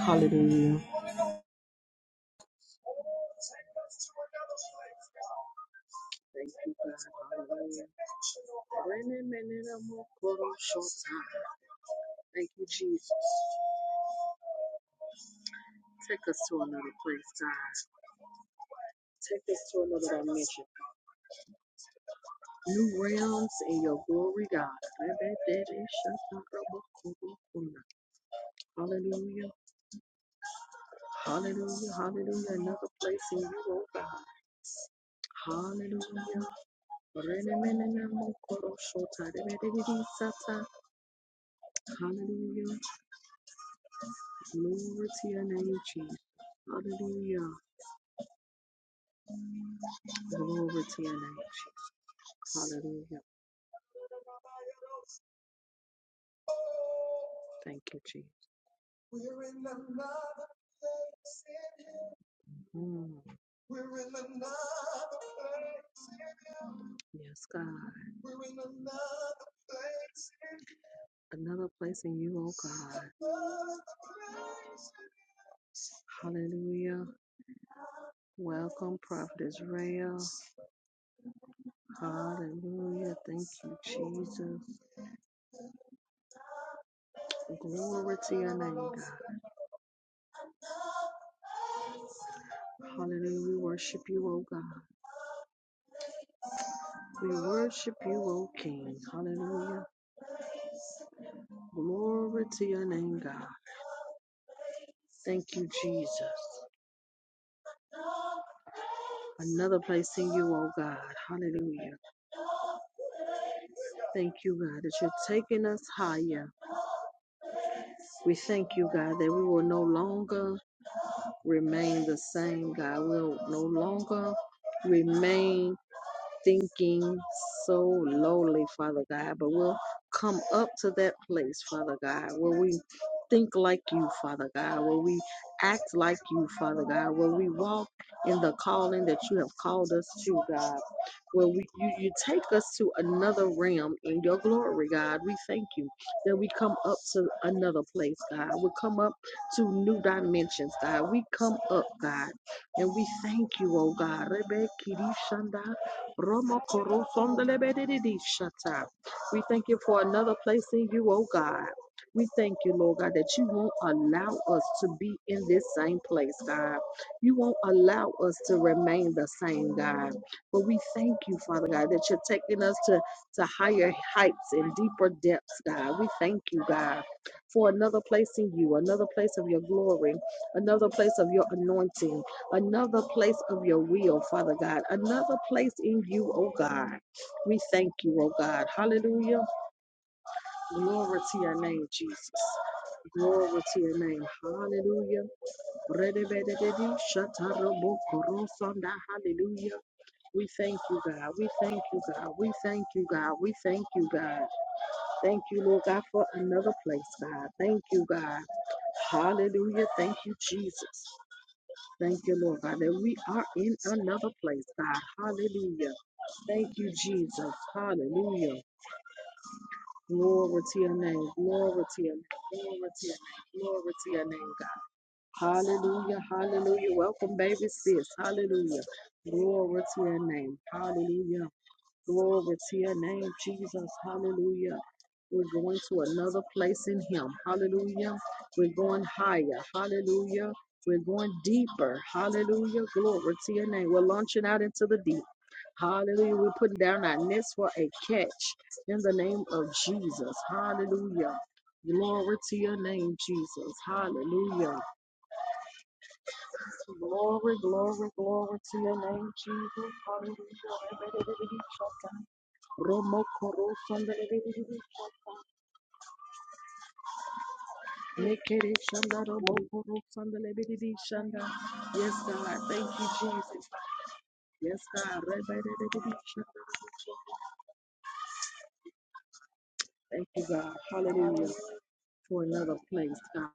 Hallelujah. Thank you, God. Hallelujah. Renemenemokoroshota. Thank you, Jesus. Take us to another place, God. Take us to another dimension. New realms in your glory, God. Rebebereshatarabokorokola. Hallelujah. Hallelujah. Hallelujah. Another place in you, oh God. Hallelujah. Renemenemokoroshota. Hallelujah. Glory to your name, Jesus. Hallelujah. Glory to your name, Jesus. Hallelujah. Thank you, Jesus. Mm, yes, God. Another place in you, oh God. Hallelujah. Welcome, Prophet Israel. Hallelujah. Thank you, Jesus. Glory to your name, God. Hallelujah. We worship you, oh God. We worship you, O King. Hallelujah. Glory to your name, God. Thank you, Jesus. another place in you, oh God. Hallelujah. Thank you, God, that you're taking us higher. We thank you, God, that we will no longer remain the same, God. We'll no longer remain thinking so lowly, Father God, but we'll come up to that place, Father God, where we think like you, Father God, where we act like you, Father God, where we walk in the calling that you have called us to, God, where we, you, you take us to another realm in your glory, God. We thank you that we come up to another place, God. We come up to new dimensions, God. We come up, God, and we thank you, oh God. Romo We thank you for another place in you, oh God. We thank you, Lord God, that you won't allow us to be in this same place, God. You won't allow us to remain the same, God. But we thank you, Father God, that you're taking us to, to higher heights and deeper depths, God. We thank you, God, for another place in you, another place of your glory, another place of your anointing another place of your will, Father God, another place in you, oh God. We thank you, oh God. Hallelujah. Glory to your name, Jesus. Glory to your name. Hallelujah. Redebedebedi, shatarabokorofonda. Hallelujah. We thank you, God. We thank you, God. We thank you, God. We thank you, God. Thank you, Lord God, for another place, God. Thank you, God. Hallelujah. Thank you, Jesus. Thank you, Lord God, that we are in another place, God. Hallelujah. Thank you, Jesus. Hallelujah. Glory to your name. Glory to your name. Glory to your name. Glory to your name, God. Hallelujah. Hallelujah. Welcome, baby sis. Hallelujah. Glory to your name. Hallelujah. Glory to your name, Jesus. Hallelujah. We're going to another place in Him. Hallelujah. We're going higher. Hallelujah. We're going deeper. Hallelujah. Glory to your name. We're launching out into the deep. Hallelujah. We're putting down our nets for a catch in the name of Jesus. Hallelujah. Glory to your name, Jesus. Hallelujah. Glory, glory, glory to your name, Jesus. Hallelujah. Romo koro sandale bididi. Mekere shanda romo koro sandale bididi shanda. Yes, God. Thank you, Jesus. Yes, God. Rebedebedebe shanda. Thank you, God. Hallelujah. For another place, God.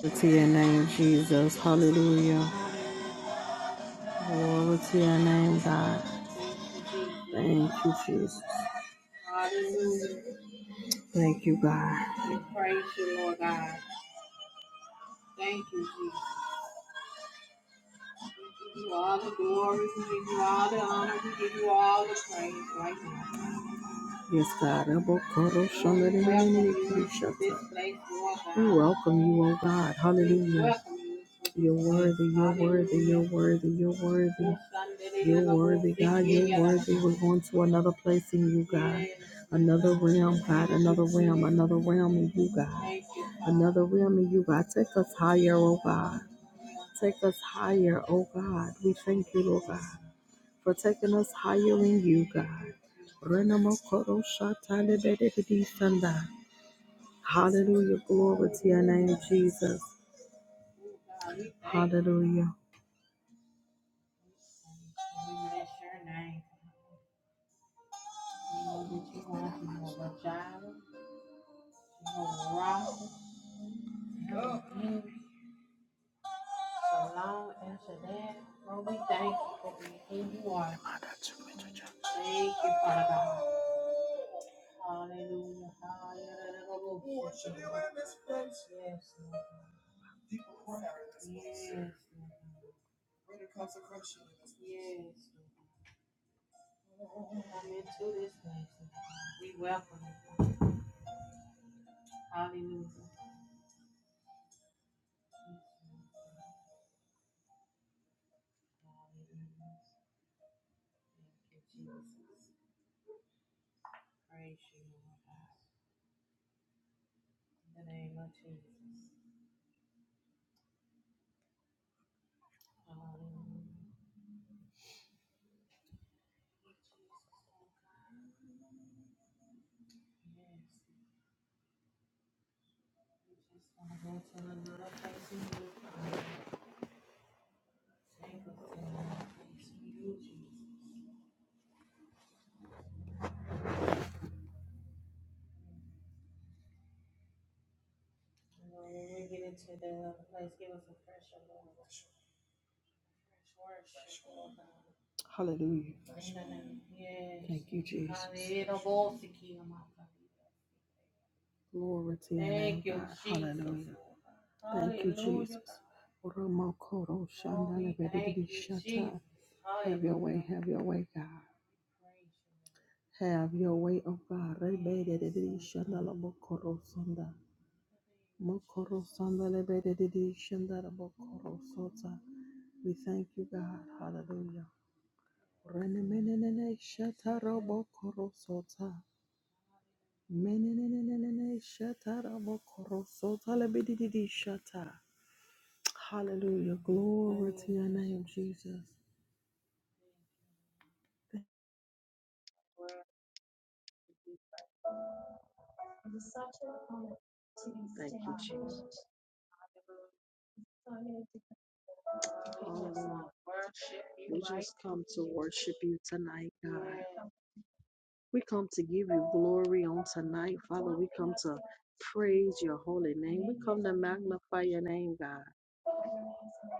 Glory to your name, Jesus. Hallelujah. Glory to your name, God. Thank you, Jesus. Thank you, God. Yes, God. Elbow, Koro, Shonda, da, da, da, Shut up. We welcome you, oh God. Hallelujah. You're worthy, you're worthy, you're worthy, you're worthy. You're worthy, God, you're worthy. We're going to another place in you, God. Another realm, God, another realm, another realm in you, God. Another realm in you, God. Take us higher, oh God. Take us higher, oh God. We thank you, Lord God for taking us higher in you, God. Renamakoro shatalebedidi sanda. Hallelujah. Glory to your name, Jesus. Hallelujah. Hallelujah. Thank you, Jesus. Glory to your name, God. Hallelujah. Thank you, Jesus. Remakoro shandalebedidi shata. Have your way, have your way, God. Have your way, oh God. Rebedidi shandalabokoro sanda. Mokoro sandale bededidi shandara bokoro sota. We thank you, God. Hallelujah. Renemenenene shatara bokoro sota. Menenenenene shatara bokoro sota lebededidi shata. Hallelujah. Glory to your name, Jesus. Thank you, Jesus. Hallelujah. We just come to worship you tonight, God. We come to give you glory on tonight, Father. We come to praise your holy name. We come to magnify your name, God.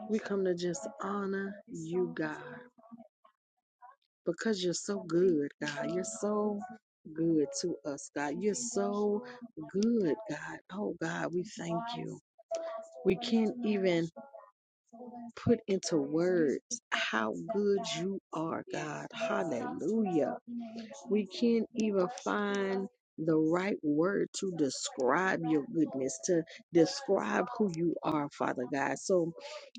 We come to just honor you, God because you're so good, God. You're so good to us, God. You're so good, God. Oh, God, we thank you. We can't even put into words how good you are, God. Hallelujah. We can't even find the right word to describe your goodness, to describe who you are, Father God. So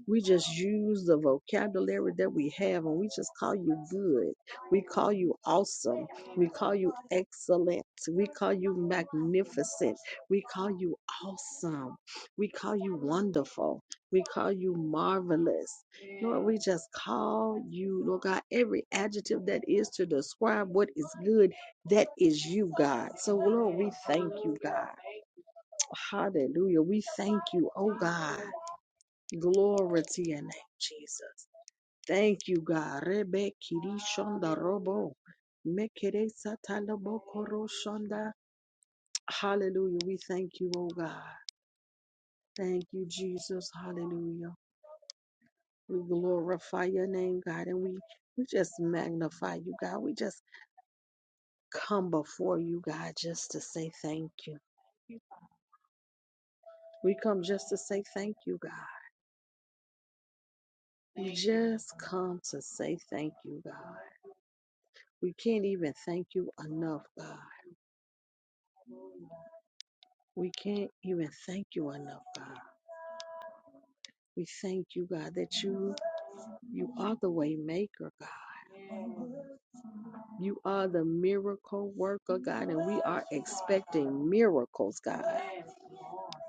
we just use the vocabulary that we have and we just call you good. We call you awesome. We call you excellent. We call you magnificent. We call you awesome. We call you wonderful. We call you marvelous. Lord, we just call you, Lord God, every adjective that is to describe what is good, that is you, God. So, Lord, we thank you, God. Hallelujah. We thank you, oh God. Glory to your name, Jesus. Thank you, God. Rebe kirishonda robo. Mekere satalabo koroshonda. Hallelujah. We thank you, oh God. Thank you, Jesus. Hallelujah. We glorify your name, God, and we, we just magnify you, God. We just come before you, God, just to say thank you. We come just to say thank you, God. We just come to say thank you, God. We can't even thank you enough, God. We can't even thank you enough, God. We thank you, God, that you you are the way maker, God. You are the miracle worker, God, and we are expecting miracles, God.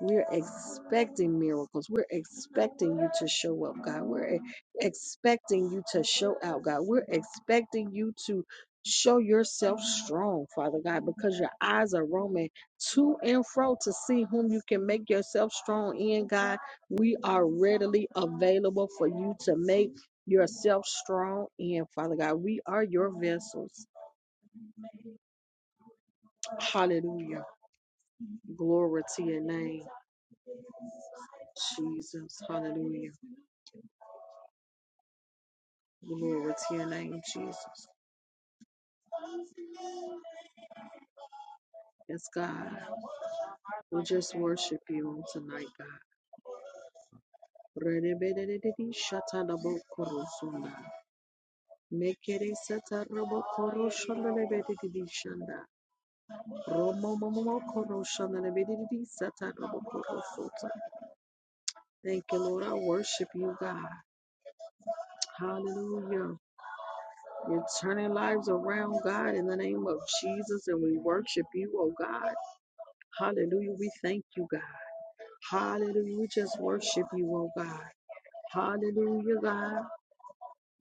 We're expecting miracles. We're expecting you to show up, God. We're e- expecting you to show out, God. We're expecting you to show yourself strong, Father God, because your eyes are roaming to and fro to see whom you can make yourself strong in, God. We are readily available for you to make yourself strong in, Father God. We are your vessels. Hallelujah. Glory to your name, Jesus. Hallelujah. Glory to your name, Jesus. Yes, God. We just worship you on tonight, God. Redebedededede shatalabokorosunna. Mekere satarabokoroshondelebededede shanda. Romomomokoroshandelebededede satarabokorosota. Thank you, Lord. I worship you, God. Hallelujah. You're turning lives around, God, in the name of Jesus, and we worship you, oh God. Hallelujah. We thank you, God. Hallelujah. We just worship you, oh God. Hallelujah, God.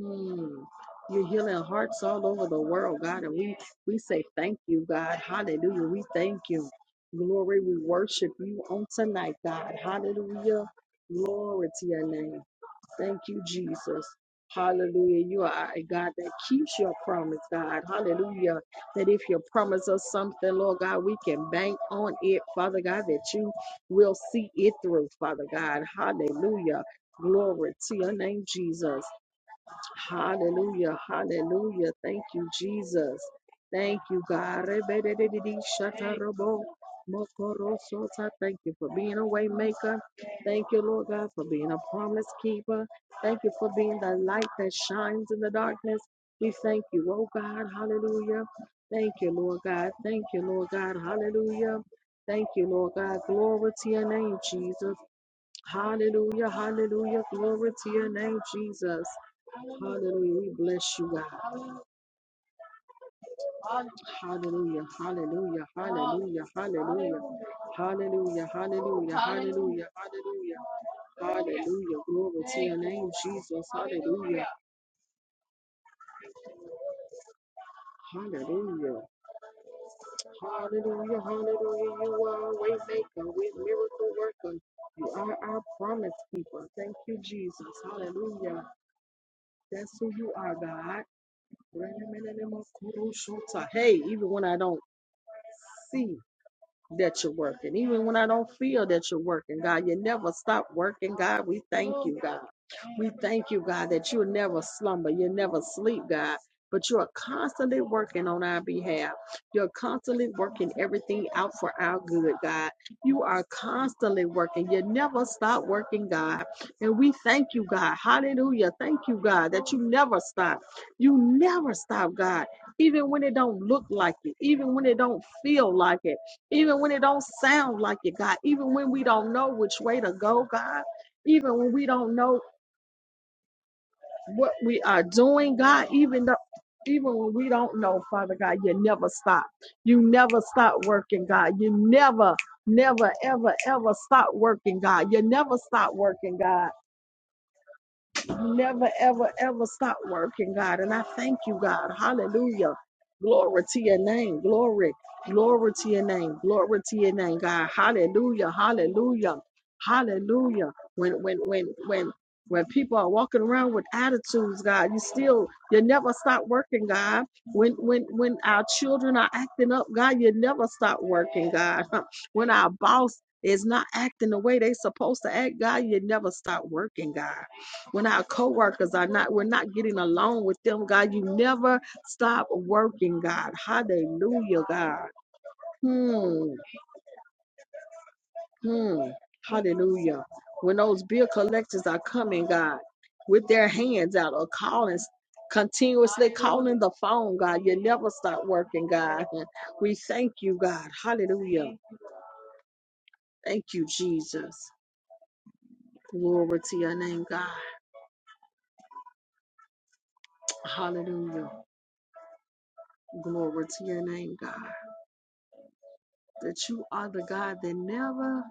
Mm. You're healing hearts all over the world, God, and we we say thank you, God. Hallelujah. We thank you. Glory, we worship you on tonight, God. Hallelujah. Glory to your name. Thank you, Jesus. Hallelujah. You are a God that keeps your promise, God. Hallelujah. That if you promise us something, Lord God, we can bank on it, Father God, that you will see it through, Father God. Hallelujah. Glory to your name, Jesus. Hallelujah. Hallelujah. Thank you, Jesus. Thank you, God. Rebedededede, shatarobo, mokorosota. Thank you for being a way maker. Thank you, Lord God, for being a promise keeper. Thank you for being the light that shines in the darkness. We thank you, oh God. Hallelujah. Thank you, Lord God. Thank you, Lord God. Hallelujah. Thank you, Lord God. Glory to your name, Jesus. Hallelujah. Hallelujah. Glory to your name, Jesus. Hallelujah. We bless you, God. Hallelujah. Hallelujah. Hallelujah. Hallelujah. Hallelujah. Hallelujah. Hallelujah. Hallelujah. Hallelujah. Glory to your name, Jesus. Hallelujah. Hallelujah. Hallelujah. Hallelujah. You are a way maker with miracle worker. You are our promise keeper. Thank you, Jesus. Hallelujah. That's who you are, God. Hey, even when I don't see. that you're working. Even when I don't feel that you're working, God, you never stop working, God. We thank you, God. We thank you, God, that you'll never slumber, you never sleep, God. But you are constantly working on our behalf. You're constantly working everything out for our good, God. You are constantly working. You never stop working, God. And we thank you, God. Hallelujah. Thank you, God, that you never stop. You never stop, God. Even when it don't look like it, even when it don't feel like it, even when it don't sound like it, God, even when we don't know which way to go, God, even when we don't know what we are doing, God, even though even when we don't know, Father God, you never stop. You never stop working, God. You never, never, ever, ever stop working, God. You never stop working, God. never, ever, ever stop working, God. And I thank you, God. Hallelujah. Glory to your name. Glory. Glory to your name. Glory to your name, God. Hallelujah. Hallelujah. Hallelujah. When when when when when people are walking around with attitudes, God, you still you never stop working, God. When when when our children are acting up, God, you never stop working, God. When our boss is not acting the way they supposed to act, God, you never stop working, God when our coworkers are not, we're not getting along with them, God. You never stop working, God. Hallelujah, God. Hmm. Hmm. Hallelujah. When those bill collectors are coming, God, with their hands out or calling, continuously calling the phone, God, you never stop working, God. We thank you, God. Hallelujah. Thank you, Jesus. Glory to your name, God. Hallelujah. Glory to your name, God. that you are the God that never,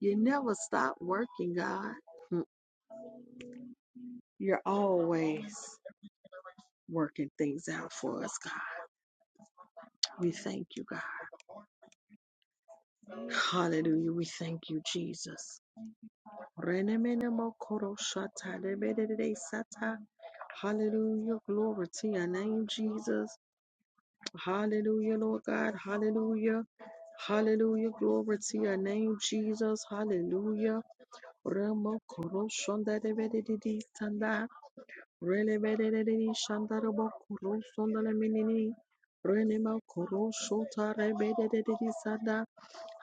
you never stop working, God. Mm. You're always working things out for us, God. We thank you, God. Hallelujah. We thank you, Jesus. Hallelujah. Glory to your name, Jesus. Hallelujah, Lord God. Hallelujah. Hallelujah. Glory to your name, Jesus. Hallelujah. Rene Bedeni Shandaraba Kuru Sondala Minini Rene Makuru Shota Rebede Sada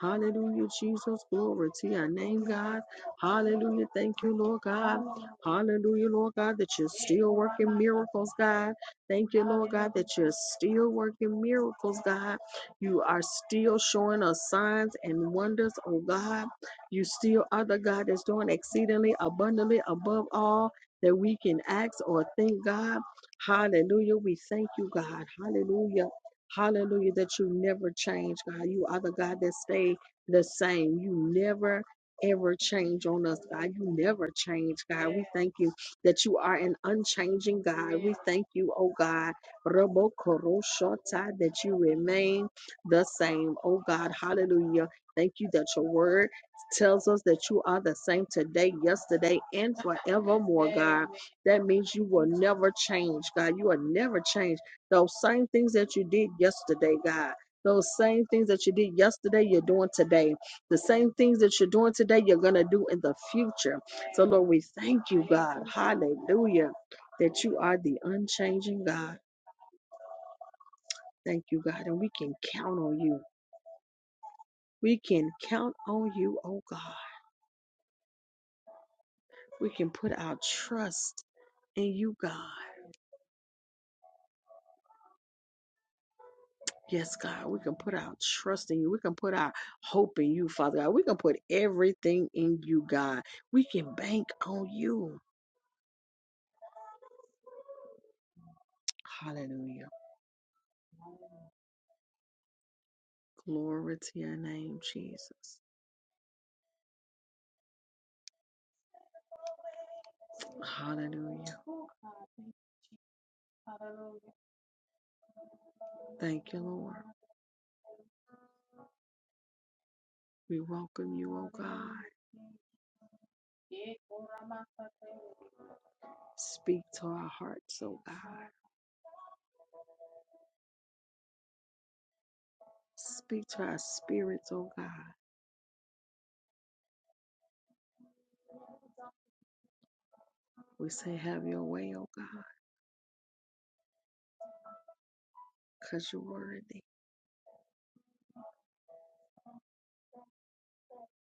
Hallelujah, Jesus. Glory to your name, God. Hallelujah. Thank you, Lord God. Hallelujah, Lord God, that you're still working miracles, God. Thank you, Lord God, that you're still working miracles, God. You are still showing us signs and wonders, oh God. You still are the God that's doing exceedingly abundantly above all that we can ask or think, God. Hallelujah. We thank you, God. Hallelujah. Hallelujah, that you never change, God. You are the God that stay the same. You never ever change on us, God. You never change, God. We thank you that you are an unchanging God. We thank you, oh God, Rabokoroshota, that you remain the same, oh God. Hallelujah. Thank you that your word tells us that you are the same today, yesterday, and forevermore, God. That means you will never change, God. You will never change. Those same things that you did yesterday, God. Those same things that you did yesterday, you're doing today. The same things that you're doing today, you're going to do in the future. So, Lord, we thank you, God. Hallelujah. That you are the unchanging God. Thank you, God. And we can count on you. We can count on you, oh God. We can put our trust in you, God. Yes, God, we can put our trust in you. We can put our hope in you, Father God. We can put everything in you, God. We can bank on you. Hallelujah. Glory to your name, Jesus. Hallelujah. Thank you, Lord. We welcome you, oh God. Speak to our hearts, oh God. Speak to our spirits, oh God. We say, have your way, oh God, because you're worthy.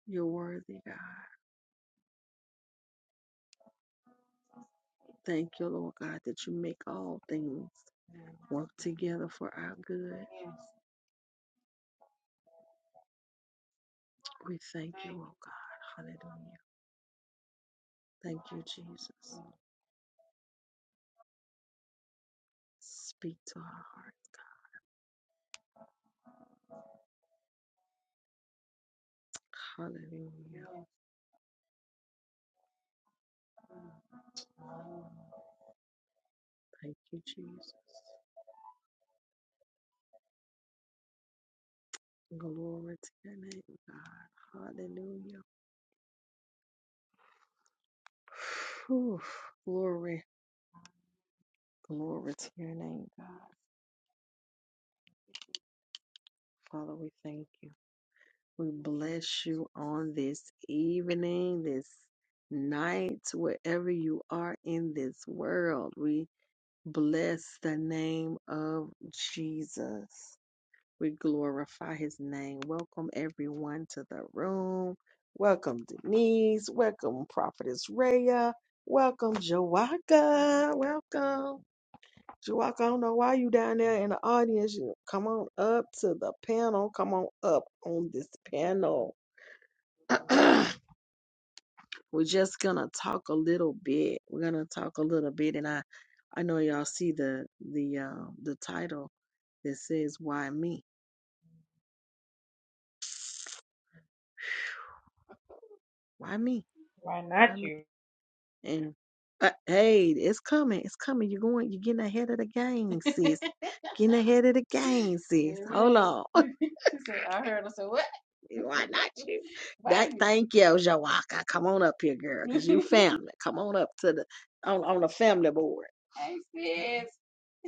You're worthy, God. Thank you, Lord God, that you make all things. work together for our good. We thank you, oh God. Hallelujah. Thank you, Jesus. Speak to our hearts. Hallelujah. Thank you, Jesus. Glory to your name, God. Hallelujah. Whew. Glory, glory to your name, God. Father, we thank you. We bless you on this evening, this night, wherever you are in this world. We Bless the name of Jesus. We glorify his name. Welcome everyone to the room. Welcome Denise. Welcome Prophetess Raya. Welcome Joaka. Welcome. Joaka, I don't know why you down there in the audience. You come on up to the panel. Come on up on this panel. We're just gonna talk a little bit. We're gonna talk a little bit, and I, I know y'all see the the uh, the title that says "Why me? Why me? Why Why not me?" you? And uh, hey, it's coming. It's coming. You're going. You're getting ahead of the game, sis. Getting ahead of the game, sis. Hold Amen. on. Why not you? Why That you? thank you, Jawaka. Come on up here, girl, because you Amen. family. Come on up to the on on the family board.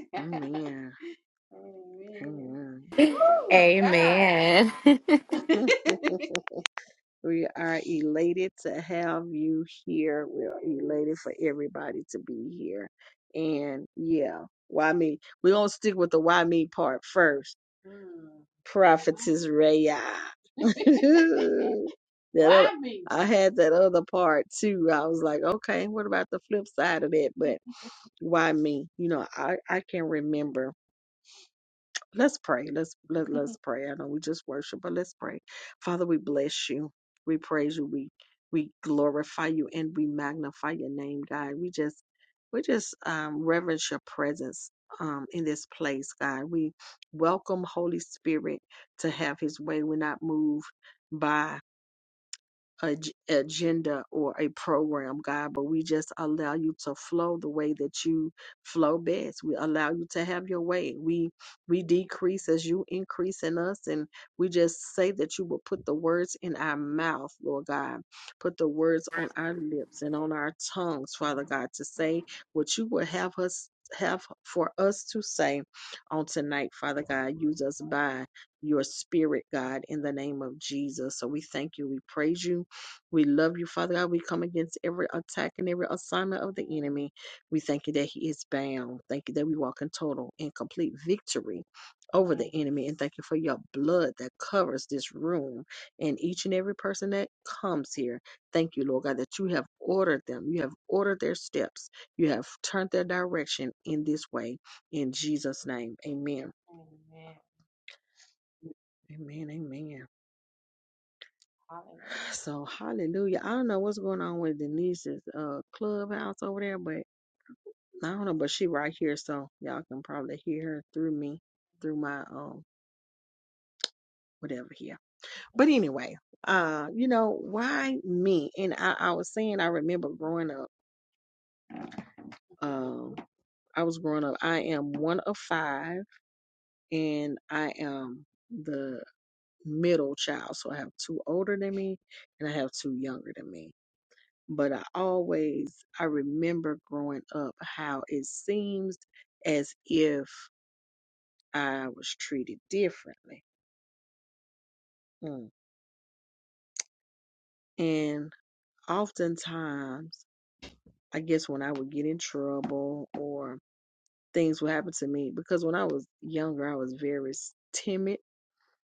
Amen. Amen. Welcome. Amen. Woo! We are elated to have you here. We're elated for everybody to be here. And yeah, why me? We're going to stick with the why me part first. Prophetess Raya. That why oth- me? I had that other part too. I was like, okay, what about the flip side of that? But why me? You know, I, I can remember Let's pray. Let's let, let's pray. I know we just worship, but let's pray. Father, we bless you. We praise you. We we glorify you and we magnify your name, God. We just we just um, reverence your presence um, in this place, God. We welcome Holy Spirit to have His way. We're not moved by ag- agenda or a program, God, but we just allow you to flow the way that you flow best. We allow you to have your way. We we decrease as you increase in us, and we just say that you will put the words in our mouth, Lord God. Put the words on our lips and on our tongues, Father God, to say what you will have us have for us to say on tonight, Father God. Use us by your spirit, God, in the name of Jesus. So we thank you. We praise you. We love you, Father God. We come against every attack and every assignment of the enemy. We thank you that he is bound. Thank you that we walk in total and complete victory over the enemy. And thank you for your blood that covers this room and each and every person that comes here. Thank you, Lord God, that you have ordered them. You have ordered their steps. You have turned their direction in this way. In Jesus' name, amen. Amen, amen. So, hallelujah. I don't know what's going on with Denise's uh, clubhouse over there, but I don't know, but she right here, so y'all can probably hear her through me, through my um whatever here. But anyway, uh, you know, why me? And I, I was saying I remember growing up, um, I was growing up, I am one of five and I am the middle child. So I have two older than me and I have two younger than me. But I always I remember growing up how it seems as if I was treated differently Mm. And oftentimes, I guess when I would get in trouble or things would happen to me, because when I was younger, I was very s- timid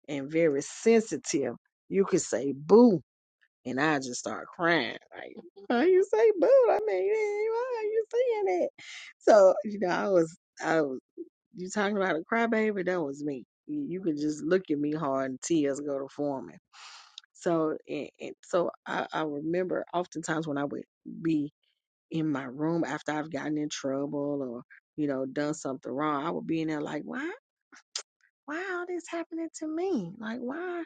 and very sensitive. You could say boo, and I just start crying. Like, how you say boo? I mean, eh, why are you saying that? So, you know, I was, I was, you talking about a crybaby? That was me. You you could just look at me hard and tears go to forming So, and, and so I, I remember oftentimes when I would be in my room after I've gotten in trouble or, you know, done something wrong, I would be in there like, why, why all this happening to me? Like, why,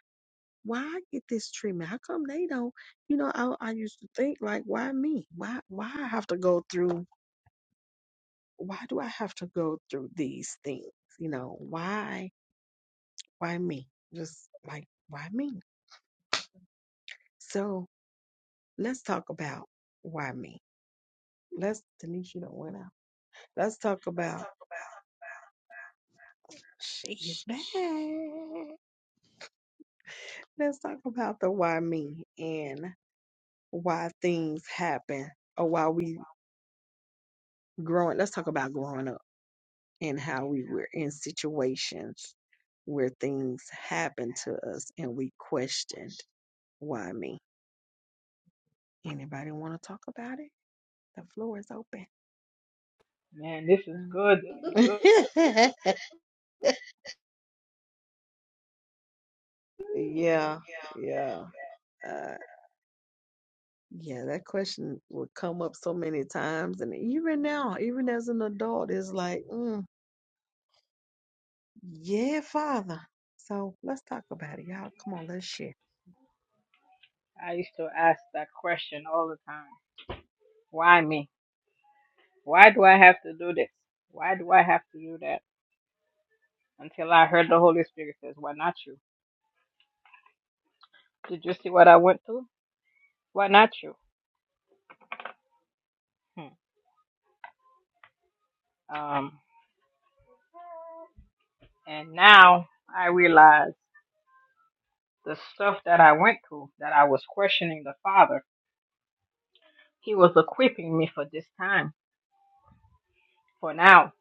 why I get this treatment? How come they don't, you know, I, I used to think like, why me? Why, why I have to go through, why do I have to go through these things? You know, why, why me? Just like, why me? So let's talk about why me Let's Denise. You don't went out. Let's talk about she's back. Let's talk about the why me and why things happen or why we growing. Let's talk about growing up and how we were in situations where things happened to us and we questioned why me. Anybody want to talk about it? The floor is open. Man, this is Mhm. good. This is good. Yeah, yeah. Yeah, that question would come up so many times. And even now, even as an adult, it's like, mm, yeah, Father. So let's talk about it, y'all. Come on, let's share. I used to ask that question all the time. Why me? Why do I have to do this? Why do I have to do that? Until I heard the Holy Spirit says, Why not you? Did you see what I went through? Why not you? Hmm. Um, and now I realize the stuff that I went through, that I was questioning the Father, He was equipping me for this time, for now.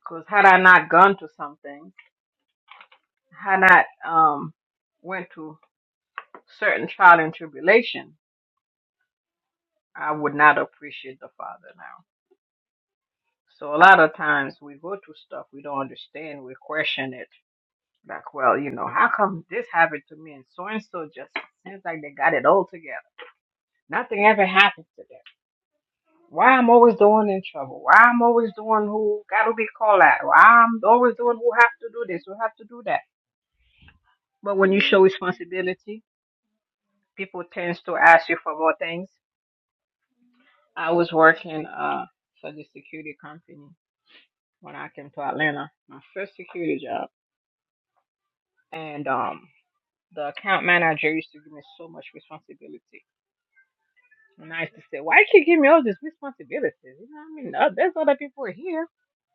Because had I not gone to something, had I not um, went to certain trial and tribulation, I would not appreciate the Father now. So a lot of times we go through stuff we don't understand, we question it. Like, well, you know, how come this happened to me and so and so just seems like they got it all together. Nothing ever happened to them. Why I'm always the one in trouble? Why I'm always the one who got to be called out? Why I'm always the one who have to do this, who have to do that? But when you show responsibility, people tends to ask you for more things. I was working uh, for the security company when I came to Atlanta, my first security job. And um, the account manager used to give me so much responsibility. And I used to say, why you give me all these responsibilities? You know, what I mean, Uh, there's other people here.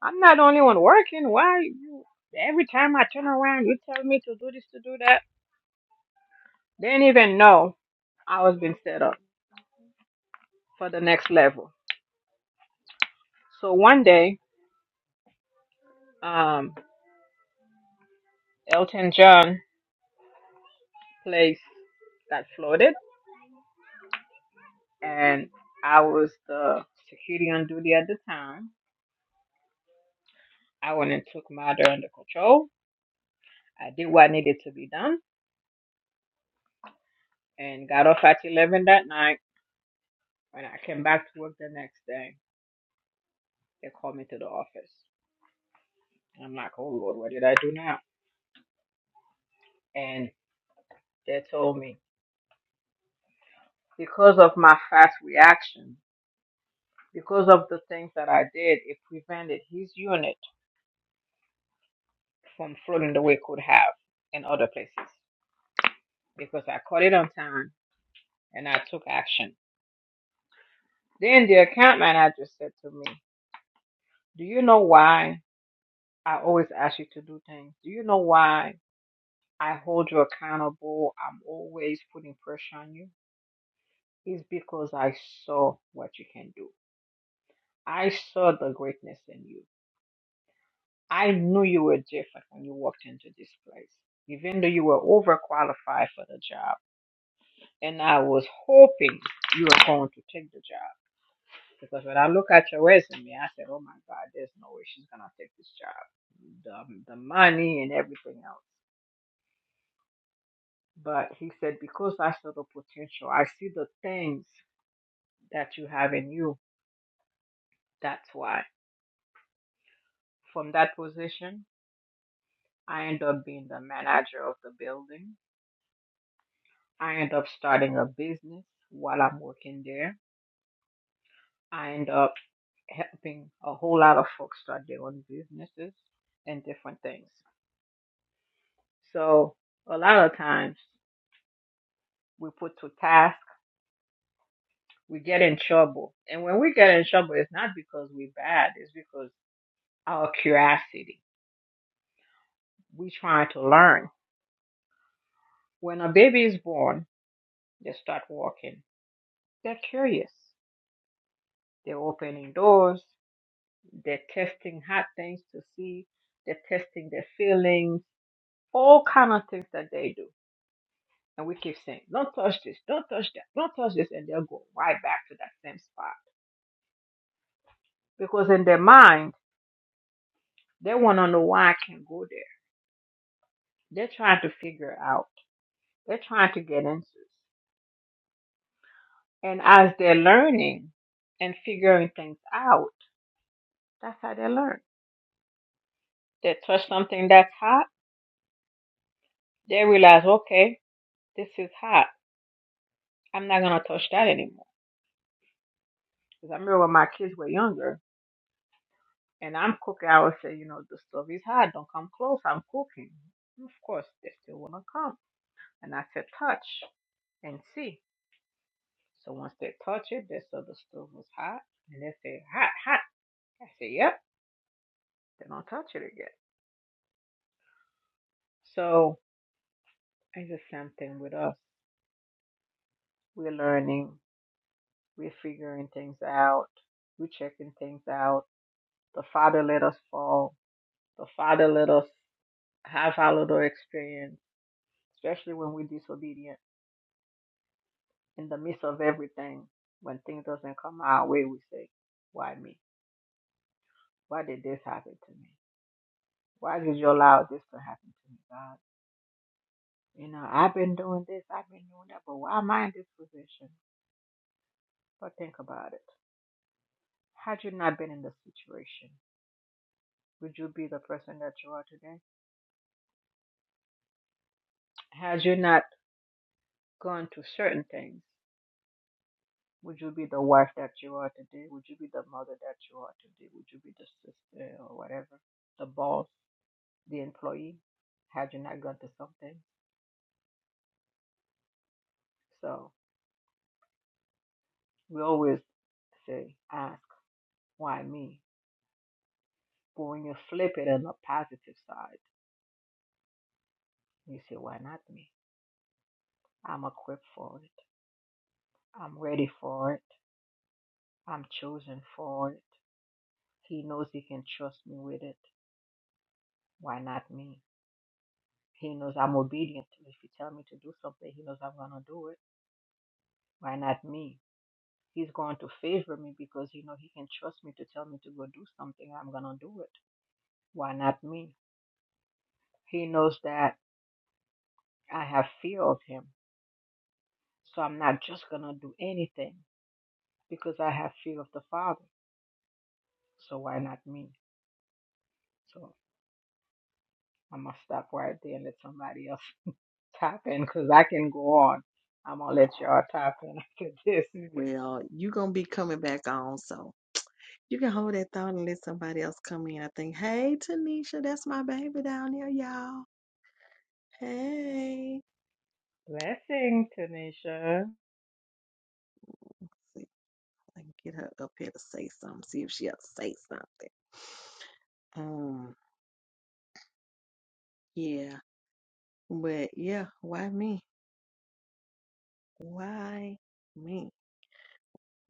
I'm not the only one working. Why you? Every time I turn around, you tell me to do this, to do that. They didn't even know I was being set up for the next level. So one day, um, Elton John place got flooded and I was the security on duty at the time. I went and took matter under control. I did what needed to be done and got off at 11 that night. When I came back to work the next day, they called me to the office. And I'm like, oh Lord, what did I do now? And they told me because of my fast reaction, because of the things that I did, it prevented his unit from floating the way it could have in other places because I caught it on time and I took action Then the account manager said to me, Do you know why I always ask you to do things? Do you know why I hold you accountable? I'm always putting pressure on you. It's because I saw what you can do. I saw the greatness in you. I knew you were different when you walked into this place, even though you were overqualified for the job. And I was hoping you were going to take the job. Because when I look at your resume, I said, oh my God, there's no way she's going to take this job. The, the money and everything else. But he said, because I saw the potential, I see the things that you have in you. That's why. From that position, I end up being the manager of the building. I end up starting a business while I'm working there. I end up helping a whole lot of folks start their own businesses and different things. So a lot of times we put to task, we get in trouble. And when we get in trouble, it's not because we're bad, it's because our curiosity. We trying to learn. When a baby is born, they start walking. They're curious. They're opening doors. They're testing hot things to see. They're testing their feelings. All kind of things that they do. And we keep saying, don't touch this, don't touch that, don't touch this. And they'll go right back to that same spot. Because in their mind, they want to know why I can not go there. They're trying to figure out. They're trying to get answers. And as they're learning and figuring things out, that's how they learn. They touch something that's hot, they realize, okay, this is hot. I'm not gonna touch that anymore. Because I remember when my kids were younger and I'm cooking, I would say, you know, the stove is hot, don't come close, I'm cooking. And of course, they still wanna come. And I said, touch and see. So once they touch it, they saw the stove was hot and they say, hot, hot. I say, yep then I'll touch it again. So it's the same thing with us. We're learning, we're figuring things out, we're checking things out. The Father let us fall. The Father let us have our little experience, especially when we're disobedient. In the midst of everything, when things doesn't come our way, we say, "Why me? Why did this happen to me? Why did you allow this to happen to me, God? You know, I've been doing this, I've been doing that, but why am I in this position?" But think about it Had you not been in this situation, would you be the person that you are today? Had you not gone through certain things, would you be the wife that you are today? Would you be the mother that you are today? Would you be the sister or whatever, the boss, the employee? Had you not gone through something? So we always say, ask, why me? But when you flip it on the positive side, you say, why not me? I'm equipped for it. I'm ready for it. I'm chosen for it. He knows he can trust me with it. Why not me? He knows I'm obedient. If you tell me to do something, he knows I'm gonna do it. Why not me? He's going to favor me because he know he can trust me to tell me to go do something. I'm gonna do it. Why not me? He knows that I have fear of him, so I'm not just gonna do anything because I have fear of the Father. So why not me? So I'm gonna stop right there and let somebody else tap in because I can go on. I'm gonna let y'all tap in after this. Well, you're going to be coming back on, so. You can hold that thought and let somebody else come in. I think, hey, Tanisha, that's my baby down there, y'all. Hey. Blessing, Tanisha. See if I can get her up here to say something, see if she'll say something. Um, yeah. But yeah, why me? Why me?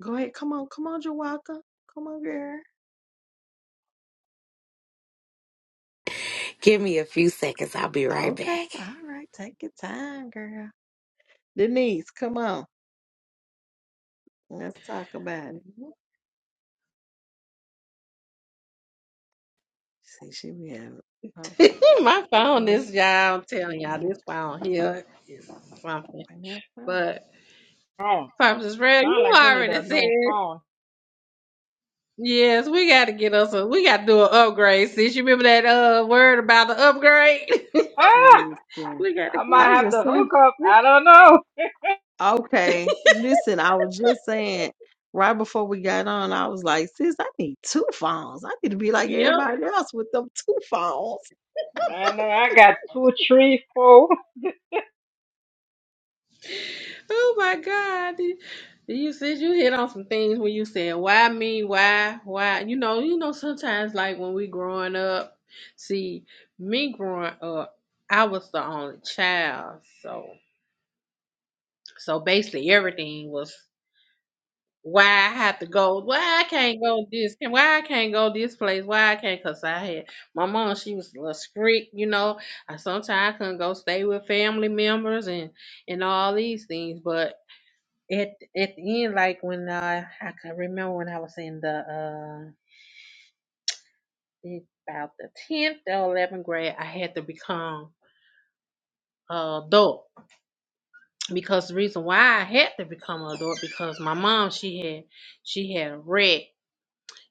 Go ahead. Come on. Come on, Jawaka. Come on, girl. Give me a few seconds. I'll be right Okay. back. All right. Take your time, girl. Denise, come on. Let's talk about it. See, she be having. Oh, My phone is Denise. y'all. I'm telling y'all, Denise, this phone here is something. find that phone. But Oh, Purpose Red, sound you like you need a already said new phone. yes. We got to get us a. We got to do an upgrade. Sis, you remember that uh word about the upgrade? Ah, Listen, we got to. I might I was have just to hook saying, up. get. I don't know. okay, listen, I was just saying right before we got on, I was like, sis, I need two phones. I need to be like Yep. everybody else with them two phones. I know I got two, three, four. Oh my God. You said you hit on some things when you said, why me? Why? Why? You know, you know, sometimes like when we growing up, see, me growing up, I was the only child. So so basically everything was why I have to go, why I can't go this, why I can't go this place, why I can't, cause I had my mom, she was a little strict, you know. I sometimes couldn't go stay with family members and and all these things, but it it end like when I I can remember when I was in the uh about the tenth or eleventh grade I had to become a adult because the reason why I had to become an adult because my mom she had she had a wreck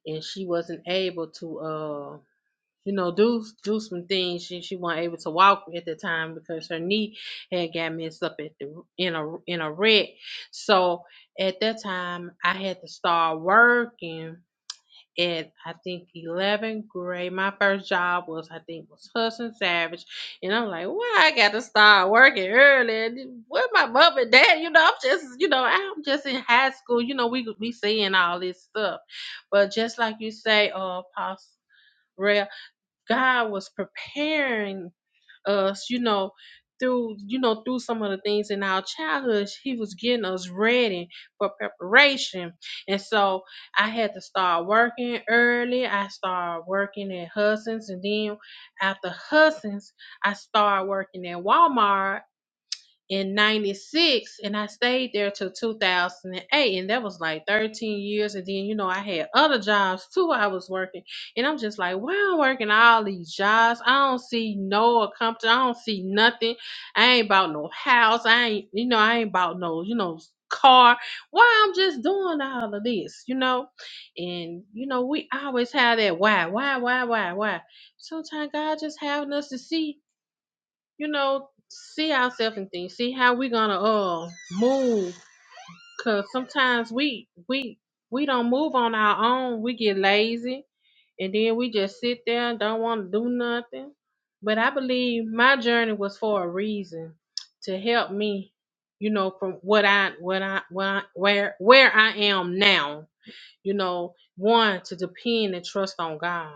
and she wasn't able to uh you know do do some things she she wasn't able to walk at the time because her knee had got messed up at the in a in a wreck so at that time I had to start working at I think 11th grade. My first job was I think was Hudson Savage, and I'm like, why I got to start working early? And Where my mom and dad? You know, I'm just you know I'm just in high school. You know, we we seeing all this stuff, but just like you say, uh, Apostle Rhea, God was preparing us, you know, through you know through some of the things in our childhood he was getting us ready for preparation and so i had to start working early i started working at hudson's and then after hudson's i started working at walmart in 96 and I stayed there till 2008 and eight, and that was like 13 years and then you know I had other jobs too I was working and I'm just like why I'm working all these jobs I don't see no accomplishment I don't see nothing I ain't bought no house I ain't you know I ain't bought no you know car why I'm just doing all of this you know and you know we always have that why why why why why sometimes God just having us to see you know, see ourselves and things, see how we're gonna uh move. Cause sometimes we we we don't move on our own. We get lazy and then we just sit there and don't want to do nothing. But I believe my journey was for a reason to help me, you know, from what I what I what I, where where I am now. You know, one to depend and trust on God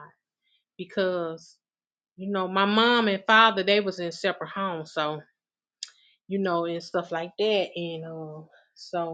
because you know my mom and father they was in separate homes, so you know, and stuff like that. And um, so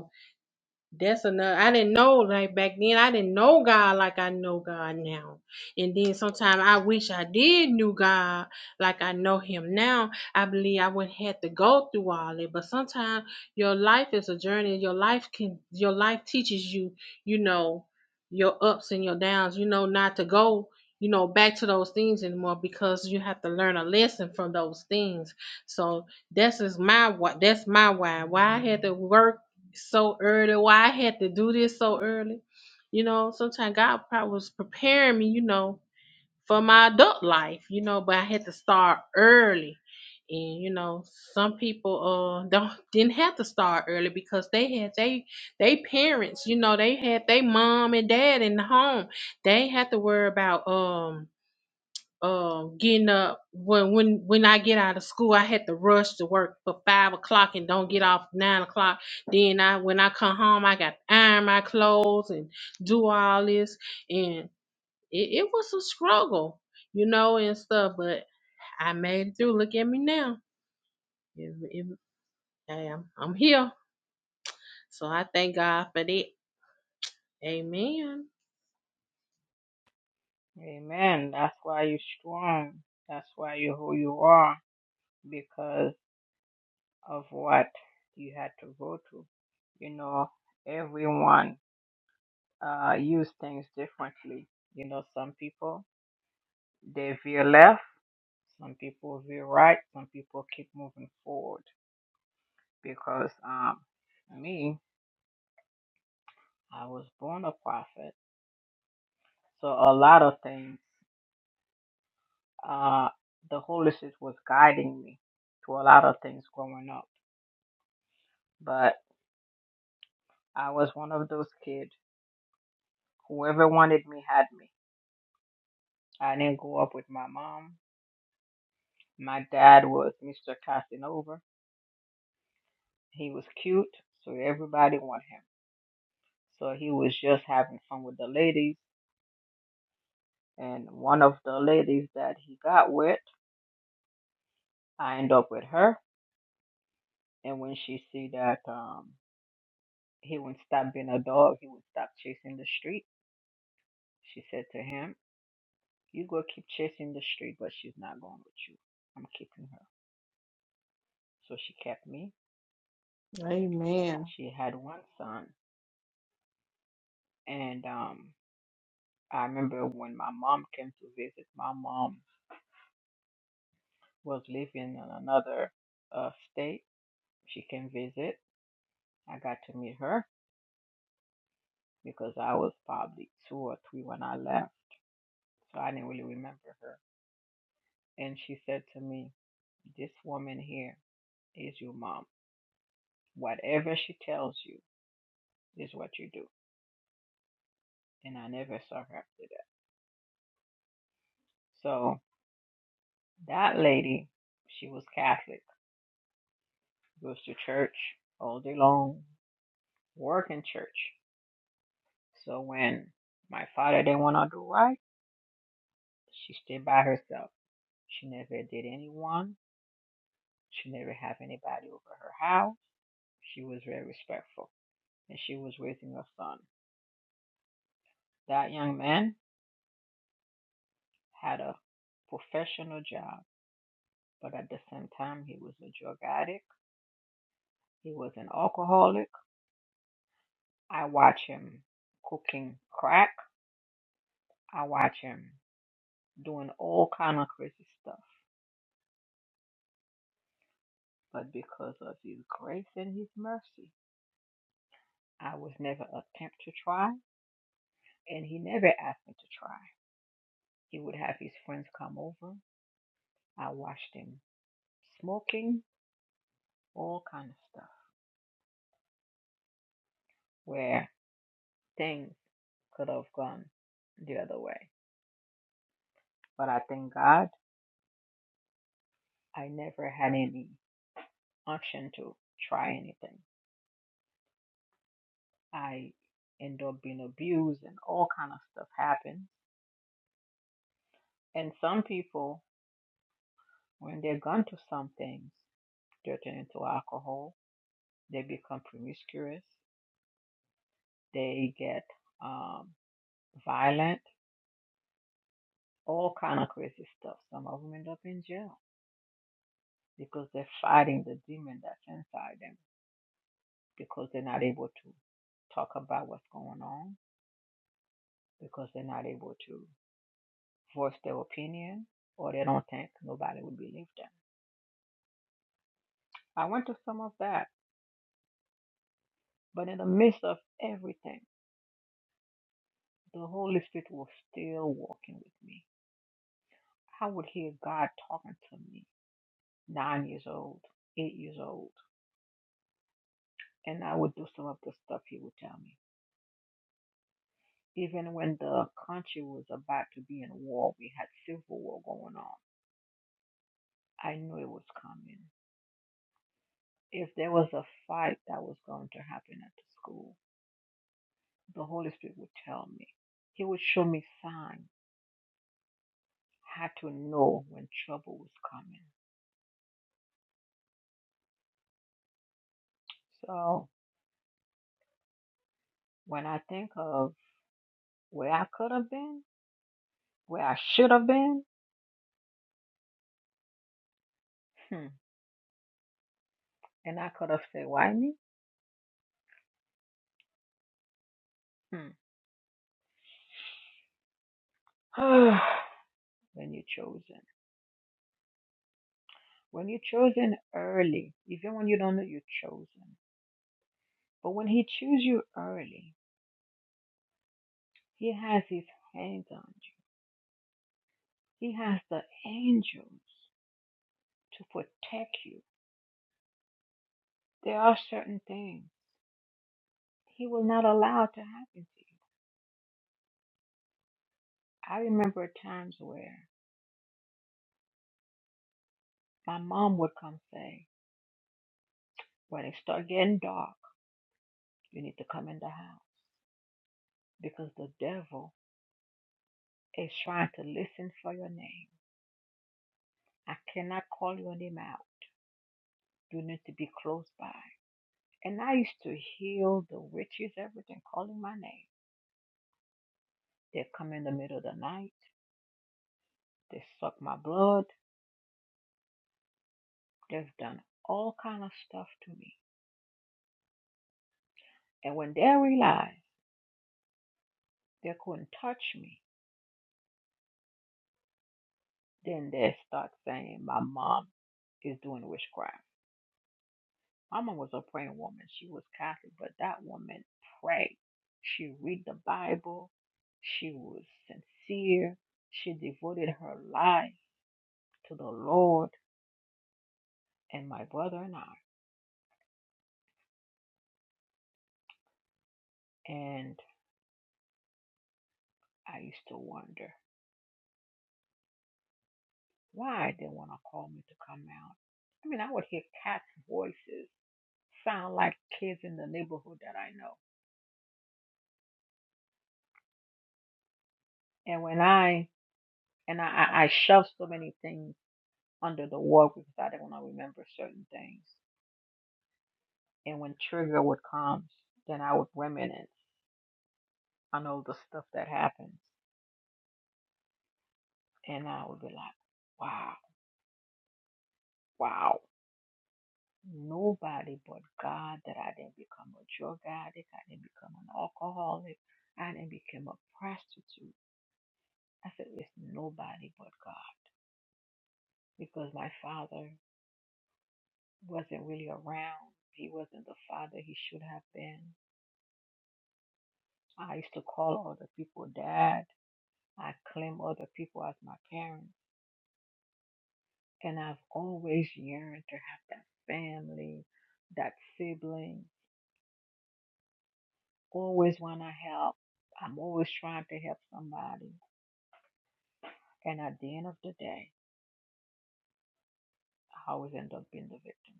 that's another. I didn't know like back then. I didn't know God like I know God now. And then sometimes I wish I did knew God like I know Him now. I believe I wouldn't have to go through all it. But sometimes your life is a journey. Your life can. Your life teaches you. You know your ups and your downs. You know not to go. You know back to those things anymore because you have to learn a lesson from those things. So that's is my what. That's my why. Why I had to work so early, why I had to do this so early. You know, sometimes God probably was preparing me, you know, for my adult life, you know, but I had to start early. And you know, some people uh don't didn't have to start early because they had they they parents, you know, they had they mom and dad in the home. They had to worry about um um getting up when when when I get out of school I had to rush to work for five o'clock and don't get off nine o'clock. Then I when I come home I got to iron my clothes and do all this and it, it was a struggle, you know, and stuff, but I made it through. Look at me now. It, it, I am I'm here. So I thank God for that. Amen. Amen. That's why you strong. That's why you who you are because of what you had to go through. You know, everyone uh use things differently. You know, some people they veer left, some people veer right, some people keep moving forward because um me I was born a prophet, so a lot of things uh the Holy Spirit was guiding me to a lot of things growing up, but I was one of those kids. Whoever wanted me had me. I didn't grow up with my mom. My dad was Mr. Casanova. He was cute, so everybody wanted him. So he was just having fun with the ladies, and one of the ladies that he got with, I end up with her And when she see that um, he wouldn't stop being a dog, he would stop chasing the street. She said to him, "You go keep chasing the street, but she's not going with you. I'm keeping her." So she kept me. Amen. She had one son, and um, I remember when my mom came to visit. My mom was living in another uh, state. She came visit. I got to meet her because I was probably two or three when I left, so I didn't really remember her And she said to me, This woman here is your mom. Whatever she tells you is what you do. And I never saw her after that. So that lady, she was Catholic, goes to church all day long, work in church. So when my father didn't want to do right, she stayed by herself. She never did anyone. She never had anybody over her house. She was very respectful. And she was raising her son. That young man had a professional job, but at the same time, he was a drug addict. He was an alcoholic. I watch him cooking crack. I watch him doing all kind of crazy stuff. But because of His grace and His mercy, I was never attempt to try, and He never asked me to try. He would have His friends come over. I watched him smoking, all kind of stuff, where things could have gone the other way. But I thank God I never had any option to try anything. I end up being abused and all kind of stuff happens. And some people, when they're gone to some things, they turn into alcohol, they become promiscuous, they get um, violent, all kind of crazy stuff. Some of them end up in jail because they're fighting the demon that's inside them because they're not able to talk about what's going on because they're not able to voice their opinion or they don't think nobody would believe them. I went to some of that, but in the midst of everything, the Holy Spirit was still walking with me. I would hear God talking to me, nine years old, eight years old, and I would do some of the stuff He would tell me. Even when the country was about to be in war, we had civil war going on. I knew it was coming. If there was a fight that was going to happen at the school, the Holy Spirit would tell me. He would show me signs. I Had to know when trouble was coming. So when I think of where I could have been, where I should have been, hmm, and I could have said, why me? Hmm. when you're chosen. When you're chosen early, even when you don't know you're chosen. But when he chooses you early, he has his hands on you. He has the angels to protect you. There are certain things. He will not allow it to happen to you. I remember times where my mom would come say, when it start getting dark, you need to come in the house because the devil is trying to listen for your name. I cannot call your name out. You need to be close by. And I used to heal the witches, everything, calling my name. They come in the middle of the night. They suck my blood. They've done all kind of stuff to me. And when they realized they couldn't touch me, Then they start saying my mom is doing witchcraft. My mom was a praying woman. She was Catholic, but that woman prayed. She read the Bible. She was sincere. She devoted her life to the Lord and my brother and I. And I used to wonder why they want to call me to come out. I mean, I would hear cats' voices sound like kids in the neighborhood that I know. And when I and I, I shoved so many things under the war because I didn't want to remember certain things. And when trigger would come, then I would reminisce on all the stuff that happened. And I would be like, wow, wow. Nobody but God that I didn't become a drug addict, I didn't become an alcoholic, I didn't become a prostitute. I said, it's nobody but God because my father wasn't really around. He wasn't the father he should have been. I used to call all the people dad I claim other people as my parents. And I've always yearned to have that family, that sibling. Always want to help. I'm always trying to help somebody. And at the end of the day, I always end up being the victim.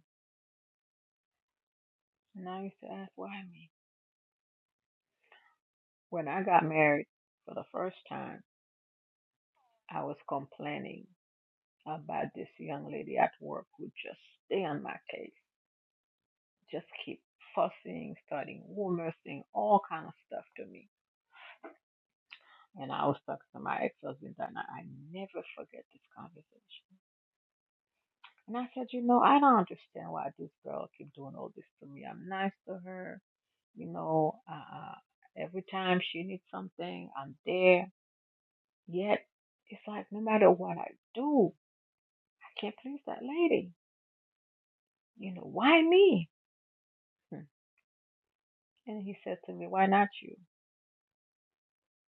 And I used to ask, why me? When I got married for the first time, I was complaining about this young lady at work who just stay on my case, just keep fussing, starting rumors, saying all kind of stuff to me And I was talking to my ex-husband and I, I never forget this conversation. And I said, you know, I don't understand why this girl keep doing all this to me. I'm nice to her. You know, uh, every time she needs something, I'm there. Yet it's like no matter what I do, I can't please that lady. You know, why me? Hmm. And he said to me, why not you?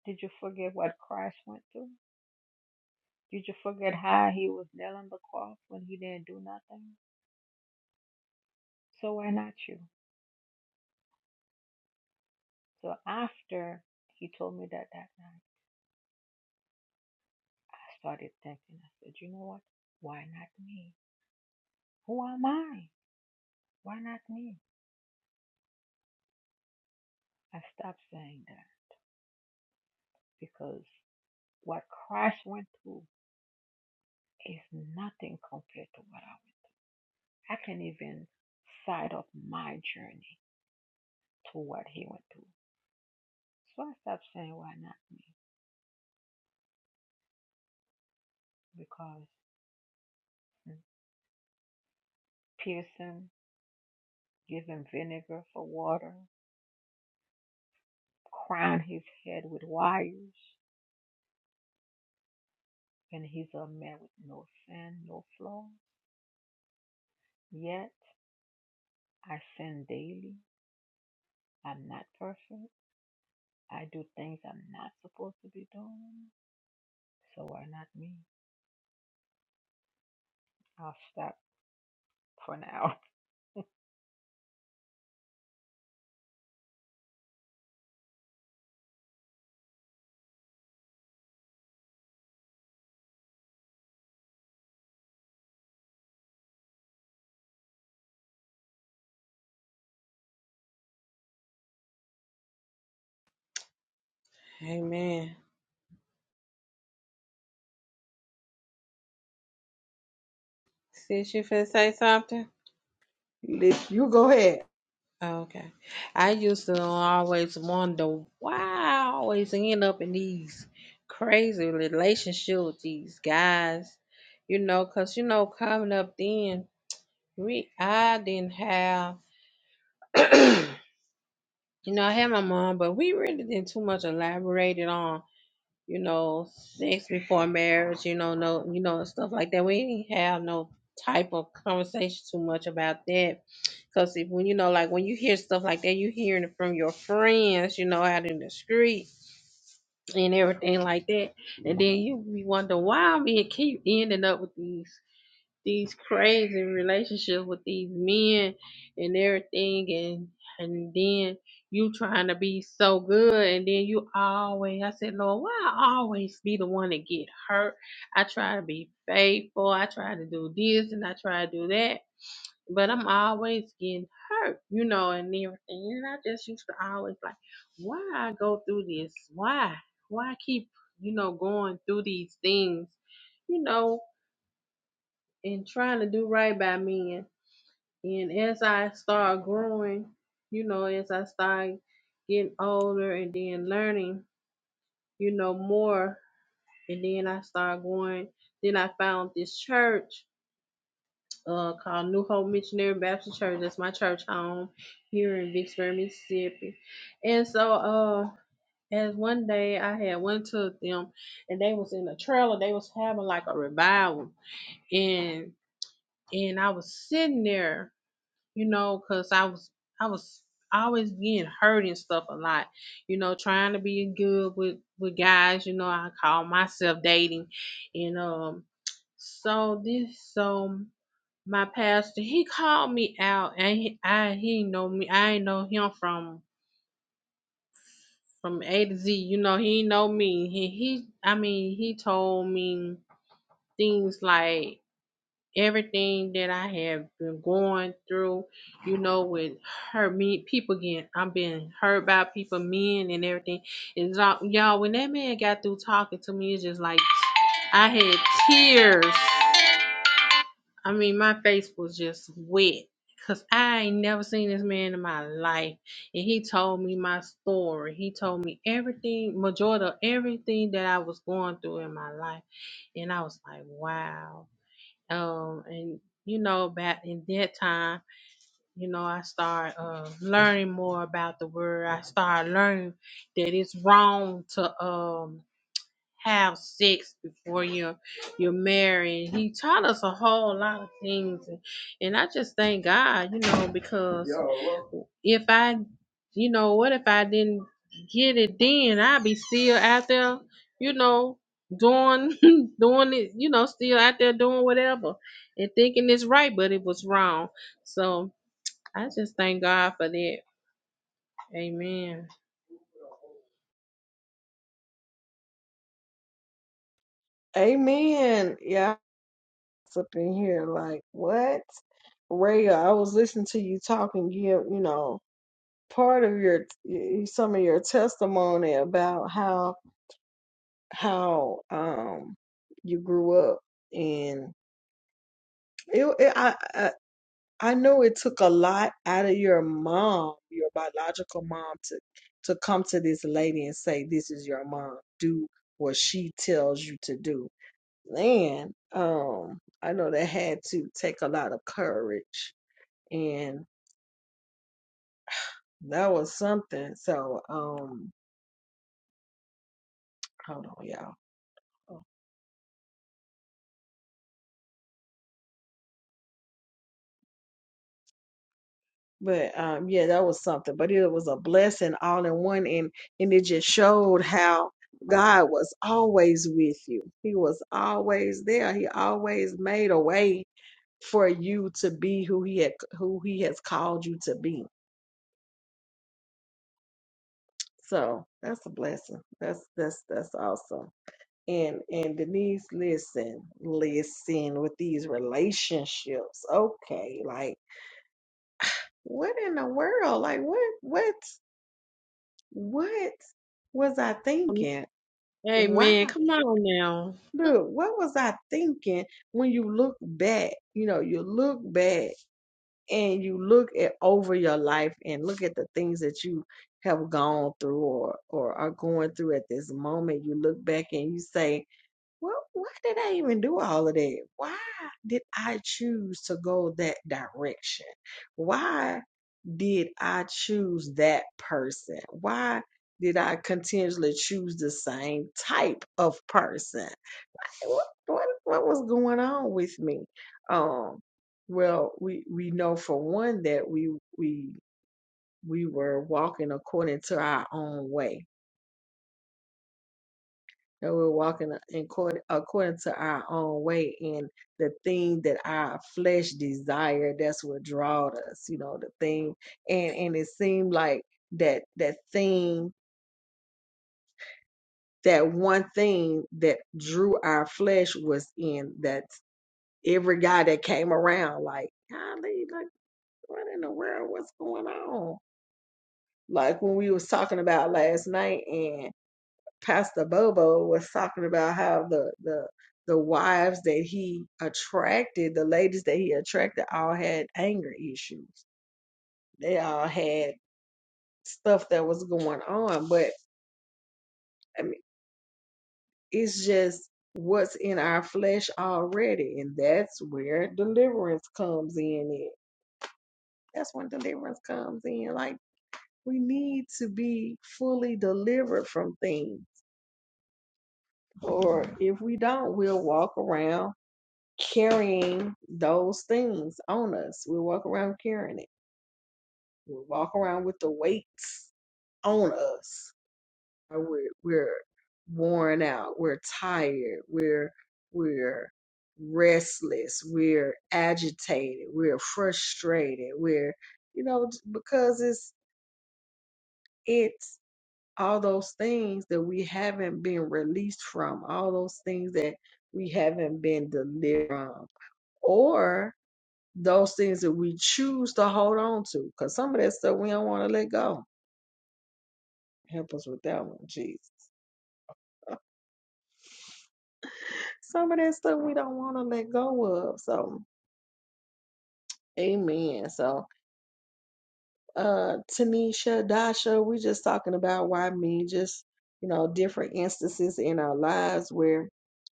Did you forget what Christ went through? Did you forget how he was nailed on the cross when he didn't do nothing? So why not you? So after he told me that that night, I started thinking. I said, you know what? Why not me? Who am I? Why not me? I stopped saying that because what Christ went through is nothing compared to what I went through. I can't even side up my journey to what he went through. So I stopped saying, why not me? Because mm, Pearson gave him vinegar for water, crowned his head with wires. and he's a man with no sin, no flaw. Yet I sin daily. I'm not perfect. I do things I'm not supposed to be doing. So why not me? I'll stop for now. Amen. Sis, you finna say something? Lis- You go ahead. Oh, Okay. I used to always wonder why I always end up in these crazy relationships with these guys, you know, 'cause you know, coming up then, we I didn't have, you know, I had my mom, but we really didn't too much elaborated on, you know, sex before marriage, you know, no, you know, and stuff like that. We didn't have no type of conversation too much about that Cause if when you know, like when you hear stuff like that, you hearing it from your friends, you know, out in the street and everything like that, and then you be wondering why I men keep ending up with these these crazy relationships with these men and everything, and and then you trying to be so good, and then you always, I said, Lord, why I always be the one that get hurt? I try to be faithful, I try to do this, and I try to do that, but I'm always getting hurt, you know, and everything. And I just used to always like, why I go through this? Why? Why I keep, you know, going through these things, you know, and trying to do right by men. and as I start growing, you know, as I start getting older and then learning, you know, more, and then I start going, then I found this church uh, called New Hope Missionary Baptist Church. That's my church home here in Vicksburg, Mississippi. And so, uh, as one day I had went to them, and they was in a trailer. They was having like a revival, and and I was sitting there, you know, cause I was I was always being hurt and stuff a lot, you know, trying to be good with with guys. You know, I call myself dating, and um, so this so my pastor, he called me out, and he, I he ain't know me. I ain't know him from from A to Z. You know, he ain't know me. He he. I mean, he told me things like everything that I have been going through. You know, with hurt me people getting. I'm being hurt by people, men, and everything. It's all y'all. When that man got through talking to me, it's just like I had tears. I mean, my face was just wet because I ain't never seen this man in my life. And he told me my story. He told me everything, majority of everything that I was going through in my life. And I was like, wow. Um, and you know, back in that time, you know, I started uh, learning more about the word. I started learning that it's wrong to um have sex before you're you're married. He taught us a whole lot of things, and, and I just thank God, you know, because if I, you know, what if I didn't get it then? I'd be still out there, you know, doing doing it, you know, still out there doing whatever and thinking it's right, but it was wrong. So I just thank God for that. Amen. Amen. Yeah, it's up in here like what? Raya? I was listening to you talking, give, you know, part of your, some of your testimony about how how um you grew up and it, it I, I I know it took a lot out of your mom, your biological mom to to come to this lady and say this is your mom. Do what she tells you to do. And um I know that had to take a lot of courage and that was something. So um hold on y'all. But um, yeah, that was something. But it was a blessing all in one, and and it just showed how God was always with you. He was always there. He always made a way for you to be who he had who he has called you to be. So that's a blessing. That's that's that's awesome. And and Denise, listen, listen with these relationships. Okay, like what in the world? Like what what? what was I thinking? Why, Amen. Come on now. bro, what was I thinking when you look back? You know, you look back and you look at over your life and look at the things that you have gone through or, or are going through at this moment. You look back and you say, well, why did I even do all of that? Why did I choose to go that direction? Why did I choose that person? Why did I continually choose the same type of person? What what, what was going on with me? Um, well, we we know for one that we we we were walking according to our own way that we're walking in accord- according to our own way and the thing that our flesh desire that's what drawed us you know the thing and and it seemed like that that thing that one thing that drew our flesh was in that every guy that came around like golly like what in the world what's going on like when we was talking about last night Pastor Bobo was talking about how the the the wives that he attracted, the ladies that he attracted, all had anger issues. They all had stuff that was going on, but I mean, it's just what's in our flesh already, and that's where deliverance comes in. It that's when deliverance comes in. Like we need to be fully delivered from things, or if we don't, we'll walk around carrying those things on us. We walk around carrying it. We walk around with the weights on us. Uh, We're, we're worn out. We're tired. We're we're restless. We're agitated. We're frustrated. We're you know j- because it's it's all those things that we haven't been released from. All those things that we haven't been delivered from. Or those things that we choose to hold on to. Because some of that stuff we don't want to let go. Help us with that one, Jesus. Some of that stuff we don't want to let go of. So, amen. So, uh Tanisha, Dasha, we just talking about why me, just you know, different instances in our lives where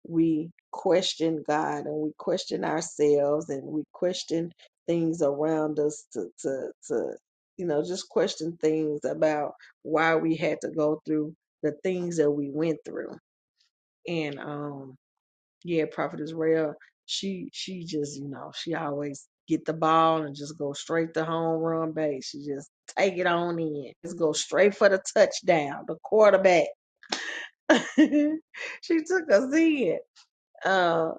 we question God and we question ourselves and we question things around us to to to you know, just question things about why we had to go through the things that we went through. And um yeah, Prophet Israel, she she just, you know, she always get the ball and just go straight to home run base. She just take it on in. Just go straight for the touchdown, the quarterback. she took us in. Uh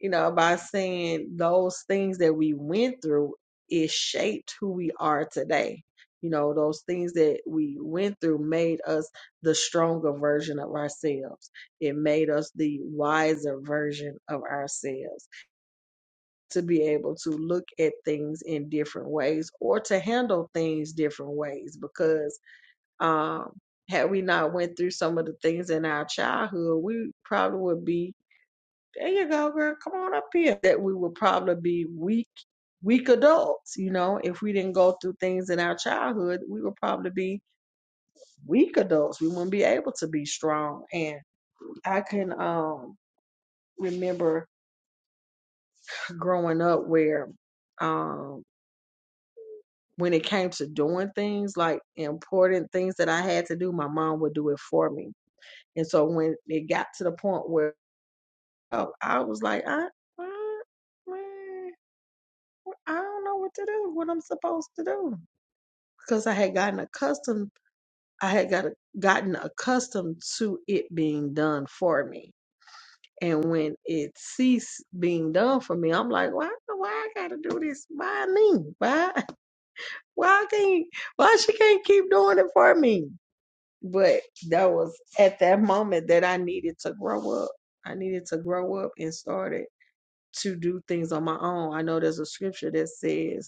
you know, by saying those things that we went through, it shaped who we are today. You know, those things that we went through made us the stronger version of ourselves. It made us the wiser version of ourselves to be able to look at things in different ways or to handle things different ways because um had we not went through some of the things in our childhood, we probably would be there you go, girl. Come on up here. That we would probably be weak, weak adults. You know, if we didn't go through things in our childhood, we would probably be weak adults. We wouldn't be able to be strong. And I can um remember growing up where um when it came to doing things like important things that I had to do, my mom would do it for me. And so when it got to the point where oh, I was like, I, I, I, I don't know what to do, what I'm supposed to do. Because I had gotten accustomed, I had got gotten accustomed to it being done for me. And when it ceased being done for me, I'm like, why, why I gotta do this? Why me? Why, why I can't, why she can't keep doing it for me? But that was at that moment that I needed to grow up. I needed to grow up and started to do things on my own. I know there's a scripture that says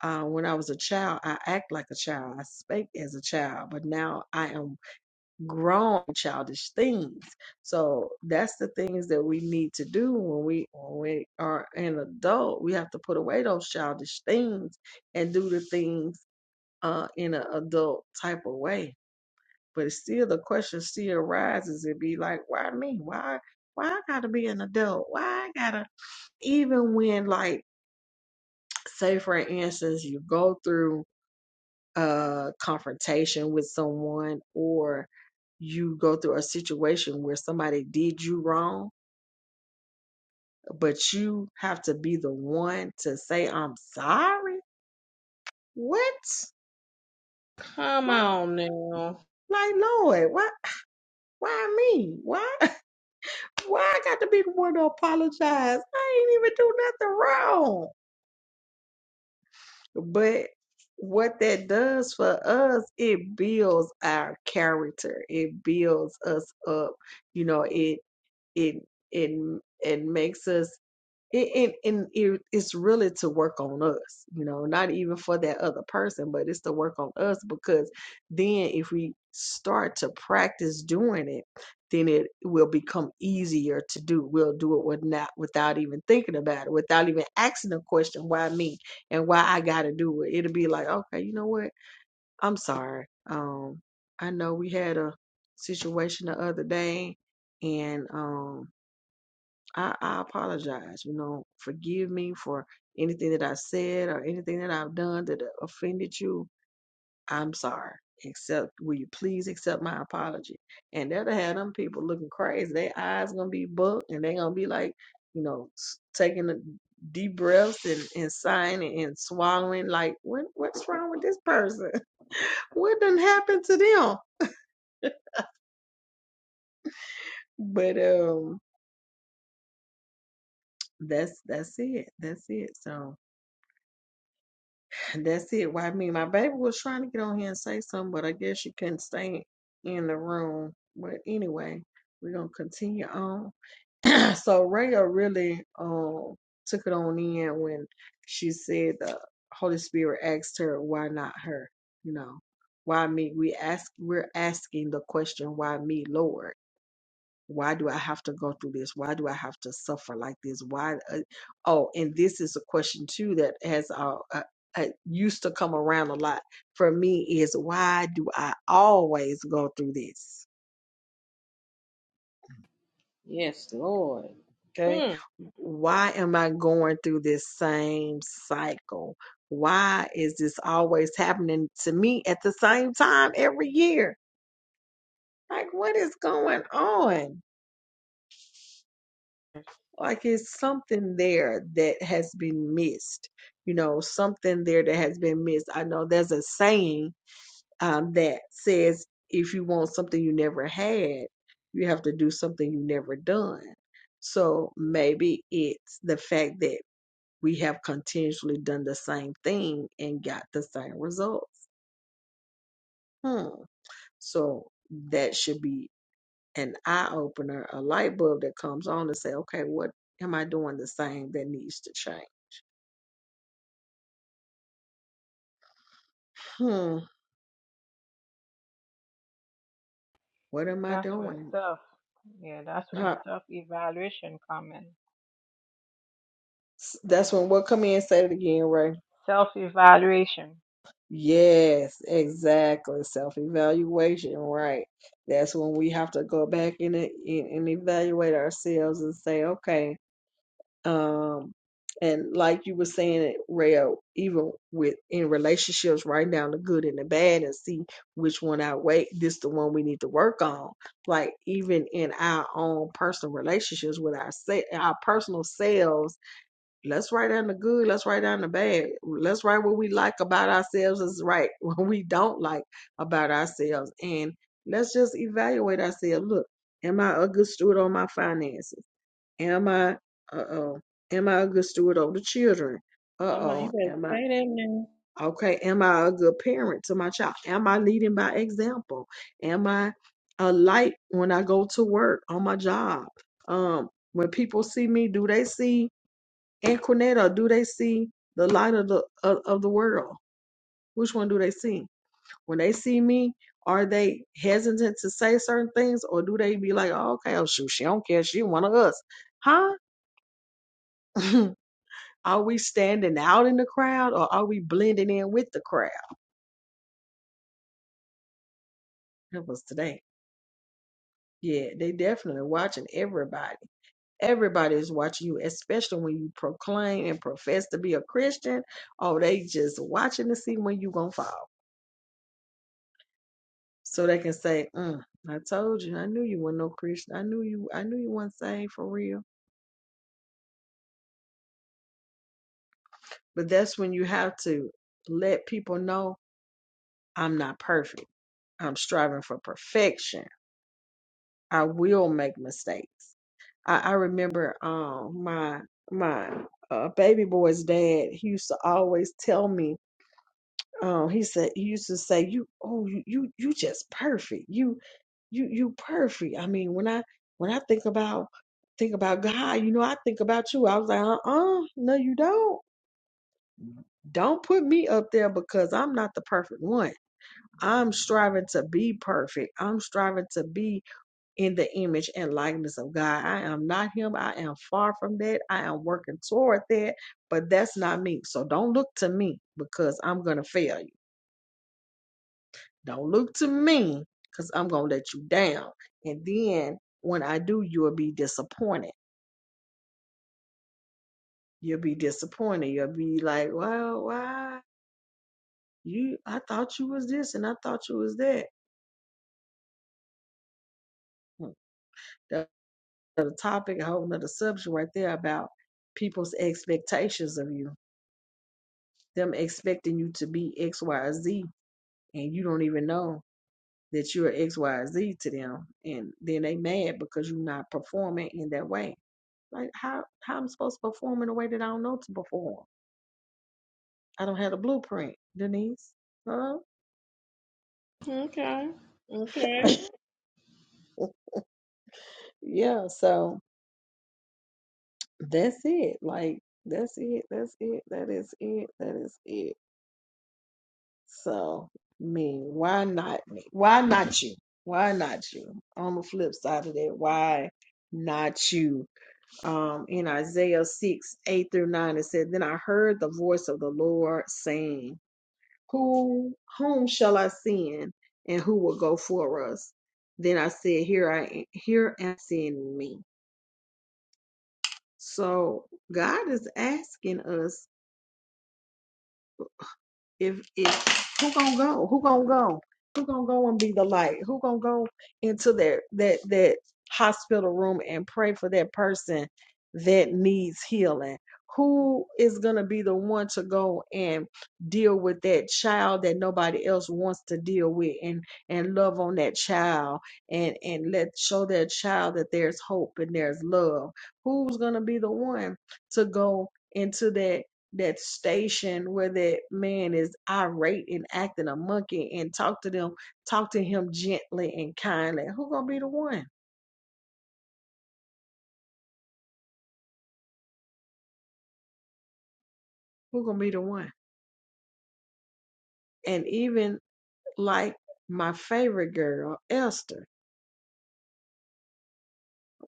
Uh, when I was a child, I act like a child. I spake as a child, but now I am grown childish things. So that's the things that we need to do when we when we are an adult. We have to put away those childish things and do the things uh, in an adult type of way. But it's still the question still arises. It be like, why me? Why why I gotta be an adult? Why I gotta even when like say for instance you go through a confrontation with someone or you go through a situation where somebody did you wrong, but you have to be the one to say, I'm sorry? What? Come Like, on now. like Lord, why, why me? Why, why I got to be the one to apologize? I ain't even do nothing wrong. But what that does for us, it builds our character. It builds us up. You know, it it it it makes us it it, and it it's really to work on us you know not even for that other person but it's to work on us because then if we start to practice doing it then it will become easier to do we'll do it with not without even thinking about it without even asking the question why me and why i gotta do it it'll be like okay you know what i'm sorry um i know we had a situation the other day and um I, I apologize. You know, forgive me for anything that I said or anything that I've done that offended you. I'm sorry. Accept. Will you please accept my apology? And that'll have them people looking crazy. Their eyes gonna be bugged, and they gonna be like, you know, s- taking the deep breaths and and sighing and, and swallowing. Like, what what's wrong with this person? what done happened to them? But um, that's that's it. That's it. So And that's it. Well, I mean, my baby was trying to get on here and say something, but I guess she couldn't stay in the room. But anyway, we're gonna continue on. so Raya really um took it on in when she said the Holy Spirit asked her, "Why not her? You know, why me? We ask, we're asking the question, why me, Lord? why do i have to go through this why do i have to suffer like this why uh, oh and this is a question too that has uh, uh, uh used to come around a lot for me is why do i always go through this Yes, Lord. okay Hmm. why am i going through this same cycle why is this always happening to me at the same time every year like what is going on like it's something there that has been missed you know something there that has been missed i know there's a saying um, that says if you want something you never had you have to do something you never done so maybe it's the fact that we have continuously done the same thing and got the same results hmm. so that should be an eye opener a light bulb that comes on and say okay what am i doing the same that needs to change Hmm, what am I That's where doing? self, yeah, that's when Huh. self evaluation comes in. S- That's when we'll come in and say it again, Ray. Self evaluation. Yes, exactly. Self evaluation, right. That's when we have to go back in and, and and evaluate ourselves and say, okay, um, and like you were saying it, Rayo, even with in relationships, write down the good and the bad and see which one outweigh this the one we need to work on. Like even in our own personal relationships with our se- our personal selves Let's write down the good. Let's write down the bad. Let's write what we like about ourselves is right. What we don't like about ourselves. And let's just evaluate ourselves. Look, am I a good steward on my finances? Am I, uh oh, am I a good steward over the children? Uh I'm like, you oh, better am I, say that now. okay, am I a good parent to my child? Am I leading by example? Am I a light when I go to work on my job? Um, when people see me, do they see? and Cornetto, do they see the light of the of, of the world? Which one do they see? When they see me, are they hesitant to say certain things, or do they be like, oh, okay, oh shoot, she don't care, she one of us, huh? are we standing out in the crowd, or are we blending in with the crowd? That was today. Yeah, they definitely watching everybody. Everybody is watching you, especially when you proclaim and profess to be a Christian. Oh, they just watching to see when you gonna fall so they can say, mm, "I told you, I knew you were not no Christian. I knew you, I knew you weren't saved for real." But that's when you have to let people know, "I'm not perfect. I'm striving for perfection. I will make mistakes." I, I remember um, my my uh, baby boy's dad. He used to always tell me um, he said he used to say, "You, oh, you, you, you just perfect. You, you, you perfect." I mean, when I when I think about think about God, you know, I think about you. I was like, "Uh, uh no, you don't. Don't put me up there because I'm not the perfect one. I'm striving to be perfect. I'm striving to be in the image and likeness of God. I am not Him. I am far from that. I am working toward that, but that's not me. So don't look to me because I'm gonna fail you." Don't look to me because I'm going to let you down. And then when I do, you'll be disappointed. You'll be disappointed. You'll be like, well, why? You, I thought you was this and I thought you was that. The That's topic, a whole nother subject right there about people's expectations of you, them expecting you to be X, Y, Z, and you don't even know that you're X, Y, Z to them. And then they mad because you're not performing in that way Like how how I'm supposed to perform in a way that I don't know to perform. I don't have the blueprint, Denise. Huh? Okay. Okay. yeah, so that's it. Like that's it. That's it. That is it. That is it. So me, why not me? Why not you? Why not you? On the flip side of that, why not you? Um, in Isaiah six, eight through nine, it said, Then I heard the voice of the Lord saying, Who whom shall I send, and who will go for us? Then I said, Here I am, here am send me. So God is asking us if if who gonna go who gonna go who gonna go and be the light who gonna go into that that that hospital room and pray for that person that needs healing who is gonna be the one to go and deal with that child that nobody else wants to deal with and and love on that child and and let show that child that there's hope and there's love who's gonna be the one to go into that that station where that man is irate and acting a monkey and talk to them, talk to him gently and kindly. Who gonna be the one? Who gonna be the one? And even like my favorite girl, Esther,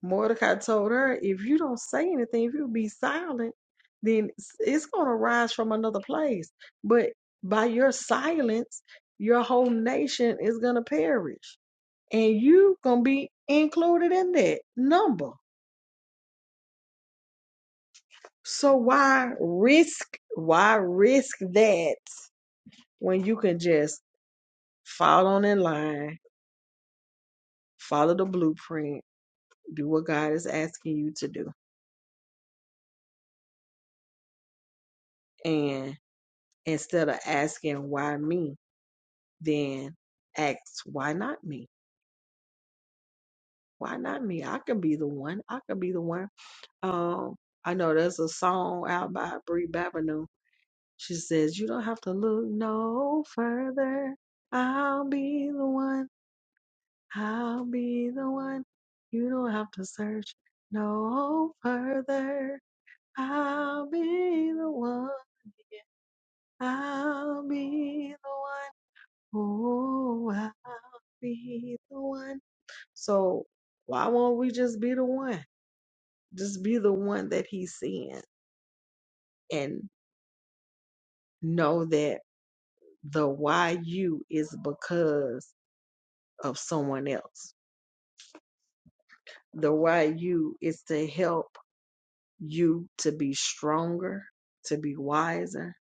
Mordecai told her, if you don't say anything, if you be silent, then it's it's gonna rise from another place. But by your silence, your whole nation is gonna perish. And you gonna be included in that number So why risk why risk that when you can just fall on in line, follow the blueprint, do what God is asking you to do. And instead of asking why me, then ask why not me? Why not me? I can be the one. I can be the one. Um I know there's a song out by Brie Babineau. She says, You don't have to look no further. I'll be the one I'll be the one. You don't have to search no further. I'll be the one. I'll be the one. Oh, I'll be the one. So why won't we just be the one? Just be the one that he's seeing and know that the why you is because of someone else. The why you is to help you to be stronger, to be wiser,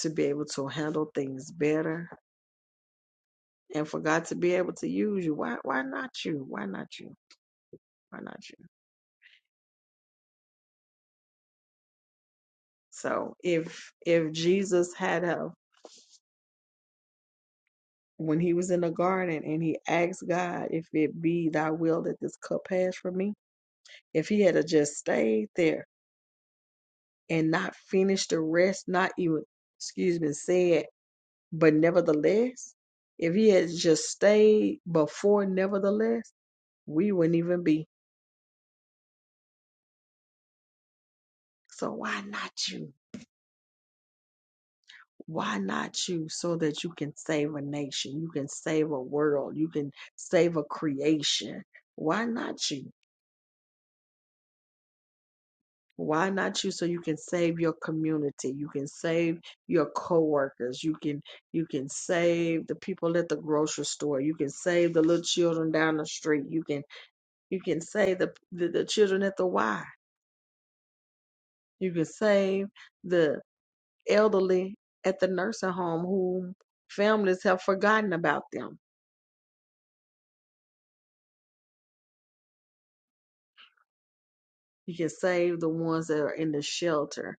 to be able to handle things better, and for God to be able to use you. Why why not you? Why not you? Why not you? So if if Jesus had a when he was in the garden and he asked God if it be thy will that this cup pass from me, if he had a just stayed there and not finished the rest, not even excuse me, said, but nevertheless, if he had just stayed before nevertheless we wouldn't even be. So why not you? Why not you? So that you can save a nation, you can save a world, you can save a creation. Why not you? Why not you? So you can save your community, you can save your coworkers, you can you can save the people at the grocery store, you can save the little children down the street, you can you can save the the, the children at the Y, you can save the. elderly at the nursing home whom families have forgotten about them. You can save the ones that are in the shelter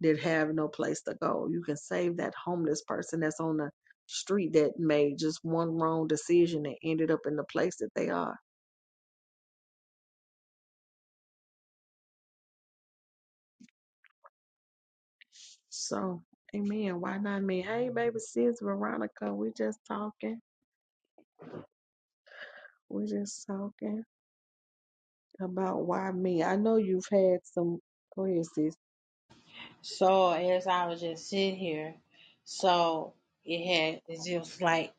that have no place to go. You can save that homeless person that's on the street that made just one wrong decision and ended up in the place that they are. So, amen. Why not me? Hey, baby sis Veronica, we just talking. We just talking about why me. I know you've had some. Go ahead, sis. So as I was just sitting here, so it had it's just like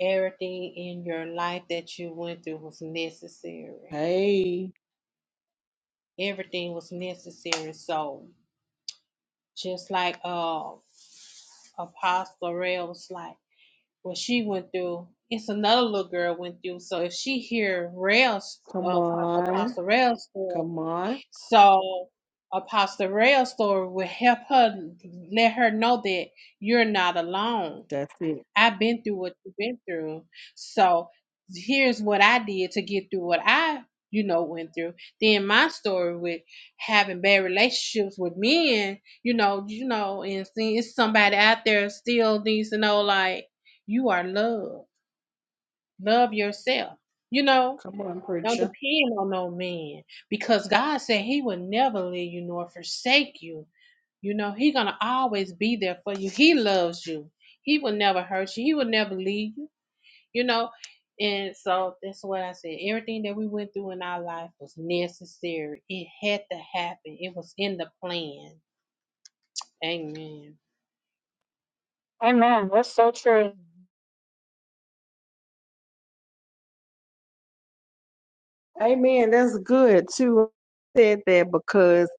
everything in your life that you went through was necessary. Hey, Everything was necessary. So just like uh Apostle Rail was like, what she went through, it's another little girl went through. So if she hear Rail's come uh, on. Apostle Rail's story, Come on. So Apostle Rail's story will help her let her know that you're not alone. That's it. I've been through what you've been through. So here's what I did to get through what I, you know, went through. Then my story with having bad relationships with men, you know, you know, and seeing it's somebody out there still needs to know like you are loved. Love yourself. You know? Come on, Don't preacher. depend on no man because God said He would never leave you nor forsake you. You know He gonna always be there for you. He loves you. He will never hurt you. He will never leave you. You know, and so that's what I said. Everything that we went through in our life was necessary. It had to happen. It was in the plan. Amen. Amen. That's so true. Amen. That's good too. Said that because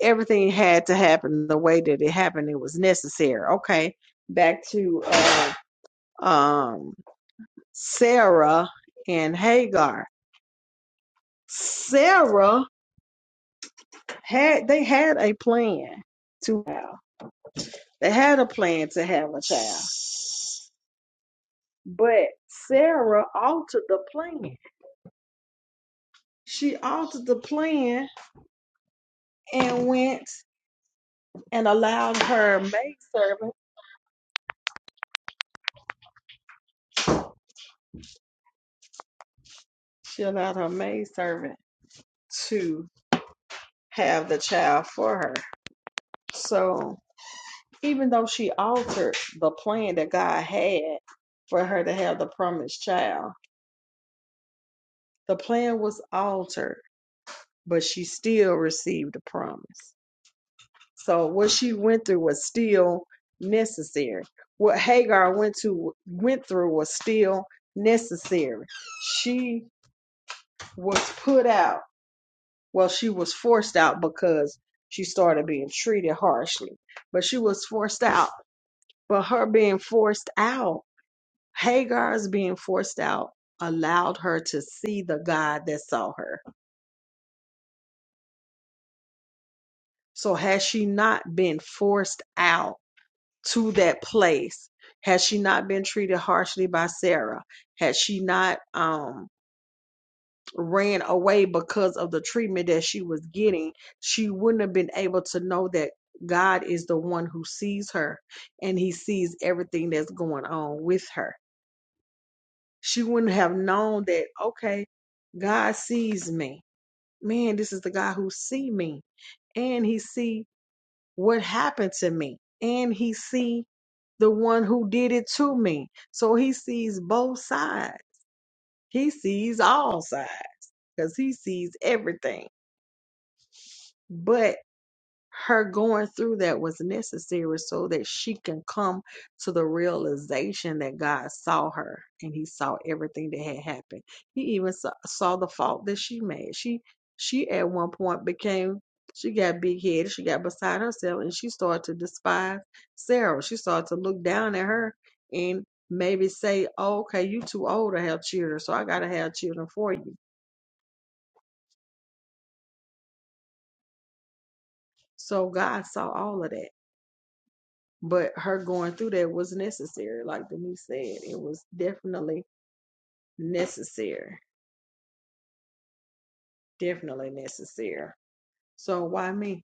everything had to happen the way that it happened. It was necessary. Okay. Back to uh, um Sarah and Hagar. Sarah had they had a plan to have they had a plan to have a child but sarah altered the plan she altered the plan and went and allowed her maidservant she allowed her maidservant to have the child for her so even though she altered the plan that god had for her to have the promised child the plan was altered but she still received the promise So what she went through was still necessary. What Hagar went to went through was still necessary. She was put out. Well, she was forced out because she started being treated harshly. But she was forced out. But her being forced out, Hagar's being forced out allowed her to see the God that saw her. So had she not been forced out, to that place had she not been treated harshly by sarah had she not um ran away because of the treatment that she was getting she wouldn't have been able to know that god is the one who sees her and he sees everything that's going on with her she wouldn't have known that okay god sees me man this is the guy who see me and he see what happened to me and he see the one who did it to me so he sees both sides he sees all sides because he sees everything but her going through that was necessary so that she can come to the realization that God saw her and he saw everything that had happened. He even saw, saw the fault that she made. She she at one point became she got big headed, she got beside herself and she started to despise Sarah. She started to look down at her and maybe say, oh, okay, you too old to have children, so I gotta have children for you. So God saw all of that but her going through that was necessary like denise said it was definitely necessary definitely necessary so why me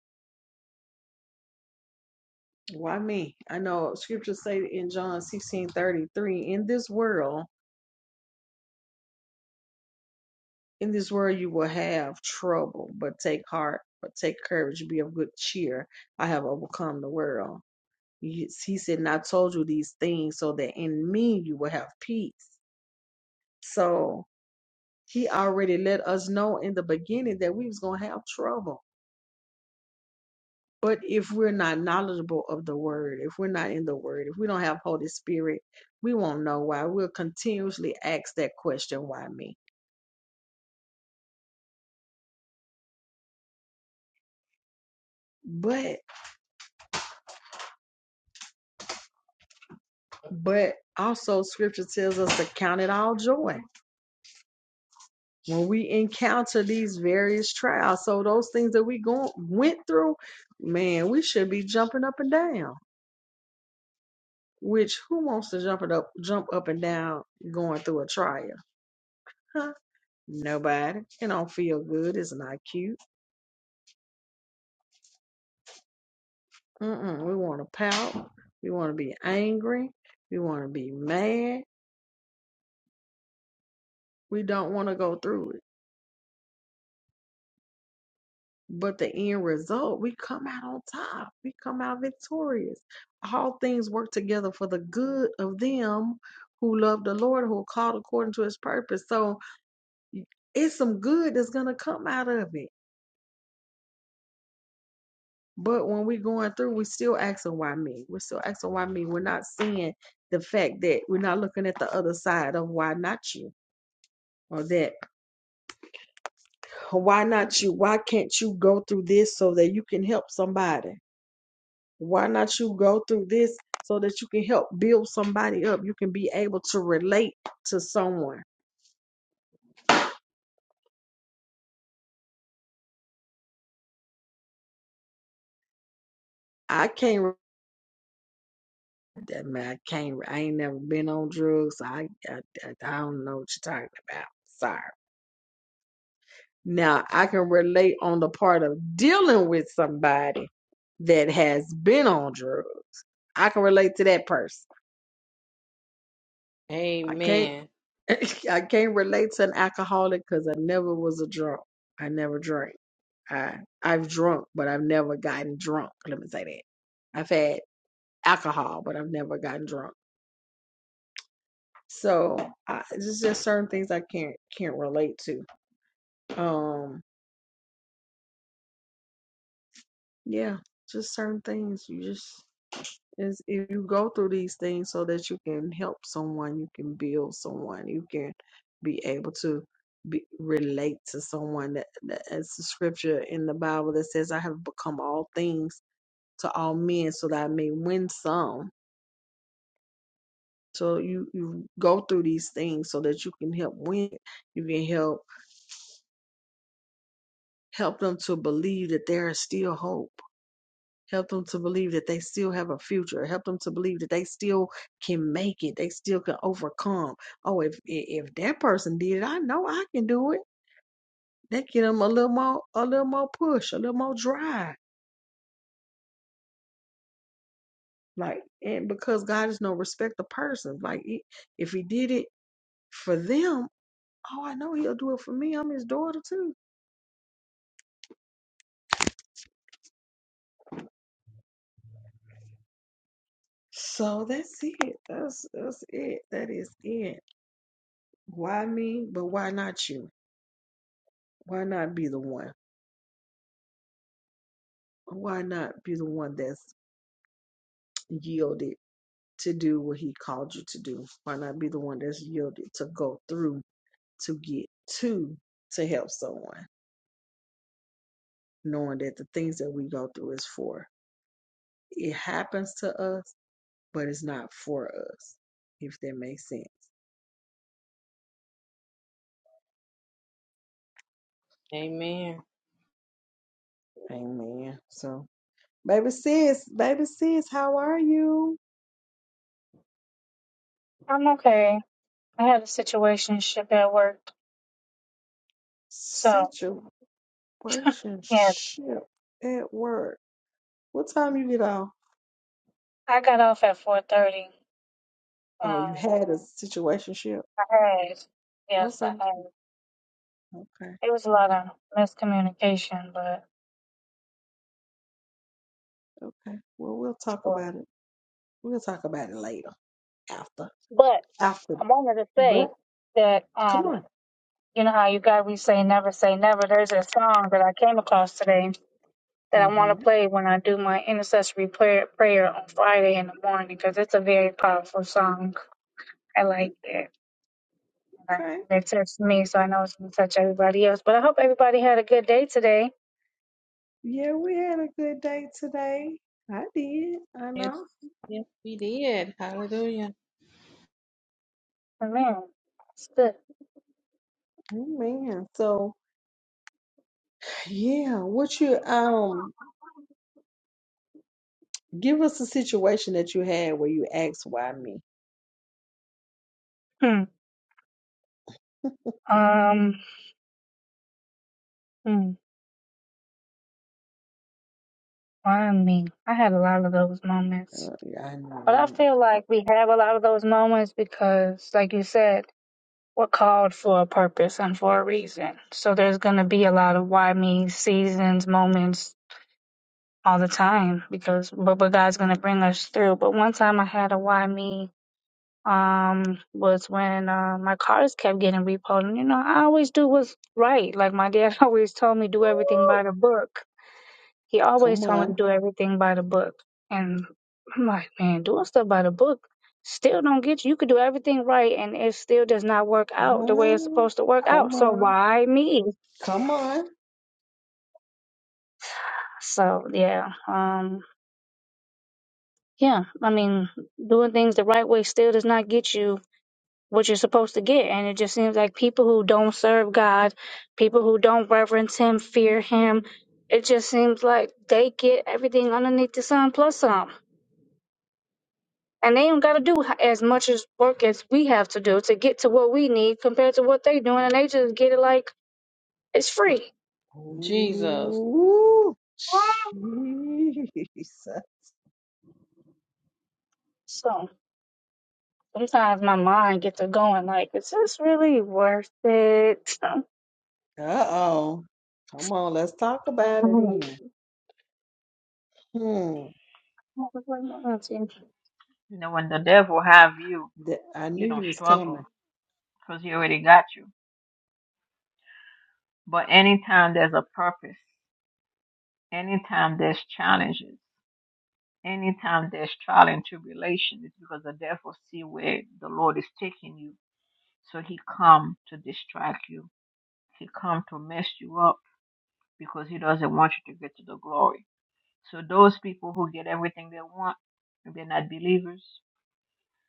why me i know scriptures say in john 16 33, in this world in this world you will have trouble but take heart but take courage be of good cheer i have overcome the world he said and i told you these things so that in me you will have peace so He already let us know in the beginning that we was gonna have trouble. But if we're not knowledgeable of the word, if we're not in the word, if we don't have Holy Spirit, we won't know why. We'll continuously ask that question, why me? But but also scripture tells us to count it all joy when we encounter these various trials. So those things that we go, went through, man, we should be jumping up and down. Which who wants to jump it up jump up and down going through a trial? Huh? Nobody. It don't feel good. It's not cute. Mm-mm. We want to pout. We want to be angry. We want to be mad. We don't want to go through it. But the end result, we come out on top. We come out victorious. All things work together for the good of them who love the Lord, who are called according to his purpose. So it's some good that's going to come out of it But when we're going through, we're still asking why me. We're still asking why me. We're not seeing the fact that we're not looking at the other side of why not you or that "Oh, why not you? Why can't you go through this so that you can help somebody? Why not you go through this so that you can help build somebody up? You can be able to relate to someone. I can't that man. I can't. I ain't never been on drugs. I, I, I don't know what you're talking about. Sorry. Now, I can relate on the part of dealing with somebody that has been on drugs. I can relate to that person. I can't Amen. I can't relate to an alcoholic cuz I never was a drunk. I never drank. I I've drunk, but I've never gotten drunk. Let me say that. I've had alcohol, but I've never gotten drunk. So, I there's just certain things I can't can't relate to. Um yeah, just certain things you just Is if you go through these things so that you can help someone, you can build someone, you can be able to be, relate to someone. That, that it's a scripture in the Bible that says, "I have become all things to all men, so that I may win some." So you you go through these things so that you can help win. You can help help them to believe that there is still hope Help them to believe that they still have a future. Help them to believe that they still can make it. They still can overcome. Oh, if if that person did it, I know I can do it. That give them a little more, a little more push, a little more drive. Like, and because God is no respect of persons. Like, if He did it for them, oh, I know He'll do it for me. I'm His daughter too. So that's it. That's that's it. That is it. Why me? But why not you? Why not be the one? why not be the one that's yielded to do what he called you to do? Why not be the one that's yielded to go through to get to to help someone, knowing that the things that we go through is for it happens to us, but it's not for us, if that makes sense. Amen. Amen. So baby sis, baby sis, how are you? I'm okay. I had a situation ship at work. So Situationship yes. at work. What time you get off? I got off at four thirty. Oh, you Um had a situationship. I had yes, Okay. I had Okay. it was a lot of miscommunication but Okay. Well, we'll talk well, about it. We'll talk about it later, after, but after. I wanted to But say that come um on. you know how you got we say never say never. There's a song that I came across today that I Uh want to huh. play when I do my intercessory prayer prayer on Friday in the morning because it's a very powerful song. I like it. And Okay. they text me, so I know it's going to touch everybody else. But I hope everybody had a good day today. Yeah, we had a good day today. I did. I Yes, know. yes, we did. Hallelujah. Oh, Man, it's good. Amen. So, yeah. What you um? Give us a situation that you had where you asked, why me? Hmm. Um, hmm. Why me? I had a lot of those moments. Uh, yeah, I know. But I right? feel like we have a lot of those moments because, like you said, we're called for a purpose and for a reason. So there's going to be a lot of why me seasons, moments all the time because but, but God's going to bring us through. But one time I had a why me um was when uh, my cars kept getting repoed. And, you know, I always do what's right. Like my dad always told me, do everything by the book. He always Come told me on. to do everything by the book. And I'm like, man, doing stuff by the book still don't get you. You could do everything right and it still does not work out the way it's Um, supposed to work come out. So on, why me? come on. So yeah, um, yeah, I mean, doing things the right way still does not get you what you're supposed to get. And it just seems like people who don't serve God, people who don't reverence Him, fear Him, it just seems like they get everything underneath the sun plus some. And they don't got to do h- as much as work as we have to do to get to what we need compared to what they doing. And they just get it like it's free. Jesus. Ooh, jeez. So sometimes my mind gets to going like, is this really worth it? Uh-oh. Come on, let's talk about it then. Hmm. Oh, what was my auntie? You know, when the devil have you, Th- I you knew don't you was coming. struggle because he already got you. But anytime there's a purpose, anytime there's challenges, Anytime there's trial and tribulation, it's because the devil see where the Lord is taking you. So he come to distract you. He come to mess you up because he doesn't want you to get to the glory. So those people who get everything they want, and they're not believers.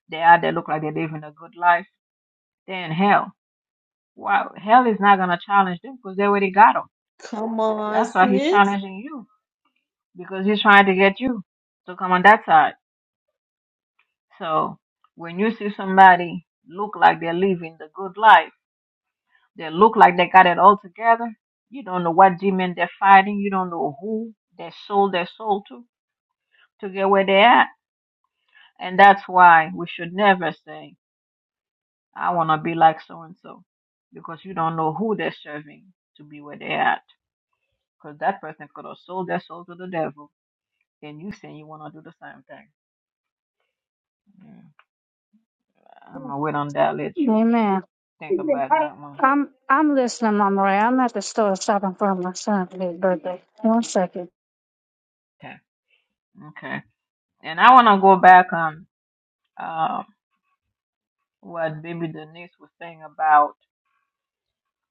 They out there look like they're living a good life. They're in hell. Wow, hell is not gonna challenge them because they already got them. Come on, That's why he's sis. challenging you because he's trying to get you to come on that side. So when you see somebody look like they're living the good life, they look like they got it all together, you don't know what demon they're fighting, you don't know who they sold their soul to to get where they're at. And that's why we should never say, I want to be like so and so, because you don't know who they're serving to be where they're at. Because that person could have sold their soul to the devil, and you saying you want to do the same thing. Mm. I'm going to wait on that, let you Amen. think about that one. I'm I'm listening, Mama Ray. I'm at the store shopping for my son for his birthday. One second. Okay. Okay. And I want to go back on uh, what Baby Denise was saying about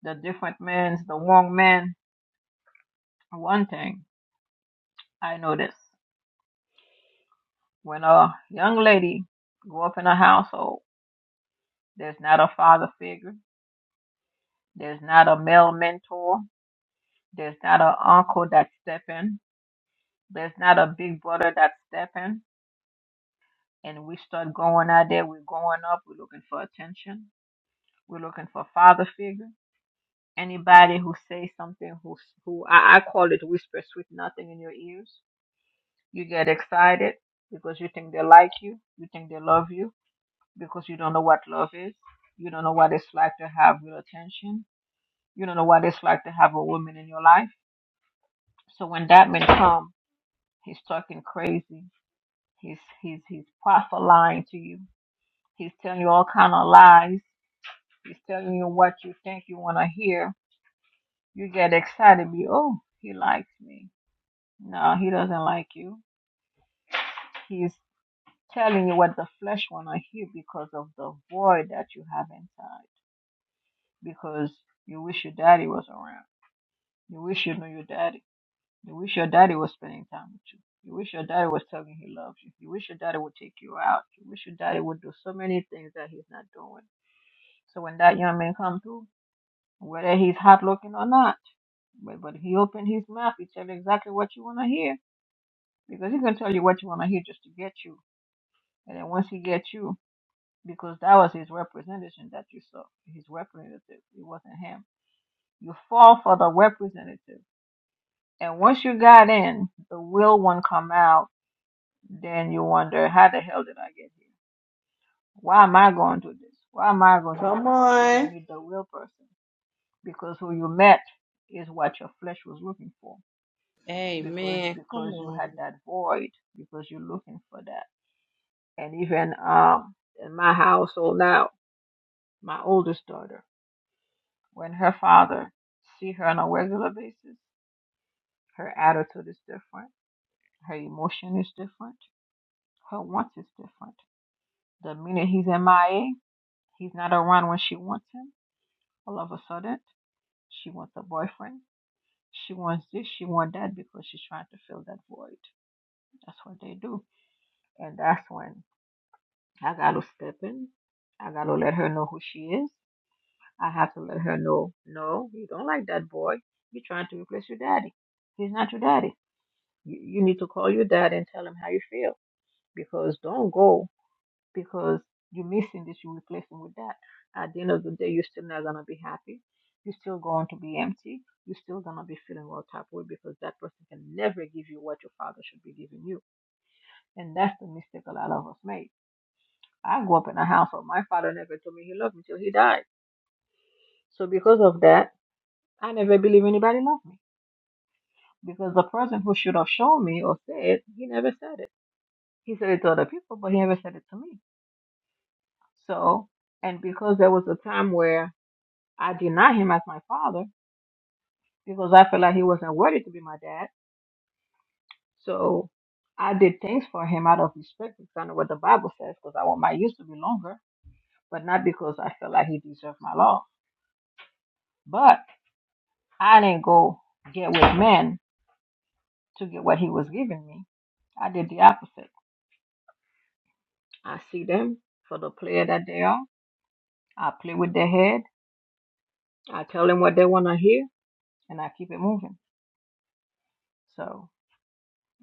the different men, the wrong men. One thing I noticed when a young lady grow up in a household, there's not a father figure, there's not a male mentor, there's not an uncle that step in, there's not a big brother that step in, and we start going out there. We're going up. We're looking for attention. We're looking for father figure Anybody who says something who who I, I call it whispers with nothing in your ears. You get excited because you think they like you, you think they love you, because you don't know what love is. You don't know what it's like to have real attention. You don't know what it's like to have a woman in your life. So when that man comes, he's talking crazy. He's he's he's prophesying to you. He's telling you all kind of lies. He's telling you what you think you want to hear. You get excited, be oh, he likes me. No, he doesn't like you. He's telling you what the flesh want to hear because of the void that you have inside. Because you wish your daddy was around. You wish you knew your daddy. You wish your daddy was spending time with you. You wish your daddy was telling you he loves you. You wish your daddy would take you out. You wish your daddy would do so many things that he's not doing. So when that young man come through, whether he's hot looking or not, but, but he opened his mouth, he tell you exactly what you want to hear. Because he can tell you what you want to hear just to get you. And then once he gets you, because that was his representation that you saw. His representative. It wasn't him. You fall for the representative. And once you got in, the real one come out, then you wonder, how the hell did I get here? Why am I going to this? Why am I going to that? Come Because you didn't on. meet the real person. Because who you met is what your flesh was looking for. Because Amen. Come because you had on. that void, because you're looking for that. And even um in my household now, my oldest daughter. When her father see her on a regular basis, her attitude is different, her emotion is different, her wants is different. The minute he's MIA, he's not around when she wants him. All of a sudden, she wants a boyfriend. She wants this, she wants that because she's trying to fill that void. That's what they do. And that's when I gotta step in. I gotta let her know who she is. I have to let her know, no, you don't like that boy. You're trying to replace your daddy. He's not your daddy. you, you need to call your dad and tell him how you feel because don't go because you're missing this, you're replacing with that. At the end of the day, you're still not going to be happy. You're still going to be empty. You're still going to be feeling all type of way because that person can never give you what your father should be giving you. And that's the mistake a lot of us make. I grew up in a household. My father never told me he loved me till he died. So because of that, I never believe anybody loved me because the person who should have shown me or said, he never said it. He said it to other people, but he never said it to me. So, and because there was a time where I denied him as my father because I felt like he wasn't worthy to be my dad. So I did things for him out of respect because I know what the Bible says because I want my years to be longer, but not because I felt like he deserved my love. But I didn't go get with men to get what he was giving me. I did the opposite. I see them for the player that they are. I play with their head. I tell them what they want to hear, and I keep it moving. So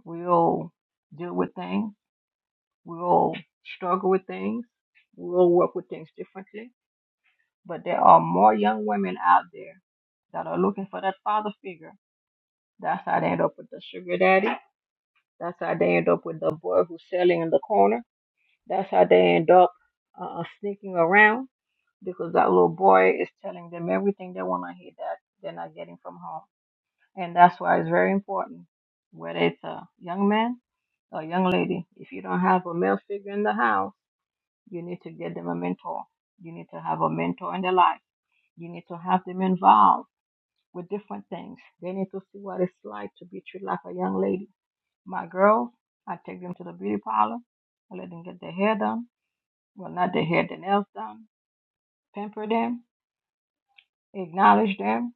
We'll deal with things. We'll struggle with things. We'll work with things differently. But there are more young women out there that are looking for that father figure. That's how they end up with the sugar daddy. That's how they end up with the boy who's selling in the corner. That's how they end up uh, sneaking around because that little boy is telling them everything they want to hear that they're not getting from home. And that's why it's very important, whether it's a young man a young lady, if you don't have a male figure in the house, you need to get them a mentor. You need to have a mentor in their life. You need to have them involved with different things. They need to see what it's like to be treated like a young lady. My girls, I take them to the beauty parlor. I let them get their hair done. Well, not their hair, their nails done. Pamper them, acknowledge them,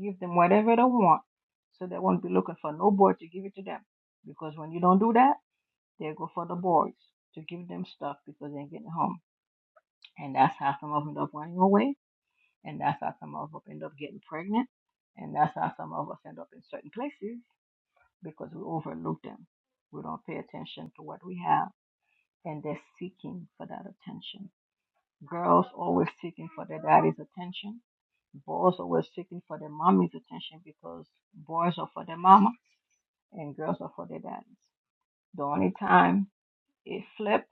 give them whatever they want so they won't be looking for no boy to give it to them. Because when you don't do that, they go for the boys to give them stuff because they ain't getting home. And that's how some of them end up running away. And that's how some of us end up getting pregnant. And that's how some of us end up in certain places because we overlook them. We don't pay attention to what we have. And they're seeking for that attention. Girls always seeking for their daddy's attention. Boys always seeking for their mommy's attention because boys are for their mama and girls are for their daddies. The only time If flip,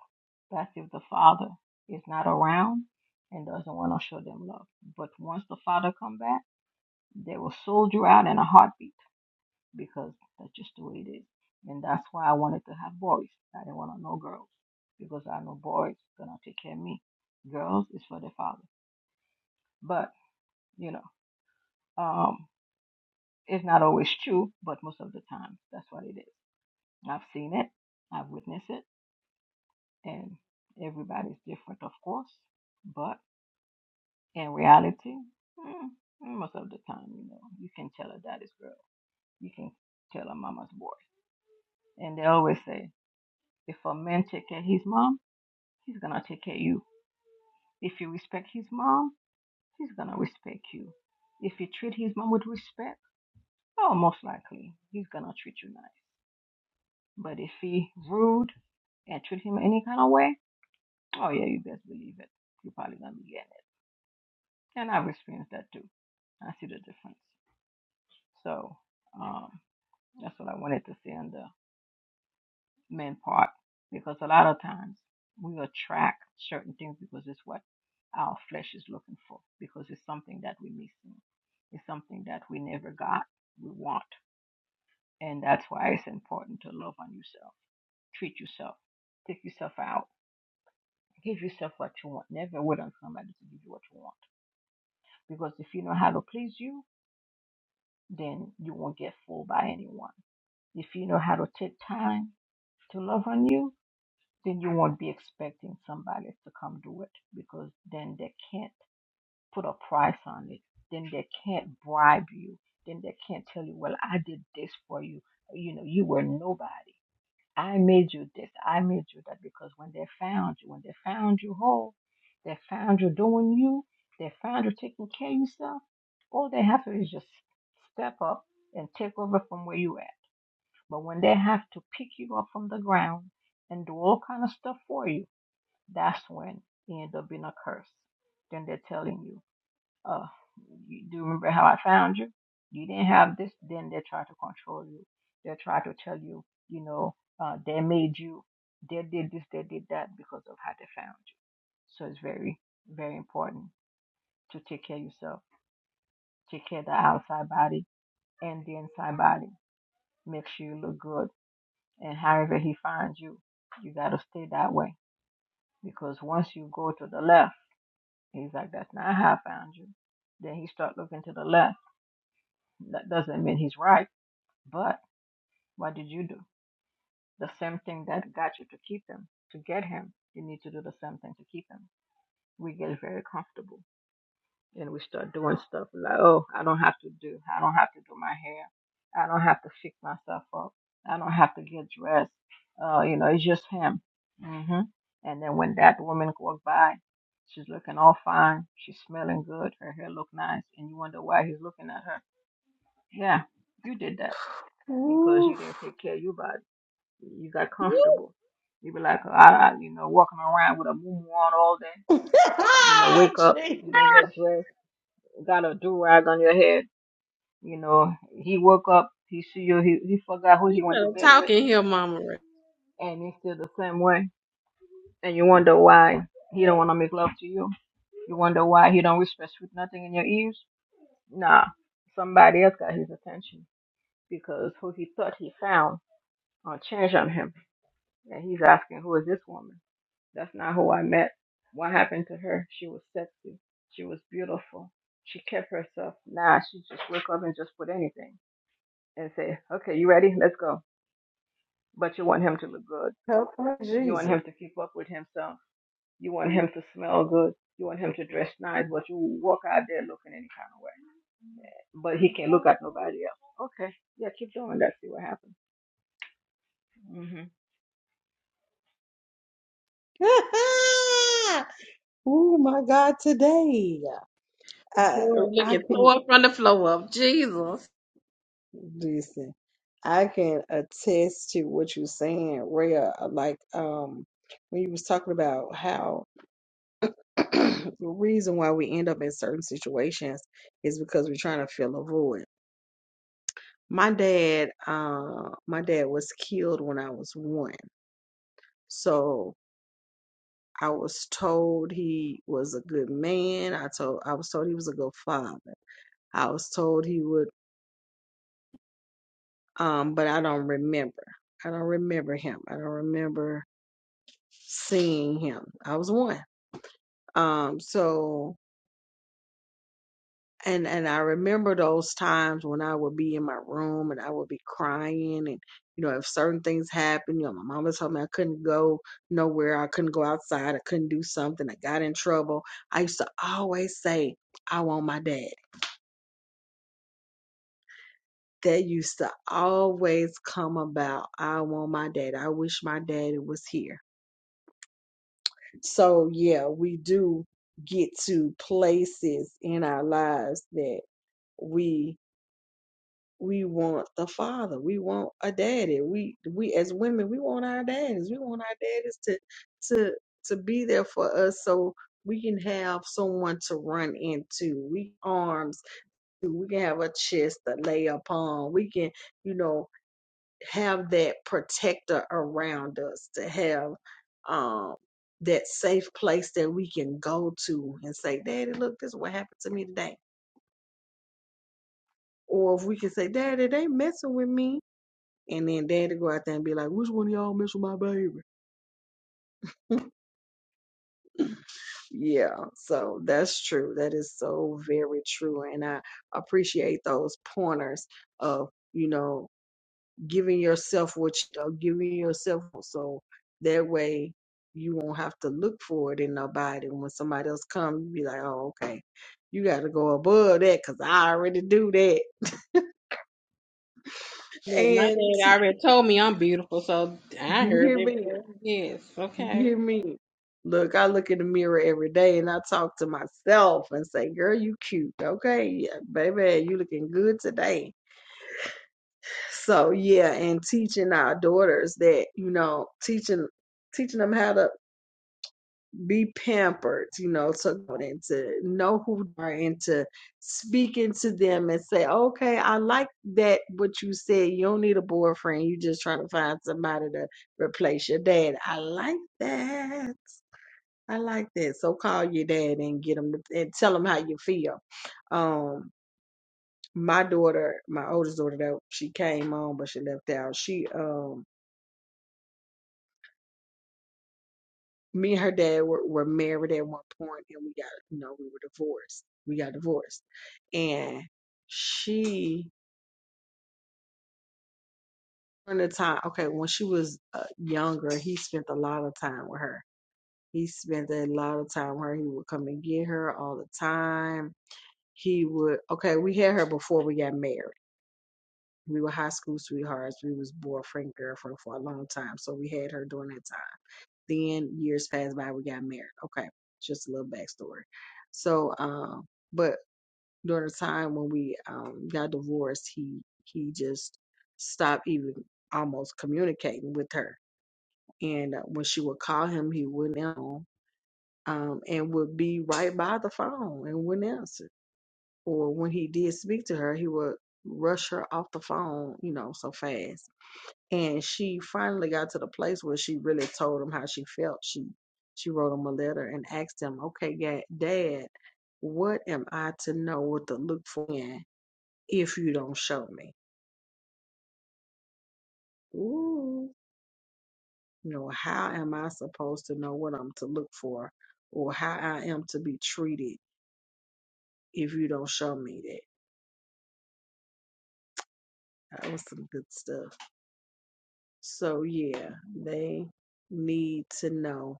that's if the father is not around and doesn't want to show them love. But once the father come back, they will soldier out in a heartbeat because that's just the way it is. And that's why I wanted to have boys. I didn't want to know girls because I know boys gonna take care of me. Girls is for the father. But you know, um, it's not always true, but most of the time that's what it is. I've seen it, I've witnessed it, and everybody's different, of course. But In reality, mm, most of the time, you know, you can tell a daddy's girl, you can tell a mama's boy. And they always say, if a man take care of his mom, he's gonna take care of you. If you respect his mom, he's gonna respect you. If you treat his mom with respect, oh, most likely he's gonna treat you nice. But if he rude and treat him any kind of way, oh yeah, you best believe it. You're probably gonna be getting it. And I've experienced that too. I see the difference. So, um, That's what I wanted to say on the men part because a lot of times we attract certain things because it's what our flesh is looking for because it's something that we're missing. It's something that we never got, we want. And that's why it's important to love on yourself, treat yourself, take yourself out, give yourself what you want. Never wait on somebody to give you what you want because if you know how to please you, then you won't get fooled by anyone. If you know how to take time to love on you, then you won't be expecting somebody to come do it because then they can't put a price on it. Then they can't bribe you. Then they can't tell you, well, I did this for you. You know, you were nobody. I made you this. I made you that. Because when they found you, when they found you whole, they found you doing you, they found you taking care of yourself, all they have to do is just step up and take over from where you at. But when they have to pick you up from the ground and do all kind of stuff for you, that's when you end up being a curse. Then they're telling you, uh, you do you remember how I found you? You didn't have this. Then they try to control you. They try to tell you, you know, uh, they made you, they did this, they did that because of how they found you. So it's very, very important to take care of yourself, take care of the outside body and the inside body. Make sure you look good. And however he finds you, you got to stay that way because once you go to the left, He's like, that's not how I found you. Then he start looking to the left. That doesn't mean he's right, but what did you do? The same thing that got you to keep him, to get him, you need to do the same thing to keep him. We get very comfortable. and we start doing stuff like, oh, I don't have to do, I don't have to do my hair, I don't have to fix myself up, I don't have to get dressed. Uh, you know, it's just him. hmm And then when that woman walked by, she's looking all fine, she's smelling good, her hair look nice, and you wonder why he's looking at her. Yeah, you did that because Ooh. you didn't take care of your body. You got comfortable. You be like, I, I, you know, walking around with a muumuu on all day. You know, wake up, Jeez. you don't get dressed, got a do rag on your head you know, he woke up, he see you, he, he forgot who he You went to better bed with, talking here, Mama. Ray. and he's still the same way. And you wonder why he don't want to make love to you. You wonder why he don't whisper sweet nothing in your ears. Nah, somebody else got his attention because who he thought he found uh, changed on him, and he's asking, who is this woman? That's not who I met. What happened to her? She was sexy. She was beautiful. She kept herself. Nah, she just wake up and just put anything and say, okay, you ready? Let's go but you want him to look good. Help her, You want Jesus. him to keep up with himself. You want him to smell good. You want him to dress nice, but you walk out there looking any kind of way. Yeah. But he can not look at nobody else. Okay, yeah, keep doing that. See what happens. hmm oh my God, today. I Boy, look I at can tore up from the floor up. Jesus. Listen, I can attest to what you're saying, Rhea. uh, Like um, when you was talking about how the reason why we end up in certain situations is because we're trying to fill a void. My dad, uh, my dad was killed when I was one, so I was told he was a good man. I told I was told he was a good father. I was told he would, um, but I don't remember. I don't remember him. I don't remember seeing him. I was one. Um, so and and I remember those times when I would be in my room and I would be crying and you know, if certain things happened, you know, my mama told me I couldn't go nowhere, I couldn't go outside, I couldn't do something, I got in trouble. I used to always say, I want my dad. That used to always come about. I want my dad. I wish my daddy was here. So yeah, we do get to places in our lives that. we we want the father we want a daddy we we as women we want our daddies we want our daddies to to to be there for us so we can have someone to run into we arms we can have a chest to lay upon we can you know have that protector around us to have um that safe place that we can go to and say daddy look this is what happened to me today or if we can say daddy they messing with me and then daddy go out there and be like, which one of y'all mess with my baby? Yeah, so that's true. That is so very true. And I appreciate those pointers of, you know, giving yourself what you know, giving yourself so that way you won't have to look for it in nobody. When somebody else come, you be like, oh, okay, you got to go above that because I already do that. Look, my And dad already told me I'm beautiful, so I you heard hear it. me? before. Yes. You Okay. hear me? Look, I look in the mirror every day and I talk to myself and say, girl, you cute. Okay. Yeah, baby, you looking good today. So yeah, and teaching our daughters that, you know, teaching teaching them how to be pampered, you know, to and to know who they are and to speaking to them and say, Okay, I like that what you said. You don't need a boyfriend. You just trying to find somebody to replace your dad. I like that. I like that. So call your dad and get him to, and tell him how you feel. Um, my daughter, my oldest daughter, though she came on, but she left out. She, um, me and her dad were, were married at one point, and we got, you know, we were divorced. We got divorced, and she during the time, okay, when she was uh, younger, he spent a lot of time with her. He spent a lot of time with her. He would come and get her all the time. He would, okay, we had her before we got married We were high school sweethearts. We was boyfriend, girlfriend for a long time. So we had her during that time. Then years passed by, we got married. Okay. Just a little backstory. So um, but during the time when we um got divorced, he he just stopped even almost communicating with her. And uh, when she would call him, he wouldn't answer, um, and would be right by the phone and wouldn't answer. Or when he did speak to her, he would rush her off the phone, you know, so fast and she finally got to the place where she really told him how she felt she she wrote him a letter and asked him okay ga- dad what am i to know what to look for in if you don't show me Ooh, you know how am i supposed to know what i'm to look for or how i am to be treated if you don't show me that that was some good stuff so yeah they need to know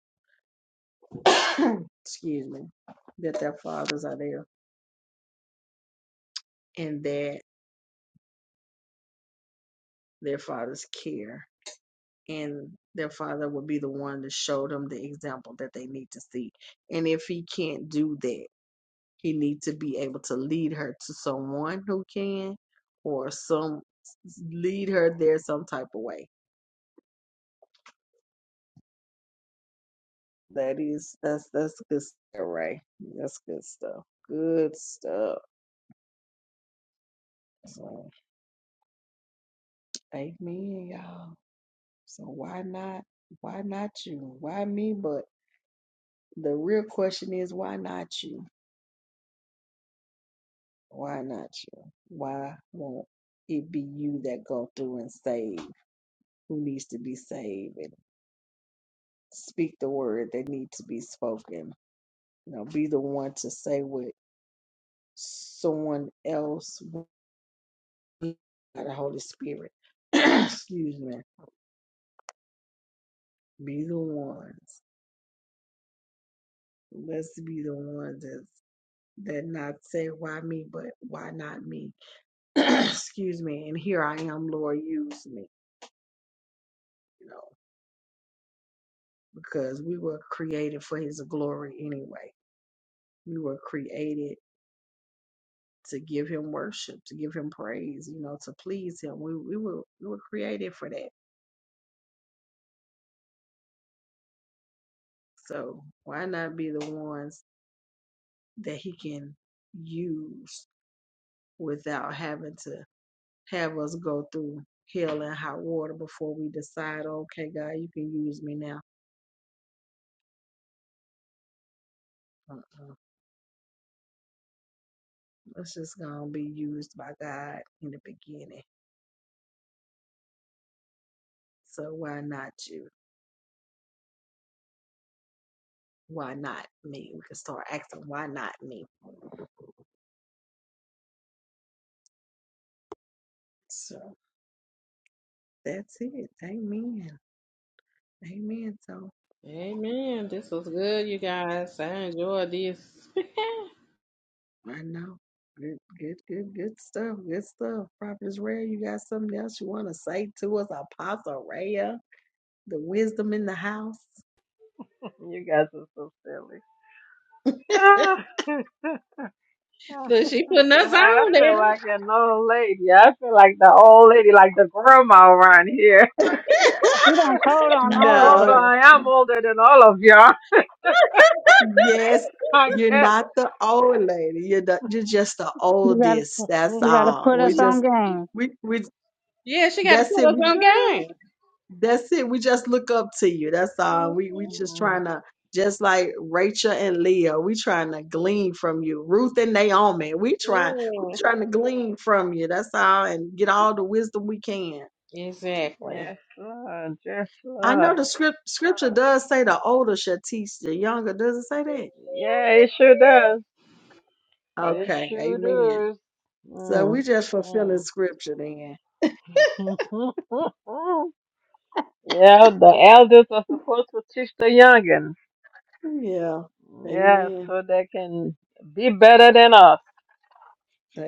excuse me that their fathers are there and that their father's care and their father will be the one to show them the example that they need to see and if he can't do that he needs to be able to lead her to someone who can or some lead her there some type of way that is that's that's good stuff, Ray. that's good stuff good stuff so amen y'all so why not why not you why me but the real question is why not you Why not you? Why won't it be you that go through and save who needs to be saved and speak the word that needs to be spoken? You know, be the one to say what someone else will by the Holy Spirit. Excuse me. Be the ones. Let's be the ones that that not say why me, but why not me? Excuse me. And here I am, Lord, use me. You know. because we were created for his glory anyway. We were created to give him worship, to give him praise, you know, to please him. We we were we were created for that. So why not be the ones that he can use without having to have us go through hell and hot water before we decide, okay, God, you can use me now. Uh-uh. It's just gonna be used by God in the beginning. So why not you? Why not me? We can start asking, why not me? So that's it. Amen. Amen. So Amen. This was good, you guys. I enjoyed this. I know. Good, good, good, good stuff. Good stuff. Prophetess Rare, you got something else you want to say to us? Apostle Rare, the wisdom in the house. You guys are so silly. I look, she putting feel us I on feel like there. an old lady. I feel like the old lady, like the grandma around here. You done told on all of Although No, us. I am older than all of y'all, yes, I you're guess. not the old lady. You're the, you're just the You gotta oldest. That's you gotta all. put We us on just game. we we Yeah, she got to that's put it. us We on game. That's it. We just look up to you. That's all. Mhm. We we just Mm. trying to just like Rachel and Leah, we trying to glean from you. Ruth and Naomi, we trying we Yeah. trying to glean from you. That's all, and get all the wisdom we can. Exactly. Yes, Lord. Yes, I know Lord. the script scripture does say the older shall teach the younger. Does it say that? Yeah, it sure does. It Okay, sure amen. does. So we Mm, just fulfilling mm. scripture then. yeah, the elders are supposed to teach the youngins. Yeah, Yeah, amen, so they can be better than us.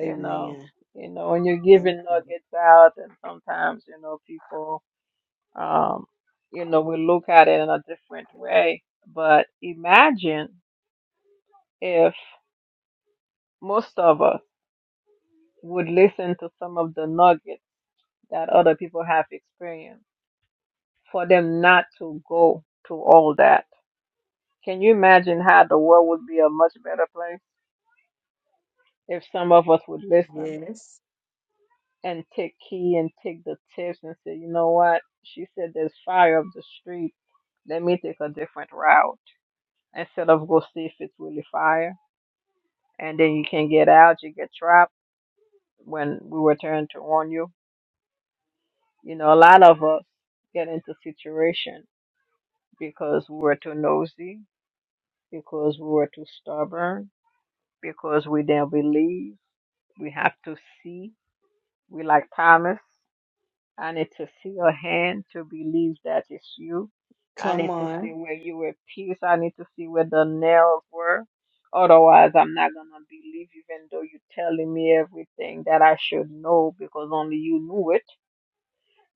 You know, you know, when you're giving nuggets out, and sometimes you know people, um, you know, we look at it in a different way. But imagine if most of us. would listen to some of the nuggets that other people have experienced for them not to go to all that. Can you imagine how the world would be a much better place if some of us would listen Yes, and take key and take the tips and say, you know what? She said there's fire up the street. Let me take a different route instead of go see if it's really fire. And then you can get out, you get trapped when we were trying to warn you. You know, a lot of us get into situation because we were too nosy, because we were too stubborn, because we didn't believe. We have to see. We like Thomas. I need to see your hand to believe that it's you. I come need to see on. where you were pierced. I need to see where the nails were. Otherwise, I'm not going to believe, even though you're telling me everything that I should know because only you knew it.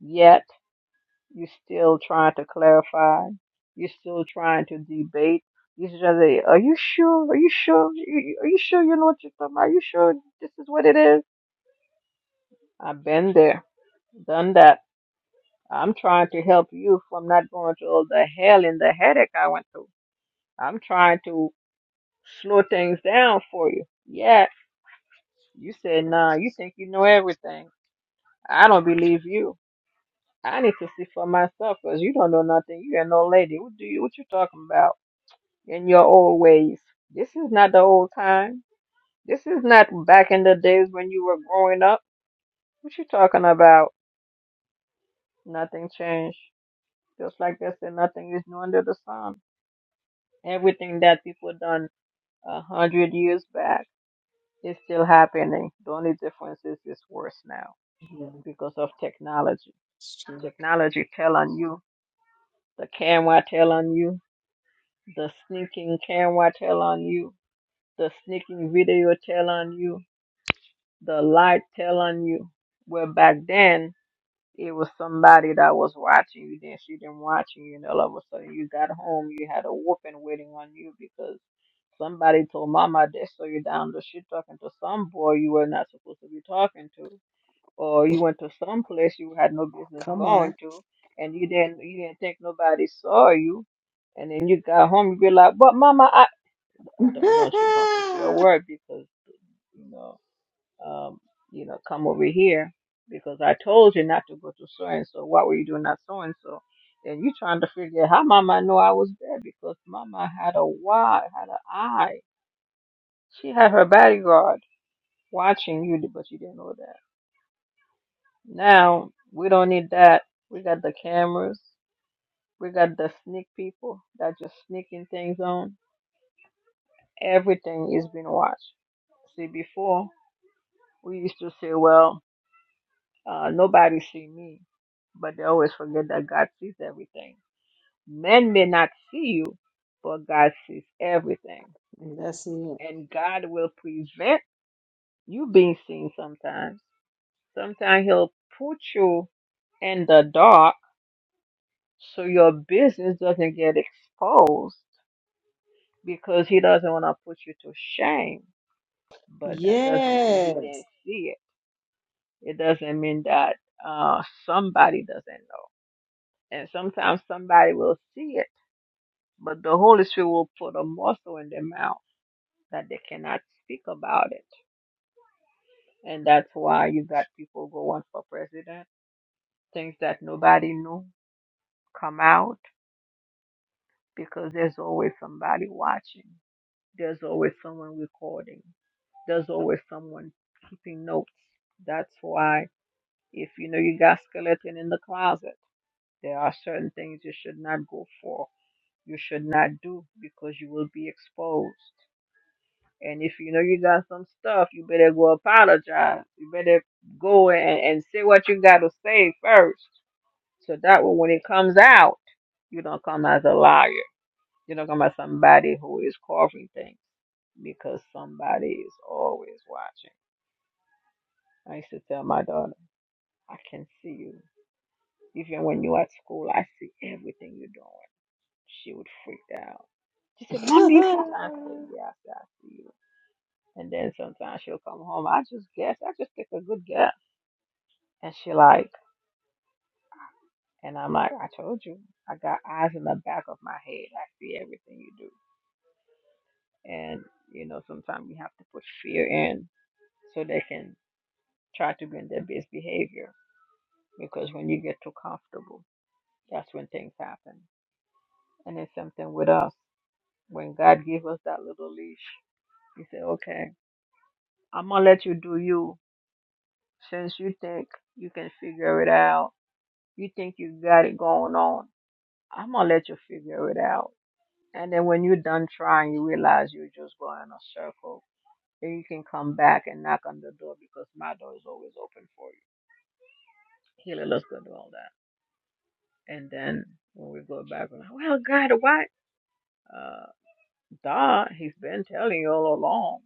Yet. You're still trying to clarify. You're still trying to debate. You just say, "Are you sure? Are you sure? You- Are you sure you know what you're talking about? Are you sure this is what it is?" I've been there, done that. I'm trying to help you from not going through all the hell and the headache I went through. I'm trying to slow things down for you. Yeah, you said, "Nah, you think you know everything." I don't believe you. I need to see for myself because you don't know nothing. You ain't no lady. What do you? What you talking about? in your old ways. This is not the old time. This is not back in the days when you were growing up. What you talking about? Nothing changed. Just like they said, nothing is new under the sun. Everything that people done a hundred years back is still happening. The only difference is it's worse now Yeah, because of technology. it's true. Technology tell on you. The camera tell on you. The sneaking camera tell on you. The sneaking video tell on you the light telling you. Well, back then it was somebody that was watching you. Then she didn't watching you, and all of a sudden you got home. You had a whooping waiting on you because somebody told mama they saw you down the street talking to some boy you were not supposed to be talking to, or you went to some place you had no business Come on. going to, and you didn't you didn't think nobody saw you. And then you got home, you be like, "But mama, I don't don't you don't you say a word because you know." um, you know, come over here because I told you not to go to so and so. Why were you doing that so and so? And you trying to figure out how mama know I was there because mama had a why, had an eye. She had her bodyguard watching you, but you didn't know that. Now we don't need that. We got the cameras. We got the sneak people that just sneaking things on. Everything is being watched. See, before we used to say, well, Uh, nobody see me, but they always forget that God sees everything. Men may not see you, but God sees everything, That's it. and God will prevent you being seen. Sometimes, sometimes He'll put you in the dark so your business doesn't get exposed because He doesn't want to put you to shame. But that doesn't mean He Yes. didn't see it. It doesn't mean that uh, somebody doesn't know and sometimes somebody will see it but the Holy Spirit will put a muscle in their mouth that they cannot speak about it. And that's why you got people going for president. Things that nobody knew come out because there's always somebody watching. There's always someone recording. There's always someone keeping notes. That's why if you know you got skeleton in the closet, there are certain things you should not go for. You should not do because you will be exposed. And if you know you done some stuff, you better go apologize. You better go and, and say what you got to say first. So that way, when it comes out, you don't come as a liar. You don't come as somebody who is covering things because somebody is always watching. I used to tell my daughter, I can see you. Even when you're at school, I see everything you're doing. She would freak out. She said, "Mom, you can't. I said, Yeah, I said, I see you. And then sometimes she'll come home. I just guess. I just take a good guess. And she like, and I'm like, I told you. I got eyes in the back of my head. I see everything you do. And you know, sometimes we have to put fear in so they can try to be in their best behavior. Because when you get too comfortable, that's when things happen. And it's something with us. When God gave us that little leash, He said, "Okay, I'm gonna let you do you. Since you think you can figure it out, you think you got it going on." I'm gonna let you figure it out. And then when you're done trying, you realize you're just going in a circle. Then you can come back and knock on the door because my door is always open for you. Healer, let's go do all that. And then when we go back, we're like, well, God, why? Uh, duh, he's been telling you all along.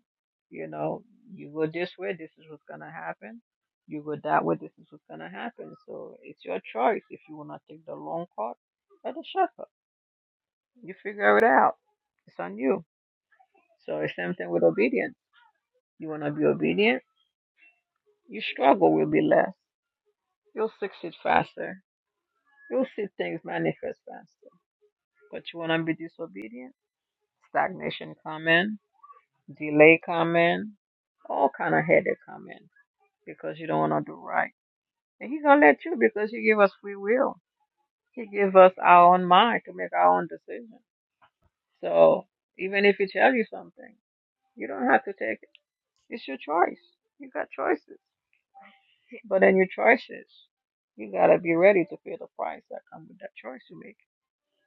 You know, you go this way, this is what's gonna happen. You go that way, this is what's gonna happen. So it's your choice. If you wanna take the long cut, or the shortcut, you figure it out. It's on you So it's same thing with obedience. You want to be obedient, you struggle will be less. You'll succeed faster. You'll see things manifest faster. But you want to be disobedient, stagnation come in, delay come in, all kind of headache come in because you don't want to do right. And he's gonna let you because he give us free will. He give us our own mind to make our own decision. So even if he tells you something, you don't have to take it. It's your choice. You got choices. But in your choices, you gotta be ready to pay the price that comes with that choice you make.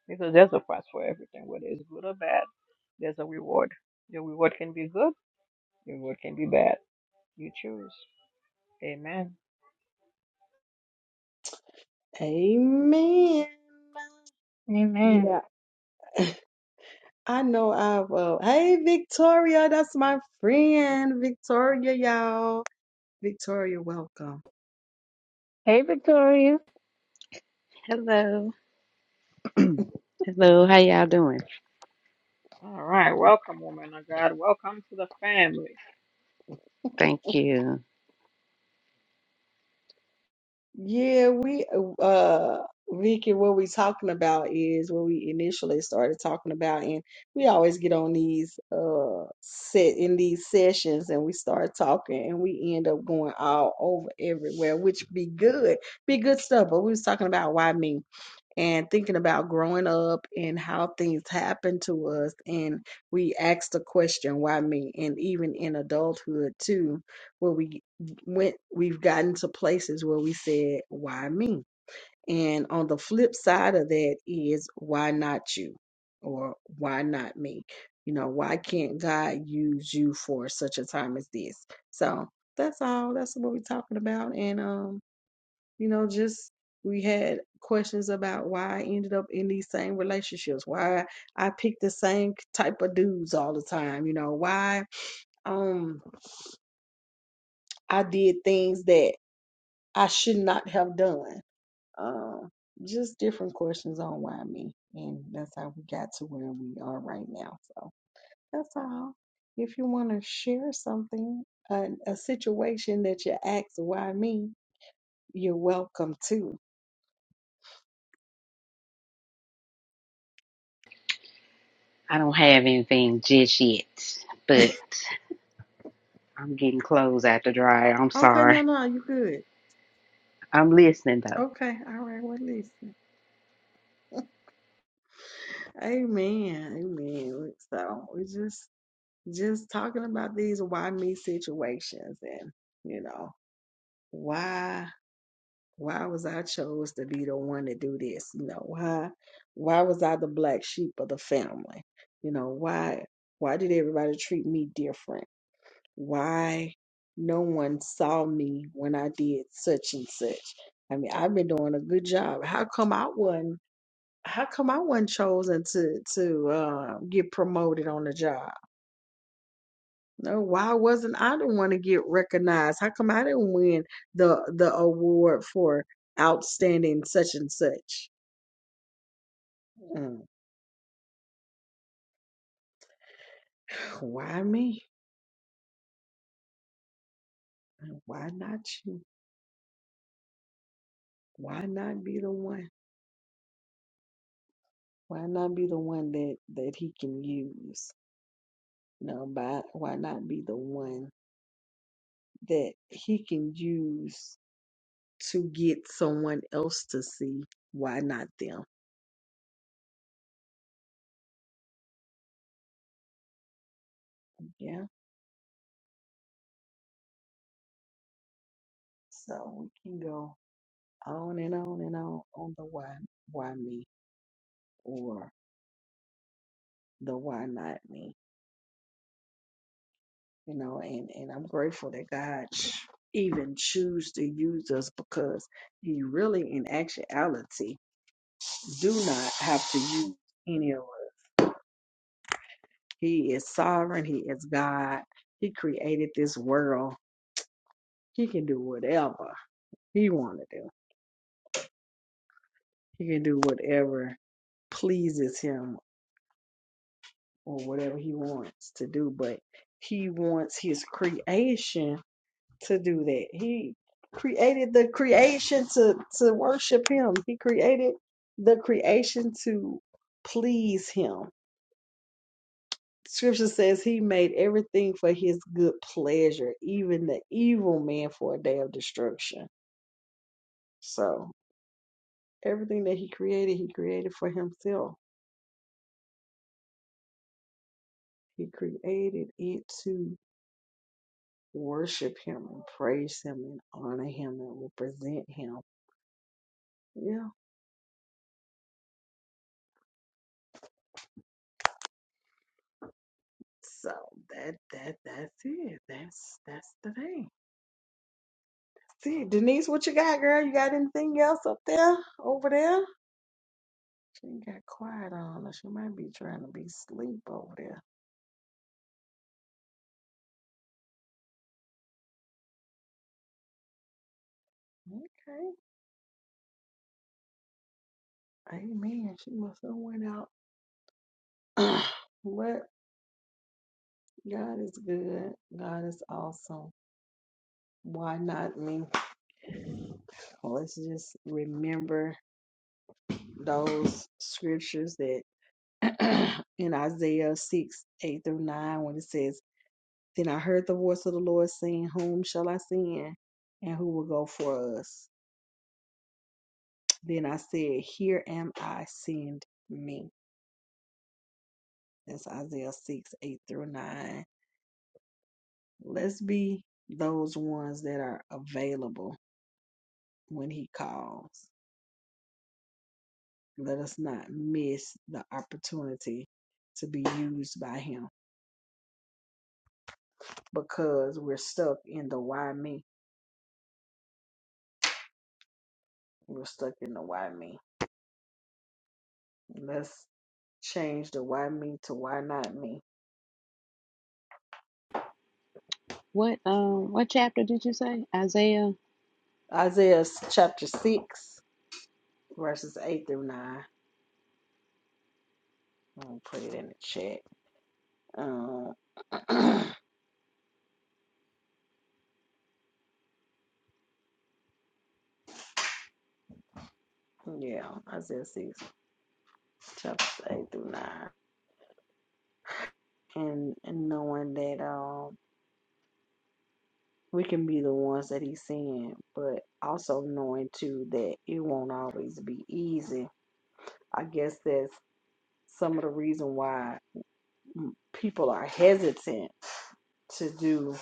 Because there's a price for everything, whether it's good or bad. There's a reward. Your reward can be good. Your reward can be bad. You choose. Amen. Amen. Amen. Yeah, I know I will. Hey, Victoria, that's my friend. Victoria, y'all. Victoria, welcome. Hey Victoria. Hello. Hello, how y'all doing? All right. Welcome, woman of God. Welcome to the family. Thank you. Yeah, we uh uh, Vicky, what we talking about is what we initially started talking about, and we always get on these uh set in these sessions and we start talking and we end up going all over everywhere, which be good, be good stuff. But we was talking about why me and thinking about growing up and how things happen to us and we ask the question why me and even in adulthood too where we went we've gotten to places where we said why me and on the flip side of that is why not you or why not me you know why can't god use you for such a time as this so that's all that's what we're talking about and um you know, just we had questions about why I ended up in these same relationships, why I picked the same type of dudes all the time, you know, why um I did things that I should not have done. Um just different questions on why me. And that's how we got to where we are right now. So that's all. If you want to share something, a, a situation that you asked why me, you're welcome to. I don't have anything just yet, but I'm getting clothes out the dryer. I'm Okay, no, sorry. no, you good. I'm listening though. Okay, all right. Well, listen. Amen. Amen. So we just just talking about these why me situations, and you know why why was I chose to be the one to do this? You know why why was I the black sheep of the family? You know why why did everybody treat me different? Why no one saw me when I did such and such? I mean, I've been doing a good job. How come I wasn't? how come I wasn't chosen to to uh, get promoted on the job? No, why wasn't I the one to get recognized? How come I didn't win the the award for outstanding such and such? Mm, Why me? Why not you? Why not be the one? Why not be the one that that he can use? No, but why not be the one that he can use to get someone else to see? Why not them? Yeah So we can go on and on and on on the why why me or the why not me. You know, and, and I'm grateful that God ch- even choose to use us because he really in actuality do not have to use any of us. He is sovereign, he is God, he created this world. He can do whatever he wanna do. He can do whatever pleases him or whatever he wants to do, but he wants his creation to do that. He created the creation to to worship him. He created the creation to please him. Scripture says he made everything for his good pleasure, even the evil man for a day of destruction. So everything that he created, he created for himself. He created it to worship him and praise him and honor him and represent him. Yeah. So that that that's it. That's that's the thing. See, Denise, what you got, girl? You got anything else up there? Over there? She ain't got quiet on her. She might be trying to be asleep over there. Okay. Amen. She must have went out. but God is good. God is awesome. Why not me? Well, Let's just remember those scriptures that in Isaiah 6, 8 through 9, when it says, Then I heard the voice of the Lord saying, Whom shall I send? And who will go for us? Then I said, Here am I, send me. That's Isaiah 6, 8 through 9. Let's be those ones that are available when he calls. Let us not miss the opportunity to be used by him because we're stuck in the why me We're stuck in the why me. Let's change the why me to why not me. What um what chapter did you say? Isaiah? Isaiah chapter 6, verses 8 through 9. I'm going to put it in the chat. Um, yeah, Isaiah 6, chapters 8 through 9. And, and knowing that um, we can be the ones that he's seeing, but also knowing too that it won't always be easy. I guess that's some of the reason why mm, people are hesitant to do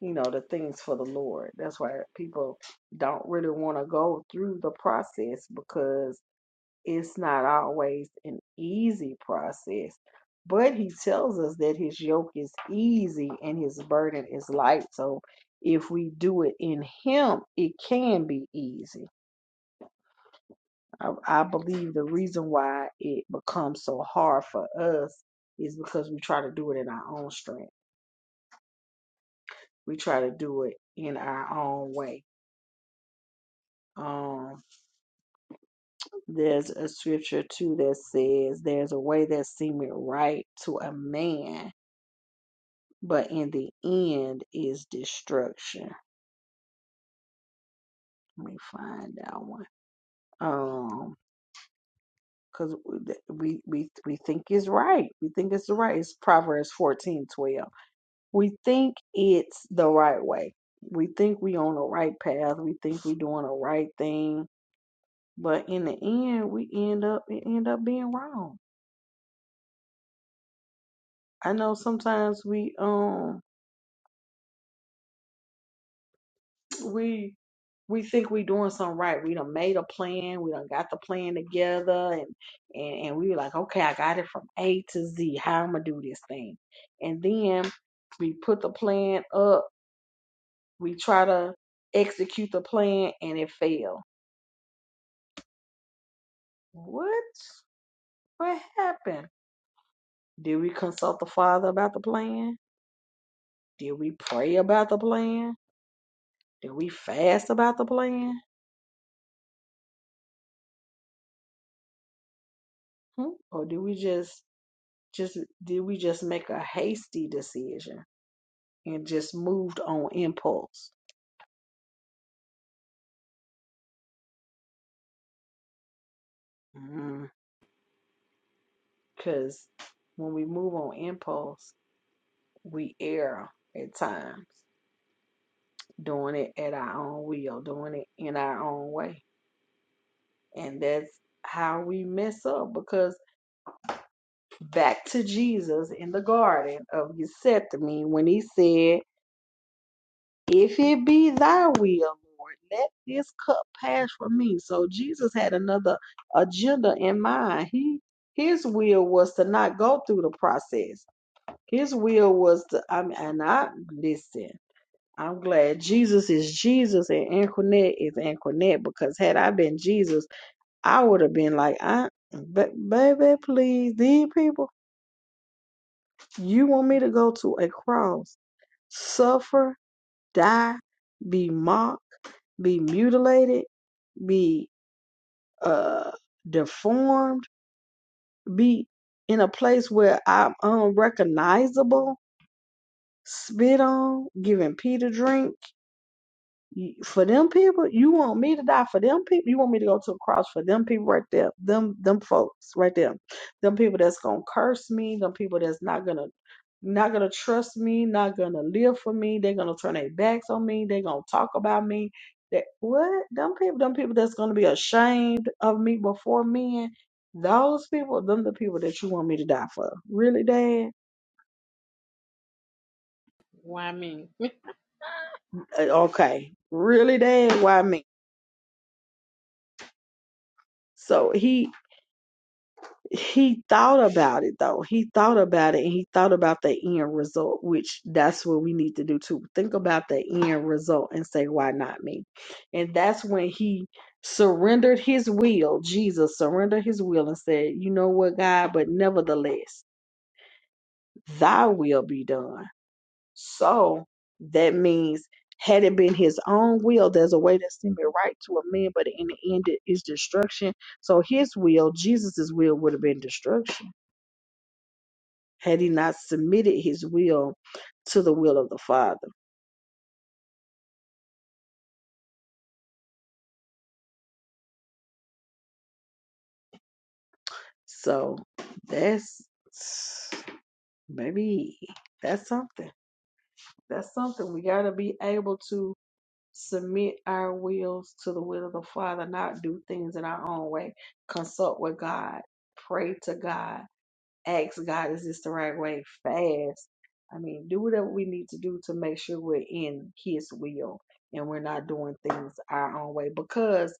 you know, the things for the Lord. That's why people don't really want to go through the process because it's not always an easy process. But he tells us that his yoke is easy and his burden is light. So if we do it in him, it can be easy. I, I believe the reason why it becomes so hard for us is because we try to do it in our own strength. We try to do it in our own way. Um, There's a scripture too that says, There's a way that seemeth right to a man, but in the end is destruction. Let me find that one. Um, because we, we we think it's right. We think it's the right. It's Proverbs fourteen twelve. We think it's the right way. We think we on the right path. We think we doing the right thing. But in the end, we end up it end up being wrong. I know sometimes we um we we think we doing something right. We done made a plan. We done got the plan together, and and and we like, okay, I got it from A to Z. How I'm gonna do this thing, and then we put the plan up. We try to execute the plan, and it failed. What? What happened? Did we consult the Father about the plan? Did we pray about the plan? Did we fast about the plan? Hmm? Or did we just Just did we just make a hasty decision and just moved on impulse? Because when we move on impulse, we err at times, doing it at our own will, doing it in our own way. And that's how we mess up because back to Jesus in the Garden of Gethsemane when he said, If it be thy will, Lord, let this cup pass from me. So Jesus had another agenda in mind. He his will was to not go through the process. His will was to I mean and I listen. I'm glad Jesus is Jesus and Antoinette is Antoinette because had I been Jesus, I would have been like, I ba- baby, please, these people, you want me to go to a cross, suffer die, be mocked, be mutilated, be uh, deformed, be in a place where I'm unrecognizable, spit on, giving Peter drink. You- For them people, you want me to die for them people? You want me to go to the cross for them people right there? Them them folks right there. Them people that's gonna curse me, them people that's not gonna not gonna trust me, not gonna live for me, they're gonna turn their backs on me, they're gonna talk about me. That what? Them people, them people that's gonna be ashamed of me before men, those people, them the people that you want me to die for. Really, Dad? Why me? Uh, Okay. Really, Dad, why me? So he he thought about it though. He thought about it and he thought about the end result, which that's what we need to do too. Think about the end result and say, why not me? And that's when he surrendered his will. Jesus surrendered his will and said, you know what, God, but nevertheless, thy will be done. So that means had it been his own will, there's a way that seemed right to a man, but in the end, it is destruction. So his will, Jesus' will, would have been destruction had he not submitted his will to the will of the Father. So that's maybe that's something. That's something. We got to be able to submit our wills to the will of the Father, not do things in our own way. Consult with God, pray to God, ask God, is this the right way? Fast. I mean, do whatever we need to do to make sure we're in His will and we're not doing things our own way because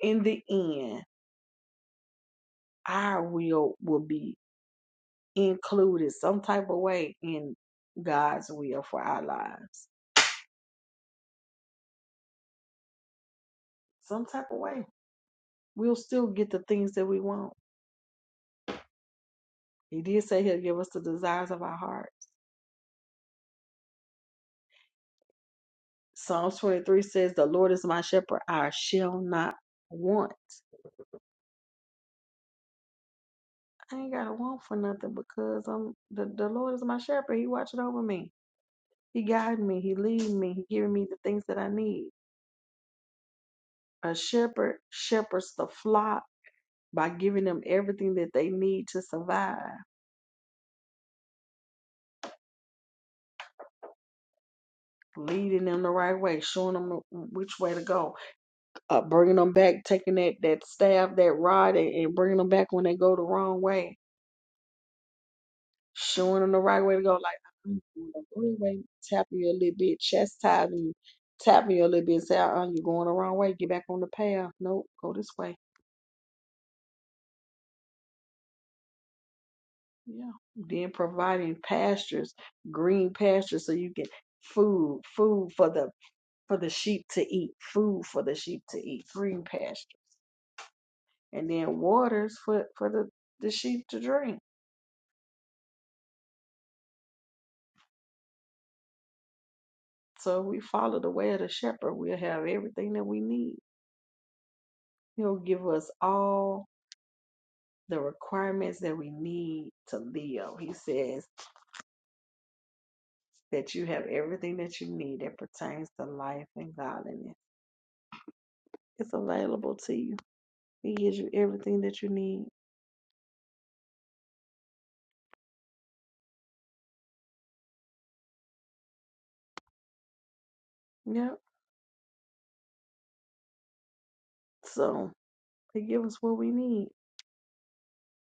in the end, our will will be included some type of way in God's will for our lives. Some type of way. We'll still get the things that we want. He did say he'll give us the desires of our heart. Psalms 23 says, The Lord is my shepherd, I shall not want. I ain't got to want for nothing because I'm the, the Lord is my shepherd. He watching over me. He guide me. He lead me. He giving me the things that I need. A shepherd shepherds the flock by giving them everything that they need to survive, leading them the right way, showing them which way to go, uh, bringing them back, taking that, that staff, that rod, and, and bringing them back when they go the wrong way, showing them the right way to go. Like, I'm going the wrong way, tapping you a little bit, chastising you, tapping you a little bit, say, uh, you're going the wrong way, get back on the path. Nope, go this way. Yeah. Then providing pastures, green pastures, so you get food, food for the for the sheep to eat, food for the sheep to eat, green pasture, and then waters for, for the, the sheep to drink. So if we follow the way of the shepherd, we'll have everything that we need. He'll give us all the requirements that we need to live. He says that you have everything that you need that pertains to life and godliness. It's available to you. He gives you everything that you need. Yep. So he gives us what we need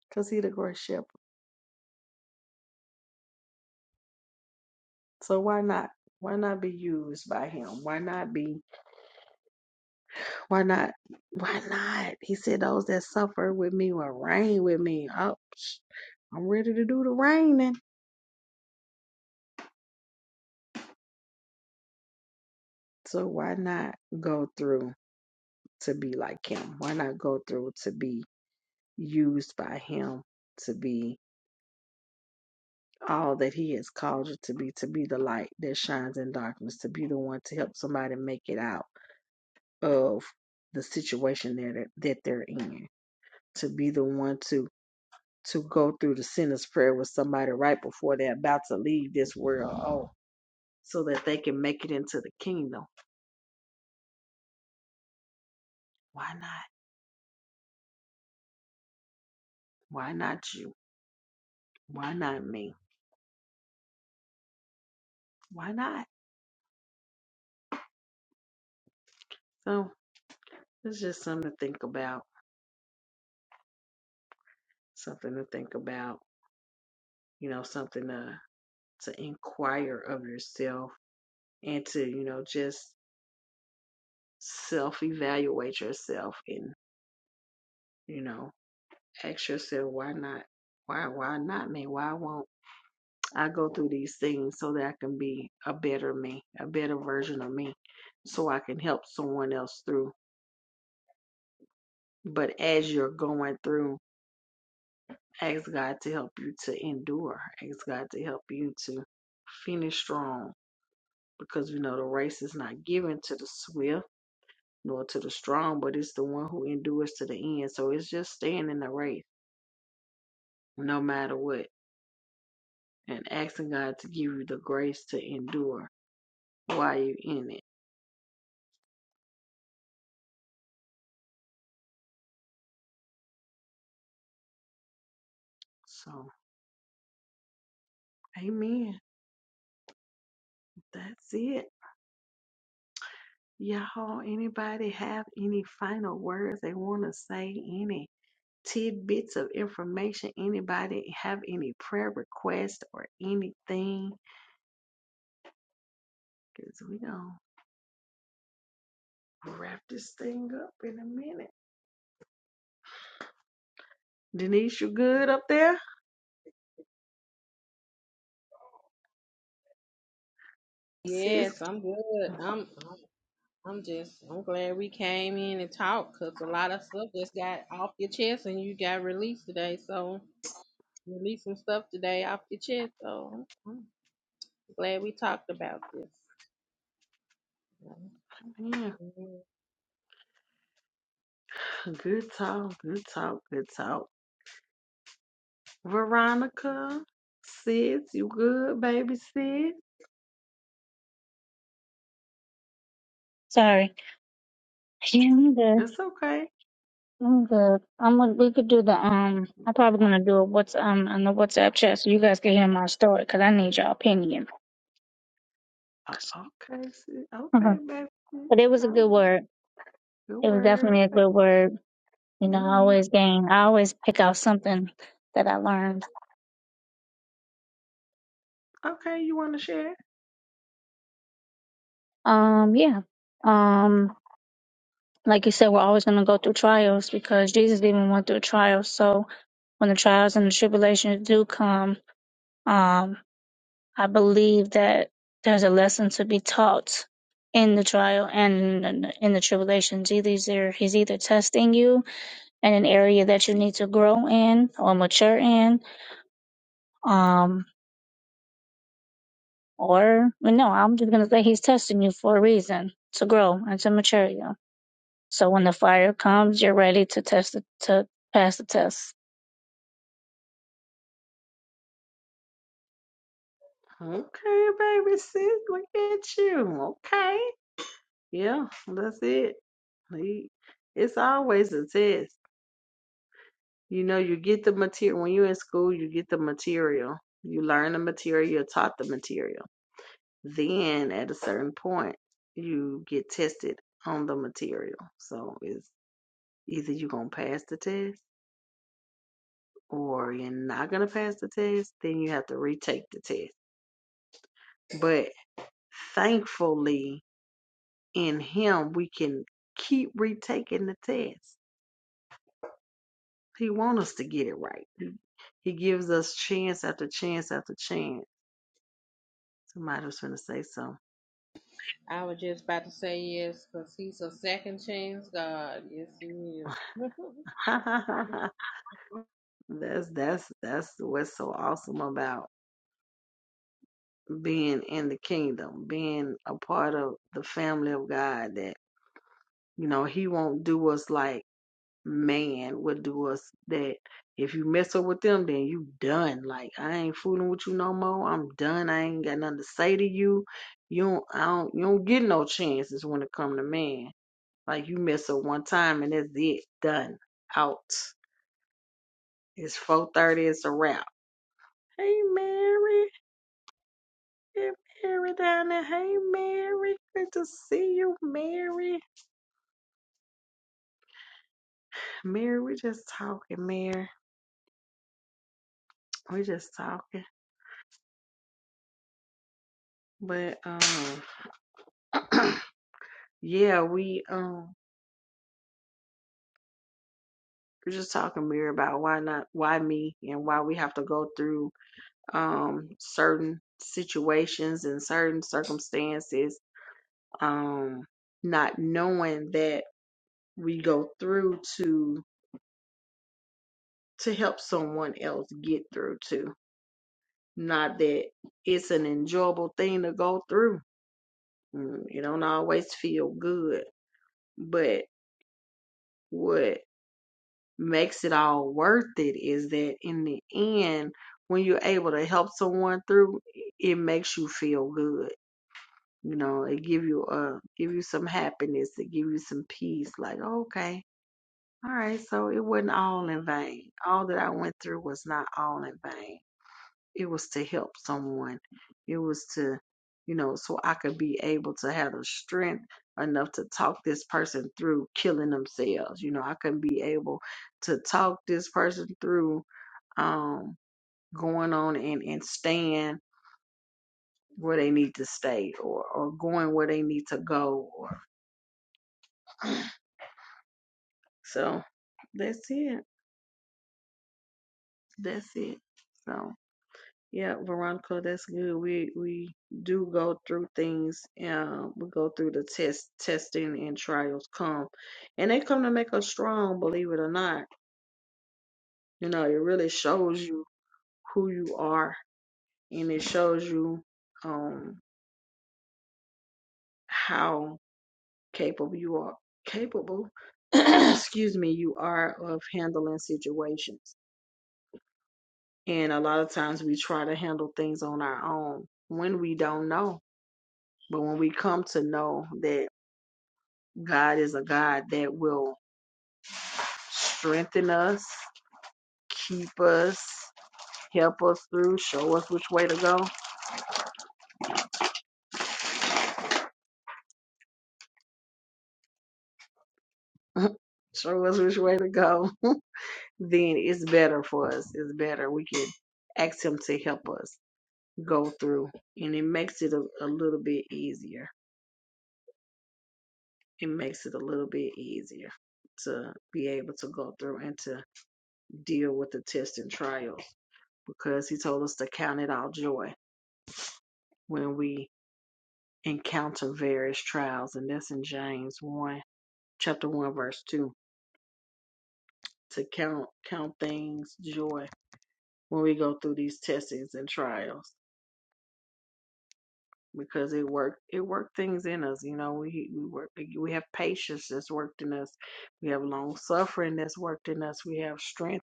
because he's the great shepherd. So why not? Why not be used by him? Why not be? Why not? Why not? He said, "Those that suffer with me will reign with me." Oh, sh- I'm ready to do the reigning. So why not go through to be like him? Why not go through to be used by him to be all that he has called you to be? To be the light that shines in darkness. To be the one to help somebody make it out of the situation that that they're in. To be the one to to go through the sinner's prayer with somebody right before they're about to leave this world oh so that they can make it into the kingdom why not why not you why not me why not so it's just something to think about something to think about you know something to to inquire of yourself and to you know just self evaluate yourself and you know ask yourself why not why why not me why won't I go through these things so that I can be a better me, a better version of me, so I can help someone else through. But as you're going through, ask God to help you to endure, ask God to help you to finish strong because we know the race is not given to the swift nor to the strong, but it's the one who endures to the end. So it's just staying in the race no matter what and asking God to give you the grace to endure while you're in it. So, amen. That's it. Y'all, anybody have any final words they want to say? Any tidbits of information? Anybody have any prayer requests or anything? Because we going to wrap this thing up in a minute. Denise, you good up there? Sis, Yes, I'm good. I'm. I'm just, I'm glad we came in and talked because a lot of stuff just got off your chest and you got released today. So, release some stuff today off your chest. So, I'm I'm glad we talked about this. yeah. Mhm. Good talk, good talk, good talk. Veronica, sis, you good, baby sis? Sorry. Yeah, I'm good. It's okay. I'm good. I'm gonna- we could do the um I'm probably gonna do it what's um on the WhatsApp chat so you guys can hear my story because I need your opinion. Uh, okay, sis. Okay, but baby. Mm, it was a All good right. word. Good It was word. definitely a Okay. good word. You know, I Amen. always gain. I always pick out something that I learned. Okay, you want to share? Um, yeah. Um, like you said, we're always going to go through trials because Jesus even went through trials. So when the trials and the tribulations do come, um, I believe that there's a lesson to be taught in the trial and in the in the tribulations. Either he's either, he's either testing you in an area that you need to grow in or mature in, um, Or well, no, I'm just gonna say he's testing you for a reason to grow and to mature you. So when the fire comes, you're ready to test it to pass the test. Okay, baby sis, look at you. Okay. Yeah, that's it. He- It's always a test. You know, you get the material when you're in school, you get the material. You learn the material, you're taught the material. Then at a certain point, you get tested on the material. So it's either you're gonna pass the test or you're not gonna pass the test, then you have to retake the test. But thankfully in him we can keep retaking the test. He wants us to get it right. He gives us chance after chance after chance. Somebody was gonna say something. I was just about to say yes because he's a second chance God. Yes, he is. that's that's that's what's so awesome about being in the kingdom, being a part of the family of God that you know he won't do us like man would do us that if you mess up with them then you done. Like I ain't fooling with you no more. I'm done. I ain't got nothing to say to you. You don't I don't you don't get no chances when it come to man. Like you mess up one time and that's it. Done. Out. It's four thirty, it's a wrap. Hey Mary. Hey Mary down there. Hey Mary. Good to see you, Mary. Mary, we're just talking, Mary. We're just talking. But um yeah, we um we're just talking, Mary, about why not why me and why we have to go through um certain situations and certain circumstances, um, not knowing that we go through to to help someone else get through to. Not that it's an enjoyable thing to go through. Mm, It don't always feel good. But what makes it all worth it is that in the end, when you're able to help someone through, it makes you feel good. You know, it give you uh give you some happiness, it give you some peace, like, okay, all right, so it wasn't all in vain. All that I went through was not all in vain It was to help someone. It was to, you know, so I could be able to have the strength enough to talk this person through killing themselves. You know, I could be able to talk this person through um going on and, and staying where they need to stay or, or going where they need to go or so that's it. That's it. So. Yeah, Veronica, that's good. We we do go through things. Um, we go through the test testing and trials come, and they come to make us strong. Believe it or not, you know it really shows you who you are, and it shows you um how capable you are capable. excuse me, you are of handling situations. And a lot of times we try to handle things on our own when we don't know. But when we come to know that God is a God that will strengthen us, keep us, help us through, show us which way to go, show us which way to go. then it's better for us. It's better. We can ask Him to help us go through, and it makes it a, a little bit easier. It makes it a little bit easier to be able to go through and to deal with the tests and trials because He told us to count it all joy when we encounter various trials, and that's in James one, chapter one, verse two. To count count things joy when we go through these testings and trials, because it work it work things in us. You know, we we work we have patience that's worked in us, we have long suffering that's worked in us, we have strength.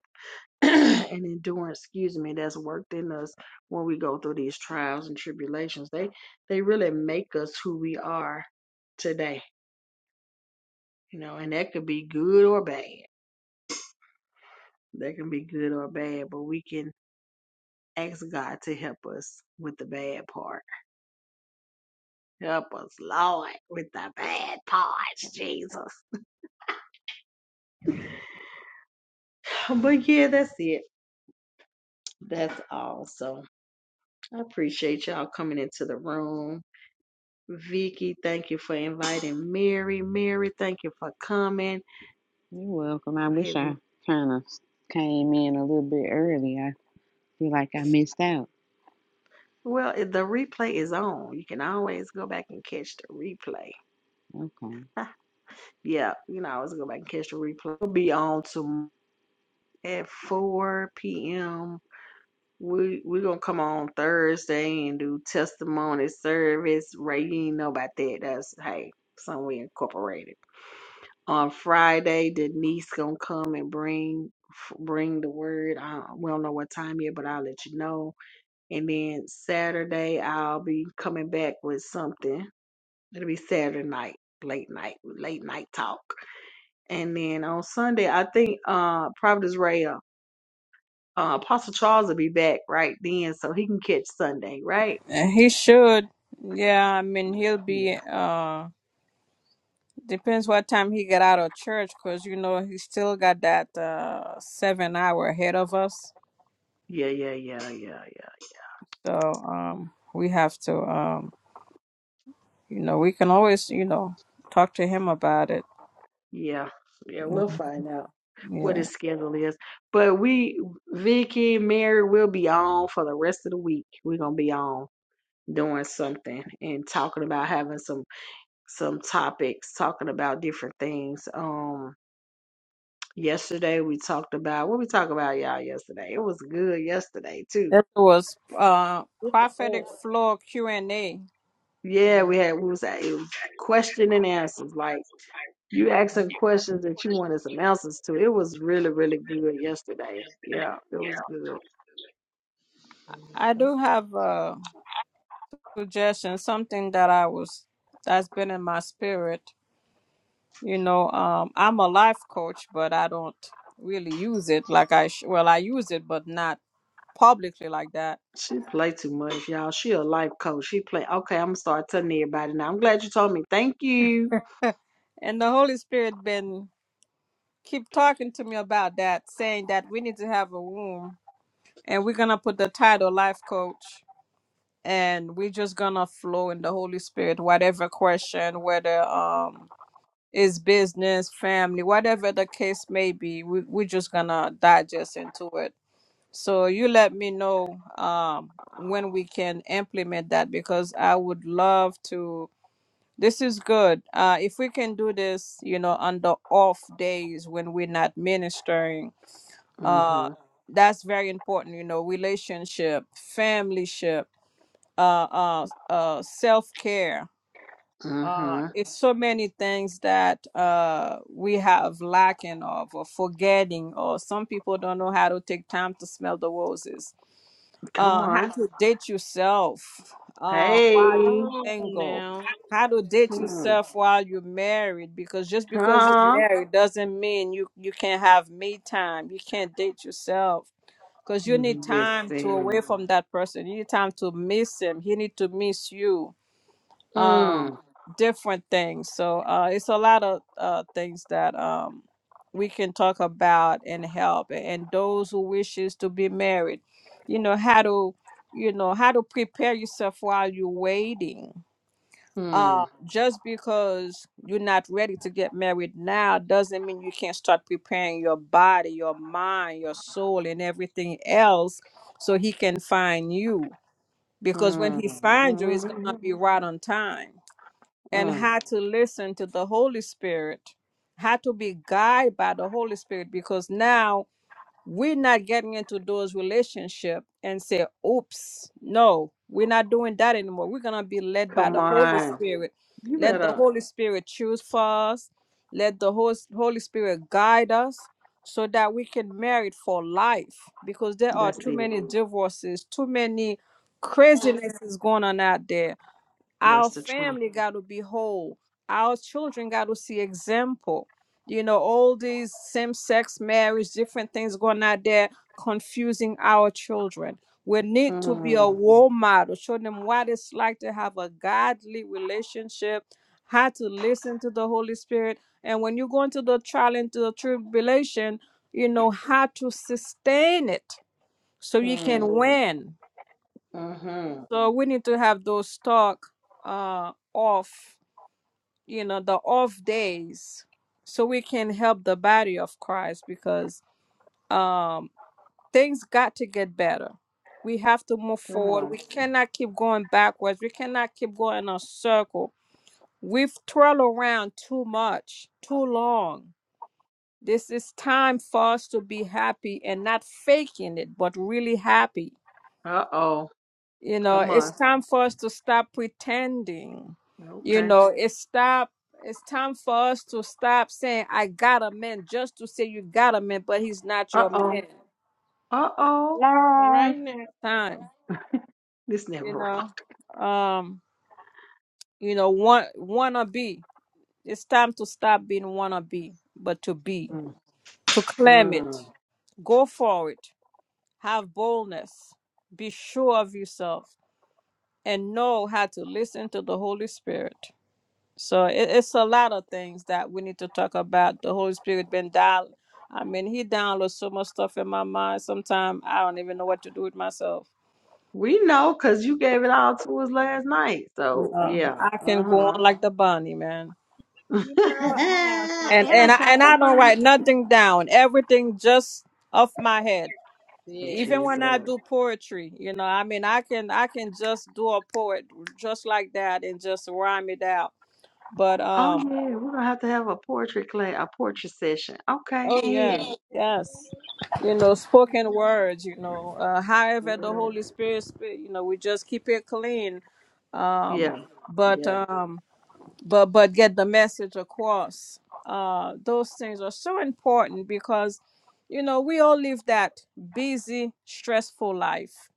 and endurance, excuse me, that's worked in us when we go through these trials and tribulations. They they really make us who we are today, you know, and that could be good or bad That can be good or bad, but we can ask God to help us with the bad part. Help us, Lord, with the bad parts, Jesus. But yeah, that's it. That's all. So I appreciate y'all coming into the room. Vicky, thank you for inviting Mary. Mary, thank you for coming. You're welcome. I Heavy. wish I kind of came in a little bit early. I feel like I missed out. Well, the replay is on. You can always go back and catch the replay. Okay. yeah, you know, always go back and catch the replay. It'll be on tomorrow at 4 p.m. We we gonna come on Thursday and do testimony service. Ray, you ain't know about that. That's hey, something we incorporated. On Friday, Denise gonna come and bring f- bring the word. Uh, we don't know what time yet, but I'll let you know. And then Saturday, I'll be coming back with something. It'll be Saturday night, late night, late night talk. And then on Sunday, I think uh, Providence Ray uh, Uh, Apostle Charles will be back right then, so he can catch Sunday, right? Uh, He should. Yeah, I mean, he'll be. Yeah, Uh, depends what time he get out of church, cause you know he still got that uh seven hour ahead of us. yeah, yeah, yeah, yeah, yeah, So um, we have to. um You know, we can always, you know, talk to him about it. yeah, yeah. We'll Mhm. find out what Yeah. his schedule is. But we, Vicky, and Mary, will be on for the rest of the week. We're gonna be on doing something and talking about having some some topics, talking about different things. Um, yesterday we talked about what we talked about, y'all. Yesterday it was good. Yesterday too. It was uh With the prophetic Lord. floor Q and A. Yeah, Mhm, we had we was at it was question and answers like You asking mhm, questions that you wanted some answers to. It was really, really good yesterday. Yeah, it was good. I mhm. do have a suggestion, something that I was that's been in my spirit. You know, um, I'm a life coach, but I don't really use it like I sh- well, I use it, but not publicly like that. She play too much, y'all. She a life coach. She play. Okay, I'm gonna start telling everybody now. I'm glad you told me. Thank you. And the Holy Spirit been keep talking to me about that, saying that we need to have a room, and we're gonna put the title life coach and we're just gonna flow in the Holy Spirit, whatever question, whether um is business, family, whatever the case may be, we we're just gonna digest into it. So you let me know um when we can implement that because I would love to this is good. Uh if we can do this, you know, on the off days when we're not ministering, uh Mhm. that's very important, you know, relationship, family ship uh, uh, uh, self care. Uh, Mhm. it's so many things that uh, we have lacking of or forgetting, or some people don't know how to take time to smell the roses. Come Uh, how on. to date yourself uh, while you're All Hey. right single. now. How to date Mm. yourself while you're married, because just because you're Huh? married doesn't mean you, you can't have me time. You can't date yourself because you need time to away Listen. from that person. You need time to miss him. He need to miss you um Mm. different things so uh it's a lot of uh things that um we can talk about and help and those who wishes to be married you know how to you know how to prepare yourself while you're waiting uh Mm. just because you're not ready to get married now doesn't mean you can't start preparing your body your mind your soul and everything else so he can find you because when he finds you it's gonna be Mm. right on time and Mm. had to listen to the Holy Spirit, had to be guided by the Holy Spirit because now we're not getting into those relationship and say, oops, no, we're not doing that anymore. We're gonna be led by Come the Holy on. Spirit. You Let the better. Holy Spirit choose for us. Let the Hos- Holy Spirit guide us so that we can marry for life because there are That's too it. many divorces, too many crazinesses going on out there our That's the truth. family got to be whole our children got to see example you know all these same-sex marriage different things going out there confusing our children we need to be a Mm. role model show them what it's like to have a godly relationship how to listen to the holy spirit and when you go into the trial into the tribulation you know how to sustain it so you Mm. can win Mm-hmm. so we need to have those talk uh off you know the off days so we can help the body of christ because um things got to get better we have to move Come forward on. we cannot keep going backwards we cannot keep going in a circle we've twirled around too much too long this is time for us to be happy and not faking it but really happy Uh oh. You know, Come it's on. time for us to stop pretending. You Okay. know, it's stop. It's time for us to stop saying I got a man just to say you got a man, but he's not Uh your oh. man. Uh oh. All No. right now. Time, This never you know. rocked. Um, you know, want wanna be. It's time to stop being wanna be, but to be, to claim it, Mm-hmm. go for it, have boldness, be sure of yourself, and know how to listen to the Holy Spirit. So it, it's a lot of things that we need to talk about. The Holy Spirit been dial. I mean, He downloads so much stuff in my mind. Sometimes I don't even know what to do with myself. We know because you gave it all to us last night. You So know, yeah. I Uh can go huh. on like the bunny, man. You know, I have And and I and something. I, tried and to I don't buy write nothing down. Everything just off my head. it. Yeah. Even Jesus. when I do Oh poetry, you know, I mean, I can I can just do a poet just like that and just rhyme it out. But um. yeah. We're gonna have to have a portrait clay, a portrait session. Okay. Oh Yeah. yeah, yes. You know, spoken words. You know, uh, however the Mm. Holy Spirit, speak, you know, we just keep it clean, um, Yeah. but Yeah. um, but but get the message across. Uh, those things are so important because, you know, we all live that busy, stressful life.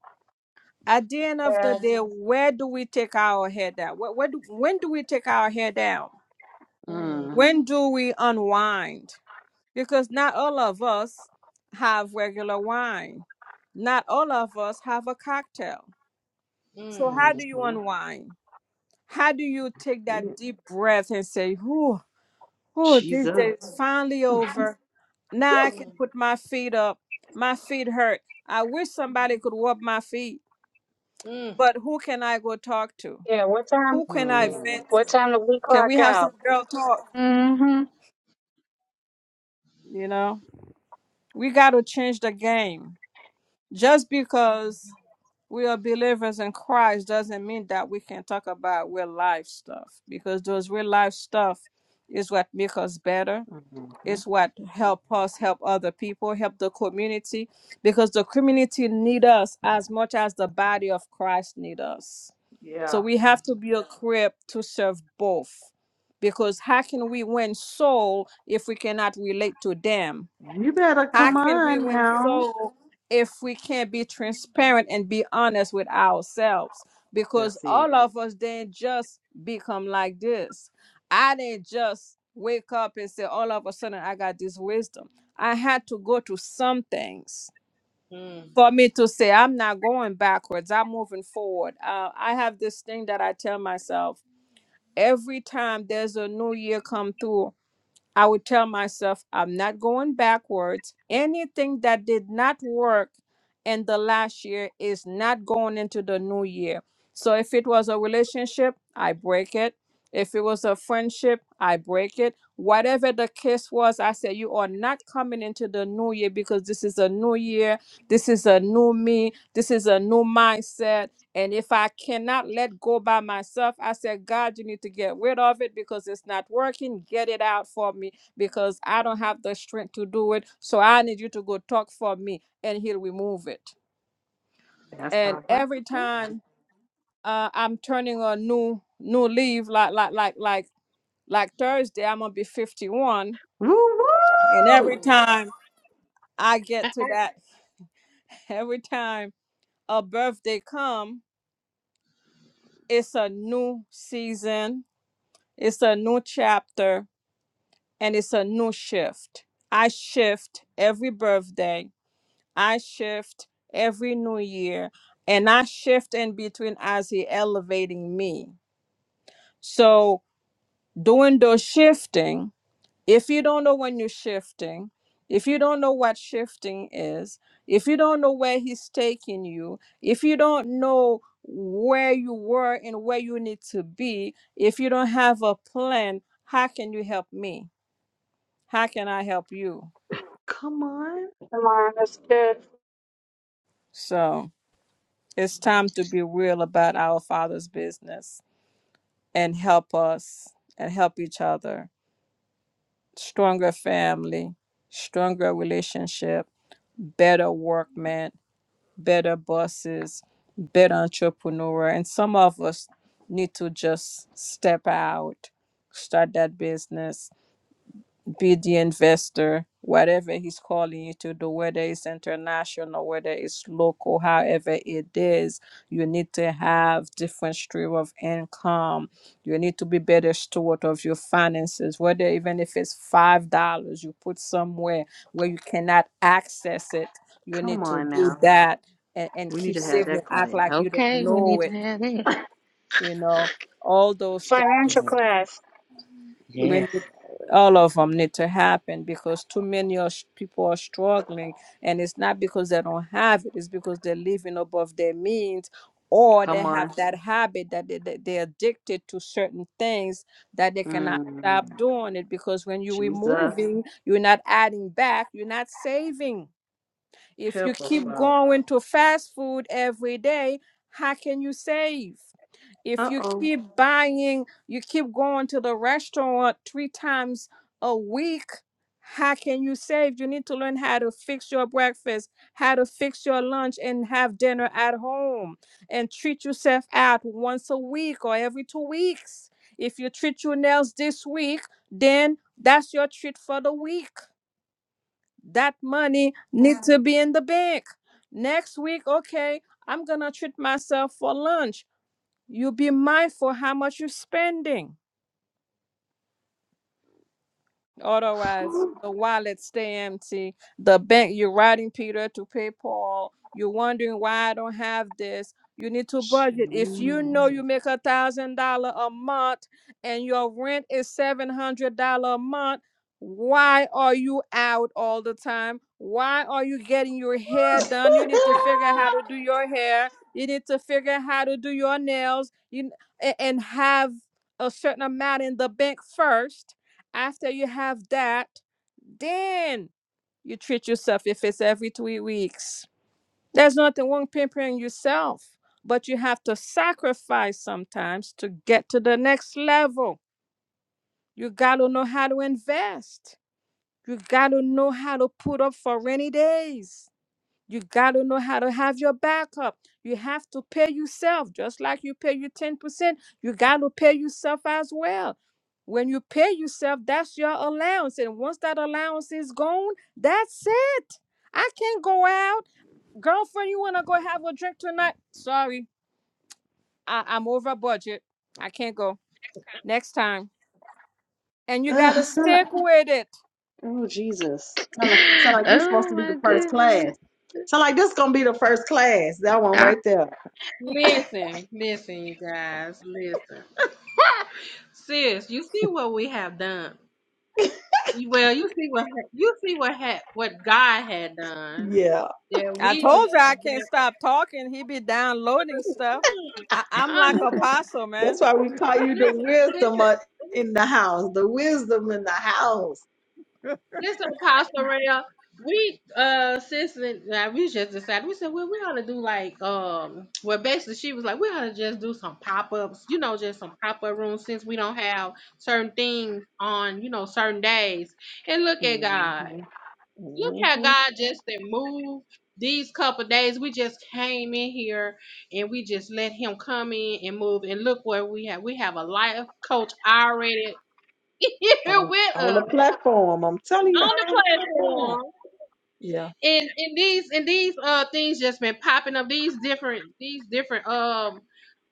At the end of the Uh, day, where do we take our head down? Where, where do, when do we take our head down? Mm, Mm. When do we unwind? because not all of us have regular wine. Not all of us have a cocktail. So mm. how do you Mm-hmm. unwind? How do you take Yeah. that deep breath and say, "Whew, oh, this Jesus. day is finally over. Now I Mm. can put my feet up. My feet hurt. I wish somebody could rub my feet, Mm. but who can I go talk to? yeah. What time? Who can I Mhm. vent What to? time do we Can we clock have some out? girl talk? Mm-hmm. You know, we got to change the game. Just because we are believers in Christ doesn't mean that we can talk about real life stuff because those real life stuff is what make us better. Mhm. It's what help us help other people, help the community because the community need us as much as the body of Christ need us. Yeah. So we have Mm. to be equipped to serve both because how can we win soul if we cannot relate to them? You better How come can we on win now. soul if we can't be transparent and be honest with ourselves? Because That's it. all of us didn't just become like this. I didn't just wake up and say, all of a sudden, I got this wisdom. I had to go to some things Mm. for me to say, I'm not going backwards, I'm moving forward. Uh, I have this thing that I tell myself every time there's a new year come through. I would tell myself, I'm not going backwards. Anything that did not work in the last year is not going into the new year. So if it was a relationship, I break it. If it was a friendship, I break it. Whatever the case was, I said, You are not coming into the new year because this is a new year. This is a new me. This is a new mindset. And if I cannot let go by myself, I said, God, you need to get rid of it because it's not working. Get it out for me because I don't have the strength to do it. So I need you to go talk for me and he'll remove it. That's And all right. every time uh, I'm turning a new new leaf, like like like like like Thursday, I'm gonna be 51. Woo And woo! every time I get to that, every time a birthday come, it's a new season, it's a new chapter and it's a new shift. I shift every birthday, I shift every new year, and I shift in between as He elevating me. So, doing those shifting, if you don't know when you're shifting, if you don't know what shifting is, if you don't know where He's taking you, if you don't know where you were and where you need to be, if you don't have a plan, how can you help me? How can I help you? Come on. Come on, that's good. So it's time to be real about our Father's business and help us and help each other. Stronger family, stronger relationship, better workmen, better bosses, better entrepreneur. And some of us need to just step out, start that business, be the investor, whatever he's calling you to do, whether it's international, whether it's local, however it is, you need to have different stream of income. You need to be better steward of your finances, whether even if it's five dollars you put somewhere where you cannot access it, you Come need to on do now. that and, and We need keep to have saving that it, act class. like you don't Okay, we know need to it, have that. you know, all those things Financial Mhm. class, we Yes. need all of them need to happen because too many are, people are struggling and it's not because they don't have it it's because they're living above their means or they Come on. have that habit that they, they, they're addicted to certain things that they cannot stop Mm. doing it because when you're Jesus. removing you're not adding back you're not saving if you Help us, keep Father. going to fast food every day how can you save if Uh you oh. keep buying, you keep going to the restaurant three times a week, how can you save? You need to learn how to fix your breakfast, how to fix your lunch, and have dinner at home and treat yourself out once a week or every two weeks. If you treat your nails this week, then that's your treat for the week. That money needs to be in the bank. Next week, okay, I'm gonna treat myself for lunch. You be mindful how much you're spending. Otherwise, the wallet stay empty. The bank you're writing Peter to pay Paul. You're wondering why I don't have this. You need to budget. If you know Jesus. you make a thousand dollar a month and your rent is seven hundred dollar a month, why are you out all the time? Why are you getting your hair done? You need to figure out how to do your hair. You need to figure out how to do your nails. You n- a- and have a certain amount in the bank first after you have that, then you treat yourself if it's every three weeks. There's nothing wrong pampering yourself, but you have to sacrifice sometimes to get to the next level. You gotta know how to invest. You gotta know how to put up for rainy days. You got to know how to have your backup. You have to pay yourself, just like you pay your 10%. You got to pay yourself as well. When you pay yourself, that's your allowance. And once that allowance is gone, that's it. I can't go out. Girlfriend, you want to go have a drink tonight? Sorry, I- I'm over budget. I can't go. Next time. And you got Ugh, to sound like, stick with it. oh Jesus. Sound like, sound like this supposed Oh to be the my first goodness. class. Sound like this gonna be the first class. That one I, right there. Listen, listen, you guys, listen. Sis, you see what we have done. You- Well, you see what ha- you see what ha- what God had done. Yeah, That I we just- told you I can't that, stop talking. He be downloading stuff. I, I'm uh, like apostle, man. that's why we call you the listen, listen, wisdom of- listen. in the house, the wisdom in the house. Listen, Pastor Rail, we uh since then, now we just decided we said well we ought to do like um well basically she was like we ought to just do some pop ups you know just some pop up rooms since we don't have certain things on you know certain days and look at hmm God hmm look how On, God just did move these couple days we just came in here and we just let Him come in and move and look where we have we have a life coach already here on with the us platform, I'm telling you, on the already on the platform. platform Yeah, and and these and these uh things just been popping up these different these different um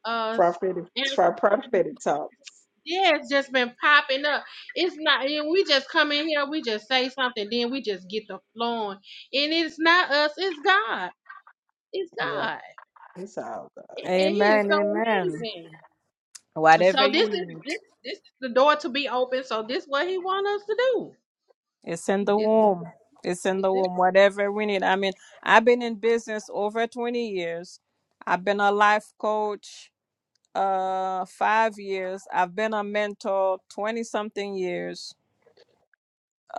uh s- prophetic, for anth- prophetic talk. yeah it's just been popping up it's not and we just come in here we just say something then we just get the flowing and it's not us it's god it's Yeah, god it's all God. and and Amen. so Amen. amazing Whatever so you this is need, this this is the door to be open so this what he want us to do it's in the this, womb. It's in this the is womb. Whatever we need. I mean, I've been in business over 20 years. I've been a life coach uh five years. I've been a mentor 20 something years.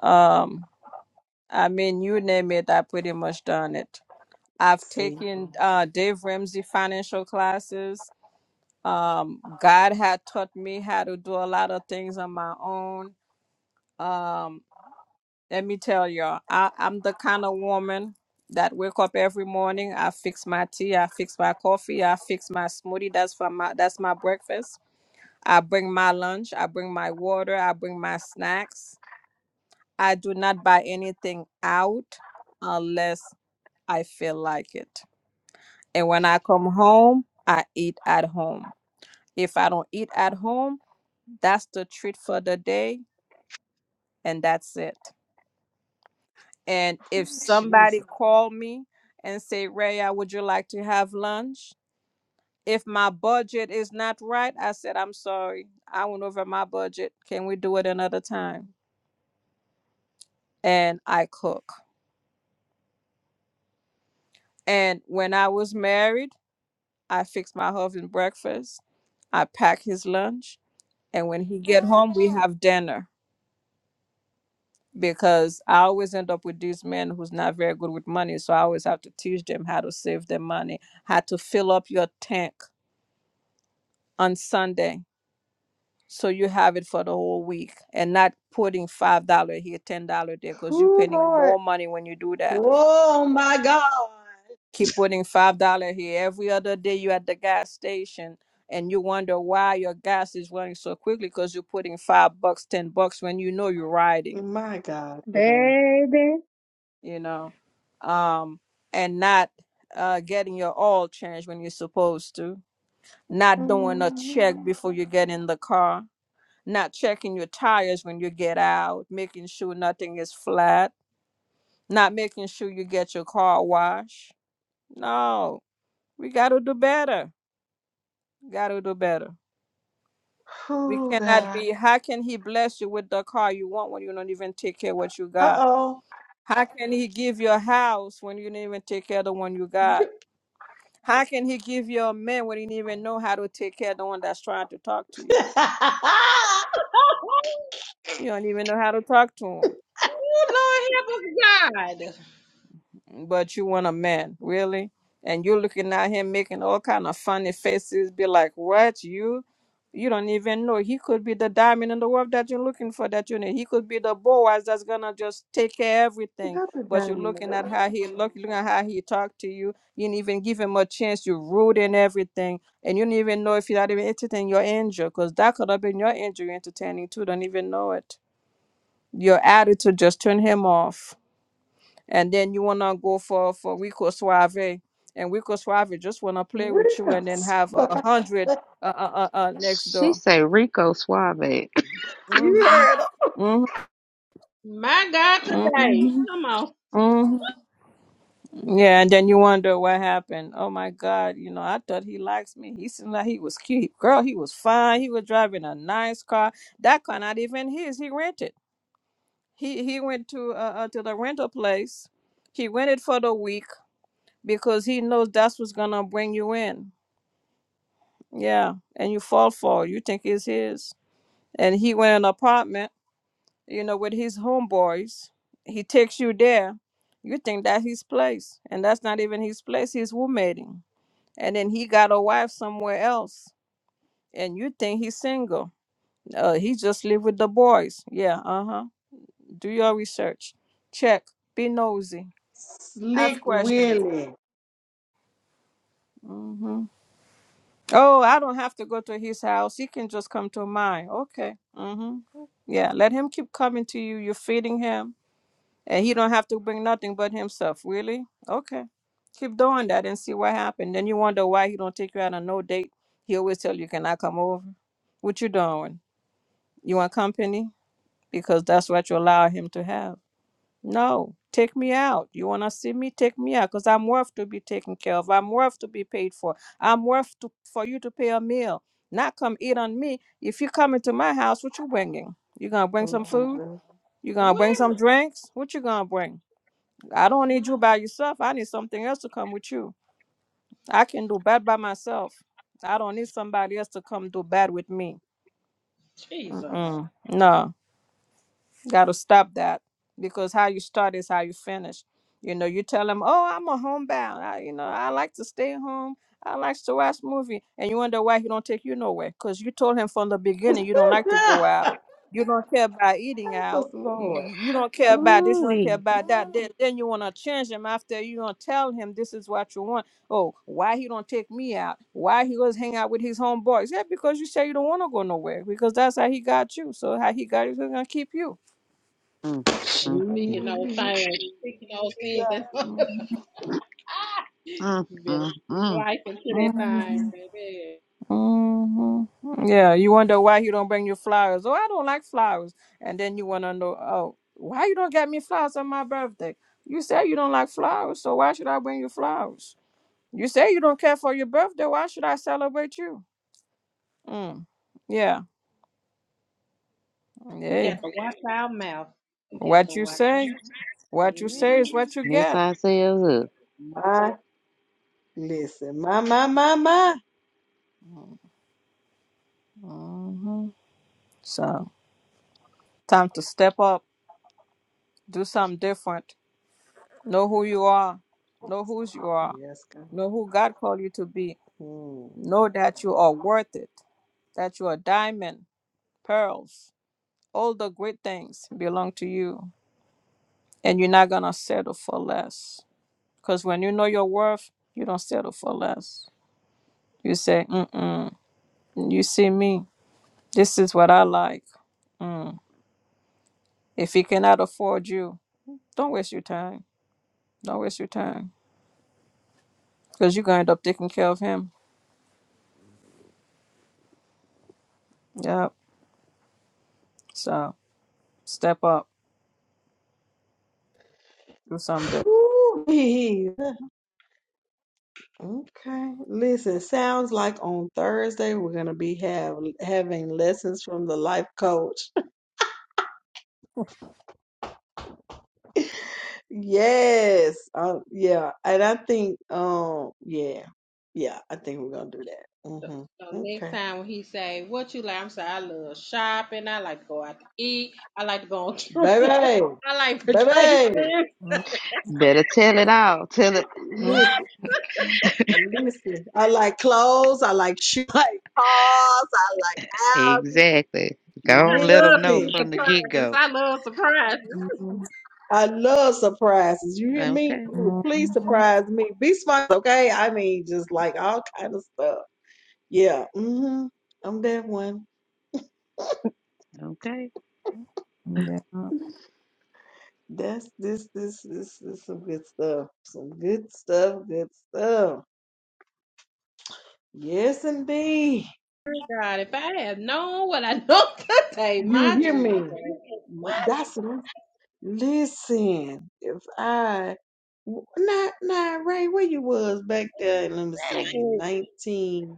Um, I mean, you name it, I pretty much done it. I've See, taken uh Dave Ramsey financial classes. Um, God had taught me how to do a lot of things on my own. Um Let me tell y'all, I, I'm the kind of woman that wake up every morning. I fix my tea, I fix my coffee, I fix my smoothie. That's for my that's my breakfast. I bring my lunch, I bring my water, I bring my snacks. I do not buy anything out unless I feel like it. And when I come home, I eat at home. If I don't eat at home, that's the treat for the day, and that's it. And if Ooh, Jesus, somebody called me and say, Raya, would you like to have lunch? If my budget is not right, I said, I'm sorry. I went over my budget. Can we do it another time? And I cook. And when I was married, I fixed my husband breakfast. I pack his lunch. And when he get home, we have dinner because I always end up with these men who's not very good with money. So I always have to teach them how to save their money, how to fill up your tank on Sunday so you have it for the whole week and not putting five dollar here ten dollar there because you're who paying Lord? more money when you do that Oh my God, keep putting five dollar here every other day you at the gas station and you wonder why your gas is running so quickly because you're putting five bucks ten bucks when you know you're riding my God today. baby. you know um and not uh getting your oil changed when you're supposed to not doing a check before you get in the car not checking your tires when you get out, making sure nothing is flat, not making sure you get your car washed. No, we got to do better. Got to do better. We Oh cannot God. be, how can he bless you with the car you want when you don't even take care of what you got? Uh How can he give you a house when you didn't even take care of the one you got? How can he give you a man when you didn't even know how to take care of the one that's trying to talk to you? oh. You don't even know how to talk to him. Oh, Lord help us, God. but you want a man, really? And you're looking at him making all kind of funny faces, be like, What you you don't even know. He could be the diamond in the rough that you're looking for that you need. He could be the Boaz that's gonna just take care of everything. Not the But you're diamond in the looking at rough. how he look, looking at how he talked to you. You didn't even give him a chance. You're rude and everything, and you don't even know if you're not even entertaining your angel, because that could have been your angel you're entertaining too. Don't even know it. Your attitude just turned him off and then you wanna go for for Rico Suave, and Rico Suave just wanna play Real. with you, and then have a hundred uh, uh, uh, uh, next she door. say Rico Suave. you Mm-hmm. heard him. Mm-hmm. My God, today. Mm-hmm. Come on. Mm-hmm. Yeah, and then you wonder what happened. Oh my God, you know, I thought he likes me. He seemed like he was cute. Girl, he was fine. He was driving a nice car. That car not even his. He rented. He he went to uh, uh to the rental place. He rented for the week because he knows that's what's gonna bring you in Yeah, and you fall for it. You think it's his. And he went in an apartment, you know, with his homeboys. He takes you there. You think that's his place. And that's not even his place. He's roommating. And then he got a wife somewhere else. And you think he's single. Uh, he just live with the boys. Yeah, uh-huh. Do your research. Check. Be nosy. Slick Ask questions. Willie. Mm-hmm. Oh, I don't have to go to his house. He can just come to mine. Okay. Mm-hmm. Yeah, let him keep coming to you. You're feeding him, and he don't have to bring nothing but himself. Really? Okay. Keep doing that and see what happens. Then you wonder why he don't take you out on no date. He always tell you, "Can I come over?" What you doing? You want company? Because that's what you allow him to have. No, take me out. You want to see me? Take me out because I'm worth to be taken care of. I'm worth to be paid for. I'm worth to, for you to pay a meal, not come eat on me. If you come into my house, what you bringing? You going to bring Oh, some food? You going to bring Where? some drinks? What you going to bring? I don't need My you by yourself. I need something else to come with you. I can do bad by myself. I don't need somebody else to come do bad with me. Jesus. Mm-mm. No. Got to stop that because how you start is how you finish. You know, you tell them, "Oh, I'm a homebound. I, you know, I like to stay home. I like to watch movie," and you wonder why he don't take you nowhere because you told him from the beginning Jesus. you don't like to go out. You don't care about eating Help us, out. You, Lord. you you don't care about this. You don't care Ooh about that. Then, then you want to change him after you don't tell him this is what you want. Oh, why he don't take me out? Why he goes hang out with his homeboys? Yeah, because you say you don't want to go nowhere because that's how he got you. So how he got you, he's gonna keep you. Mm, mm, mm, Speaking those Gee, things. Speaking those things. hmm mm, you better mm, speak mm. life into that thing, hmm baby. Yeah, you wonder why he don't bring you flowers. Oh, I don't like flowers. And then you wanna know, oh, why you don't get me flowers on my birthday? You say you don't like flowers, so why should I bring you flowers? You say you don't care for your birthday, why should I celebrate you? Mm. Yeah. We got Hey. to watch our mouth. We got to What you watch say, our mouth. what you say Amen. is what you Mess get. ourselves up. My, listen, my, my, my, my. hmm So time to step up, do something different. Know who you are. Know whose you are. Yes, God. Know who God called you to be. Hmm. Know that you are worth it, that you are diamond, pearls. All the great things belong to you, and you're not going to settle for less. Because when you know your worth, you don't settle for less. You say, mm-mm, you see me. This is what I like. Mm. If he cannot afford you, don't waste your time. Don't waste your time. Because you're going to end up taking care of him. Yep. So step up. Do something. Whew, Jesus. Okay. Listen, sounds like on Thursday we're gonna be have having lessons from the life coach. Yes. Um, yeah. And I think, um, yeah. Yeah, I think we're gonna do that. So, Mm-hmm. so next Okay. time when he say, what you like? I'm saying, I love shopping. I like to go out to eat. I like to go on trips. Baby. I like vacations. Baby. Mm, Better tell it all. Tell it mm, Listen, What? listen. I like clothes, I like shoes, I like cars, I like houses. exactly. I Go let them love to know do Listen. from the get surprises. go. I love surprises. mm, mm. I love surprises. You hear me? Okay, Ooh, please Mhm. surprise me. Be smart, okay? I mean, just like all kind of stuff. Yeah. Mm-hmm. I'm that one. okay. Yeah. That's this this this is some good stuff. Some good stuff, good stuff. Yes indeed. God, if I had known what I know today, You my hear Jesus. me? What? That's what I'm- listen. If I not not Ray, where you was back there, let me see, in nineteen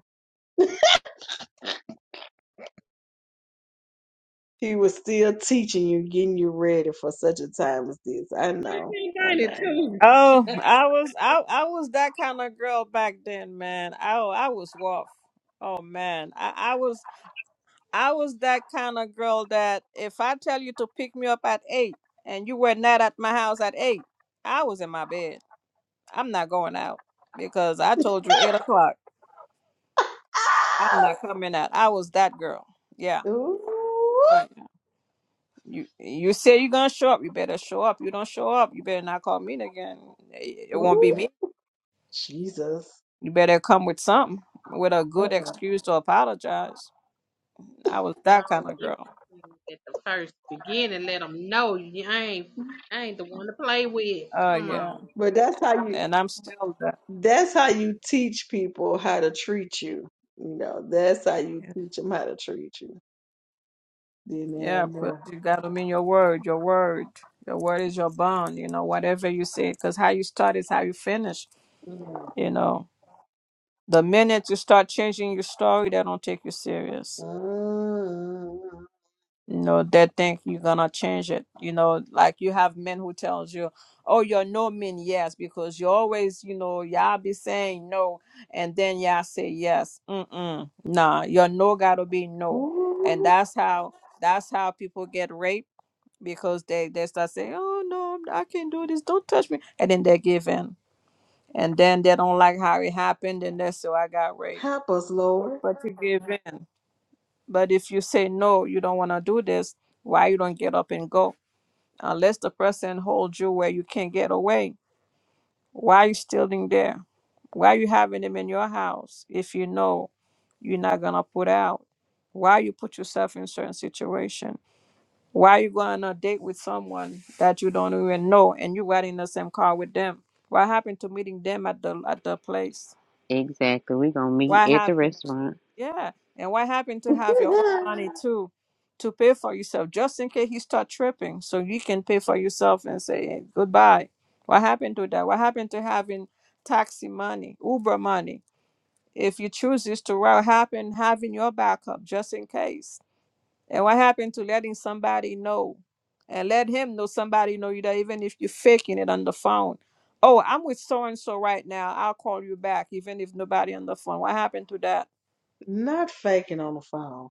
he was still teaching you, getting you ready for such a time as this. I know. I know, I know. 1992. Oh, I was I I was that kind of girl back then, man. I I was rough. Oh man, I I was I was that kind of girl that if I tell you to pick me up at eight and you were not at my house at eight, I was in my bed. I'm not going out because I told you eight o'clock. I'm Ah! not coming out. I was that girl. Yeah. Ooh, Oh, yeah. You you say you're gonna show up, you better show up. You don't show up, you better not call me again. It it won't be ooh, me Jesus. You better come with something, with a good Uh-uh. excuse to apologize. I was that kind Don't of girl. At the first beginning, let them know you ain't, I ain't the one to play with. Oh Come yeah, on. But that's how you and I'm still that. That's how you teach people how to treat you. You know, that's how you teach them how to treat you. Then they'll Yeah, but know. you gotta mean your word. Your word. Your word is your bond. You know, whatever you say, because how you start is how you finish. Mm, You know, the minute you start changing your story, they don't take you serious. mm, you know they think you're gonna change it you know like you have men who tells you oh you're no mean yes because you always you know y'all be saying no and then y'all say yes Mm-mm. nah your no gotta be no and ooh, that's how that's how people get raped because they they start saying oh no i can't do this don't touch me and then they give in and then they don't like how it happened and they say "Oh, i got raped help us, Lord. but you give in but if you say no you don't want to do this why you don't get up and go unless the person holds you where you can't get away. Why are you stealing there? Why are you having them in your house if you know you're not gonna put out? Why you put yourself in certain situation? Why you going on a date with someone that you don't even know and you got in the same car with them? What happened to meeting them at the at the place? Exactly. we gonna meet What at the happened? restaurant. Yeah. And what happened to have your own money too to pay for yourself just in case you start tripping so you can pay for yourself and say "Hey, goodbye. What happened to that? What happened to having taxi money, Uber money? If you choose this to what happened having your backup just in case. And what happened to letting somebody know and let him know somebody know you that even if you're faking it on the phone. Oh, I'm with so and so right now. I'll call you back even if nobody on the phone. What happened to that? Not faking on the phone.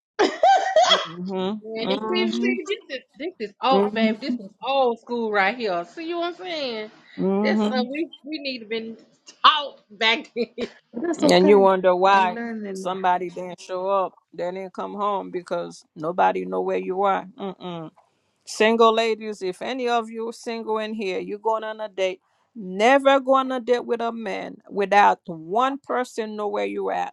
hmm Man, this, this, this hmm is this is old, hmm babe. This is old school right here. See what I'm saying? This hmm stuff we we need to been taught back then. But That's And you okay. wonder You're why learning. somebody didn't show up, they didn't come home because nobody know where you are. Mm-mm. Single ladies, if any of you single in here, you going on a date. Never go on a date with a man without one person know where you at.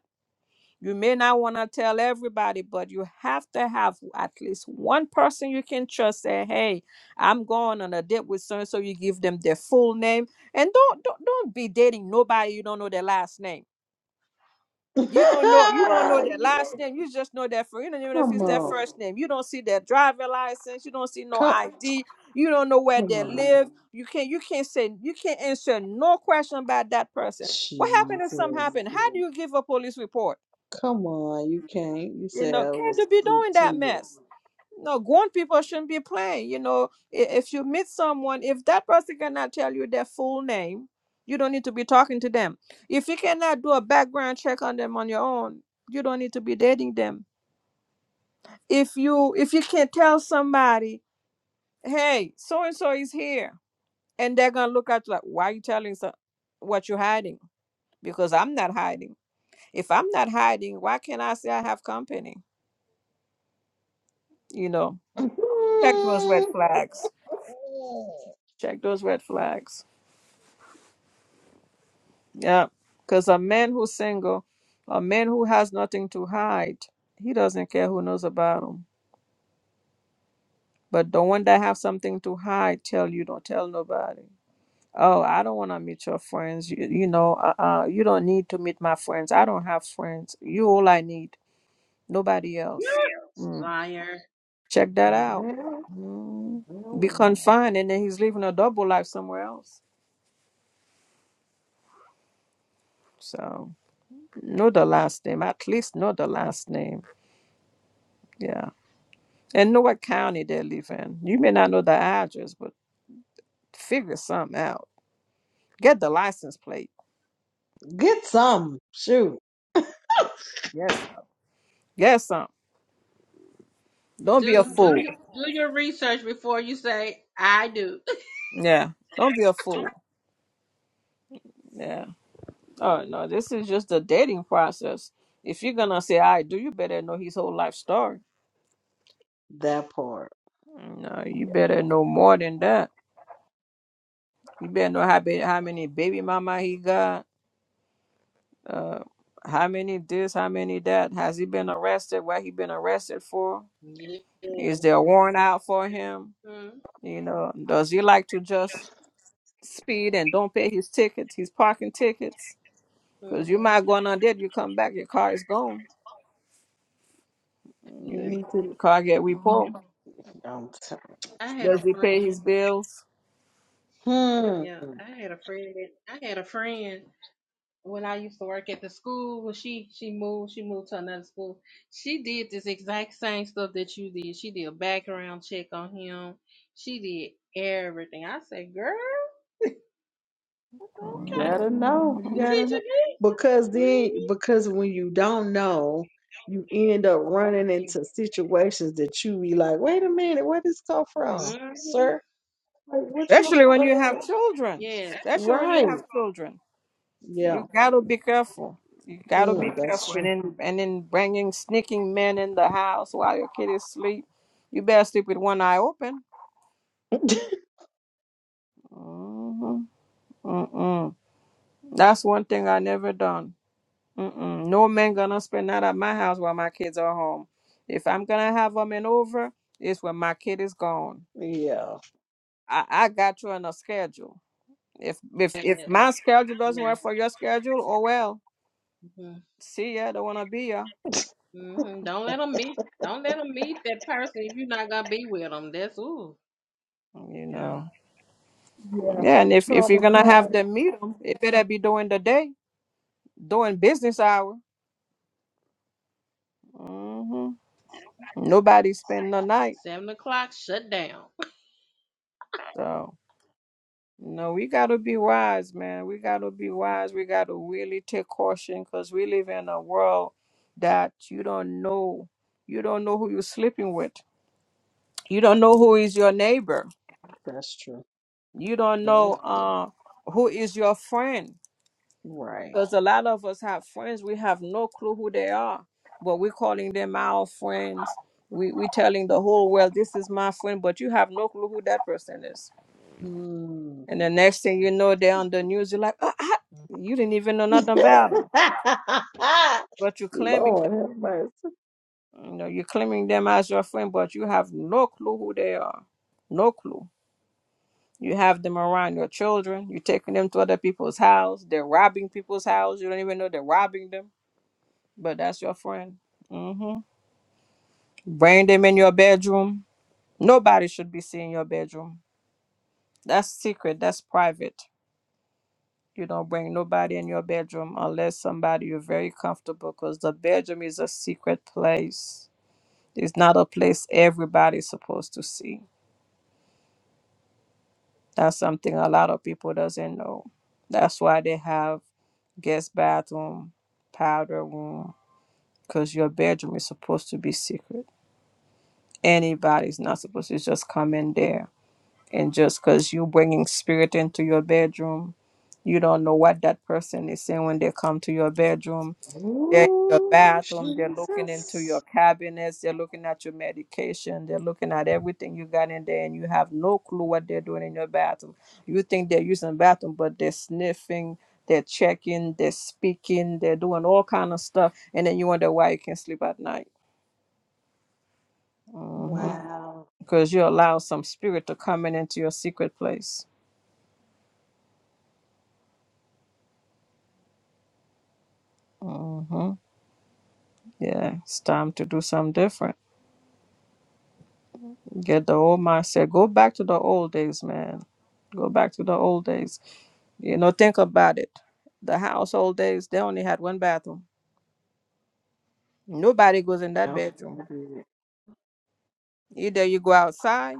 You may not want to tell everybody, but you have to have at least one person you can trust. Say, "Hey, I'm going on a date with so and so." You give them their full name, and don't don't don't be dating nobody you don't know their last name. You don't know you don't know their last name. You just know their first. You don't even know Come if it's their on. first name. You don't see their driver license. You don't see no Come, ID. You don't know where come they on. live. You can't you can't say you can't answer no question about that person. What happened if something Jesus. happened? How do you give a police report? Come on. You can't. You You said know, I can't was you be with doing that mess? No, grown people shouldn't be playing. You know, i- if you meet someone, if that person cannot tell you their full name, you don't need to be talking to them. If you cannot do a background check on them on your own, you don't need to be dating them. If you if you can tell somebody, hey, so and so is here, and they're gonna look at you like, why are you telling so what you're hiding? Because I'm not hiding. If I'm not hiding, why can't I say I have company? You know, check those red you. flags. check those red flags. Yeah, because a man who's single, a man who has nothing to hide, he doesn't care who knows about him. But the one that have something to hide, tell you don't tell nobody. Oh, I don't want to meet your friends. You, you know, uh, uh, you don't need to meet my friends. I don't have friends. You all I need. Nobody else. Mm. Liar. Check that out. Well, Mm. well, Be well. confined, and then he's living a double life somewhere else. So know the last name. At least know the last name. Yeah. and know what county they live in. You may not know the address, but figure something out. Get the license plate. Get some. Shoot. Yeah. Yes. Yes, some. Don't be a Do do your, fool. do your research before you say I do. Yeah. Don't be a fool. Yeah. Oh no, this is just the dating process. If you're gonna say I do, you better know his whole life story. That part. No, you Yeah. better know more than that. You better know how ba- how many baby mama he got. Uh, how many this? How many that? Has he been arrested? What he been arrested for? Yes. Is there a warrant out for him? Mm-hmm. You know, does he like to just speed and don't pay his tickets, his parking tickets? Because you might go on there, you come back, your car is gone. You Yeah. Your need to. car get repo. I'm sorry. I had a Does he pay friend. his bills? Yeah. Hmm. I had a friend. that- I had a friend when I used to work at the school. When she she moved, she moved to another school. She did this exact same stuff that you did. She did a background check on him. She did everything. I said, girl, that's You okay. gotta know. You You Mm. gotta know. teaching me? Because then, Mm-hmm. because when you don't know, you end up running into situations that you be like, wait a minute, where this come from, Mm-hmm. sir? Like, what you, Especially when uh, you have children. Yes. Especially when you right. have children, Yeah. you gotta be careful. You gotta be Mm, that's careful, and true. then and then bringing sneaking men in the house while your kid is asleep. You better sleep with one eye open. Mm-hmm. Mm-mm. That's one thing I never done. Mm-mm. No man gonna spend night at my house while my kids are home. If I'm gonna have a man over, it's when my kid is gone. Yeah. I, I got you on a schedule. If if Yes. if my schedule doesn't Yeah. work for your schedule, oh well. Mm-hmm. See ya. Don't wanna be ya. hmm Don't let them meet. Don't let them meet that person if you're not gonna be with them. That's ooh, You yeah. know. Yeah. Yeah, and if if you're gonna have Traumatized. them meet 'em, it better be during the day, during business hour. hmm Nobody spend the night. Seven o'clock, shut down. So. No, we gotta be wise, man. We gotta be wise. We gotta really take caution because we live in a world that you don't know. You don't know who you're sleeping with. You don't know who is your neighbor. That's true. You don't know That's true. uh who is your friend. Right. Because a lot of us have friends, we have no clue who they are. But we're calling them our friends. We we telling the whole world this is my friend, but you have no clue who that person is. Hmm. And the next thing you know, they're on the news. You're like, "Ah, ah, you didn't even know nothing about them, but you're claiming, Lord them. have mercy. you know, you're claiming them as your friend, but you have no clue who they are, no clue. You have them around your children. You're taking them to other people's house. They're robbing people's house. You don't even know they're robbing them, but that's your friend. hmm Bring them in your bedroom. Nobody should be seeing your bedroom. That's secret. That's private. You don't bring nobody in your bedroom unless somebody you're very comfortable because the bedroom is a secret place. It's not a place everybody's supposed to see. That's something a lot of people doesn't know. That's why they have guest bathroom, powder room, because your bedroom is supposed to be secret. Anybody's not supposed to just come in there. And just because you bringing spirit into your bedroom, you don't know what that person is saying when they come to your bedroom They're in your Ooh, bathroom. They're looking into Jesus. your cabinets. They're looking at your medication. They're looking at everything you got in there, and you have no clue what they're doing in your bathroom. You think they're using the bathroom, but they're sniffing. They're checking. They're speaking. They're doing all kind of stuff, and then you wonder why you can't sleep at night. Mm-hmm. Wow. Because you allow some spirit to come in into your secret place. Mm-hmm. Yeah, it's time to do something different. Get the old mindset. Go back to the old days, man. Go back to the old days You know, think about it. The household days, they only had one bathroom. Nobody goes in that No, you bedroom. did. Either you go outside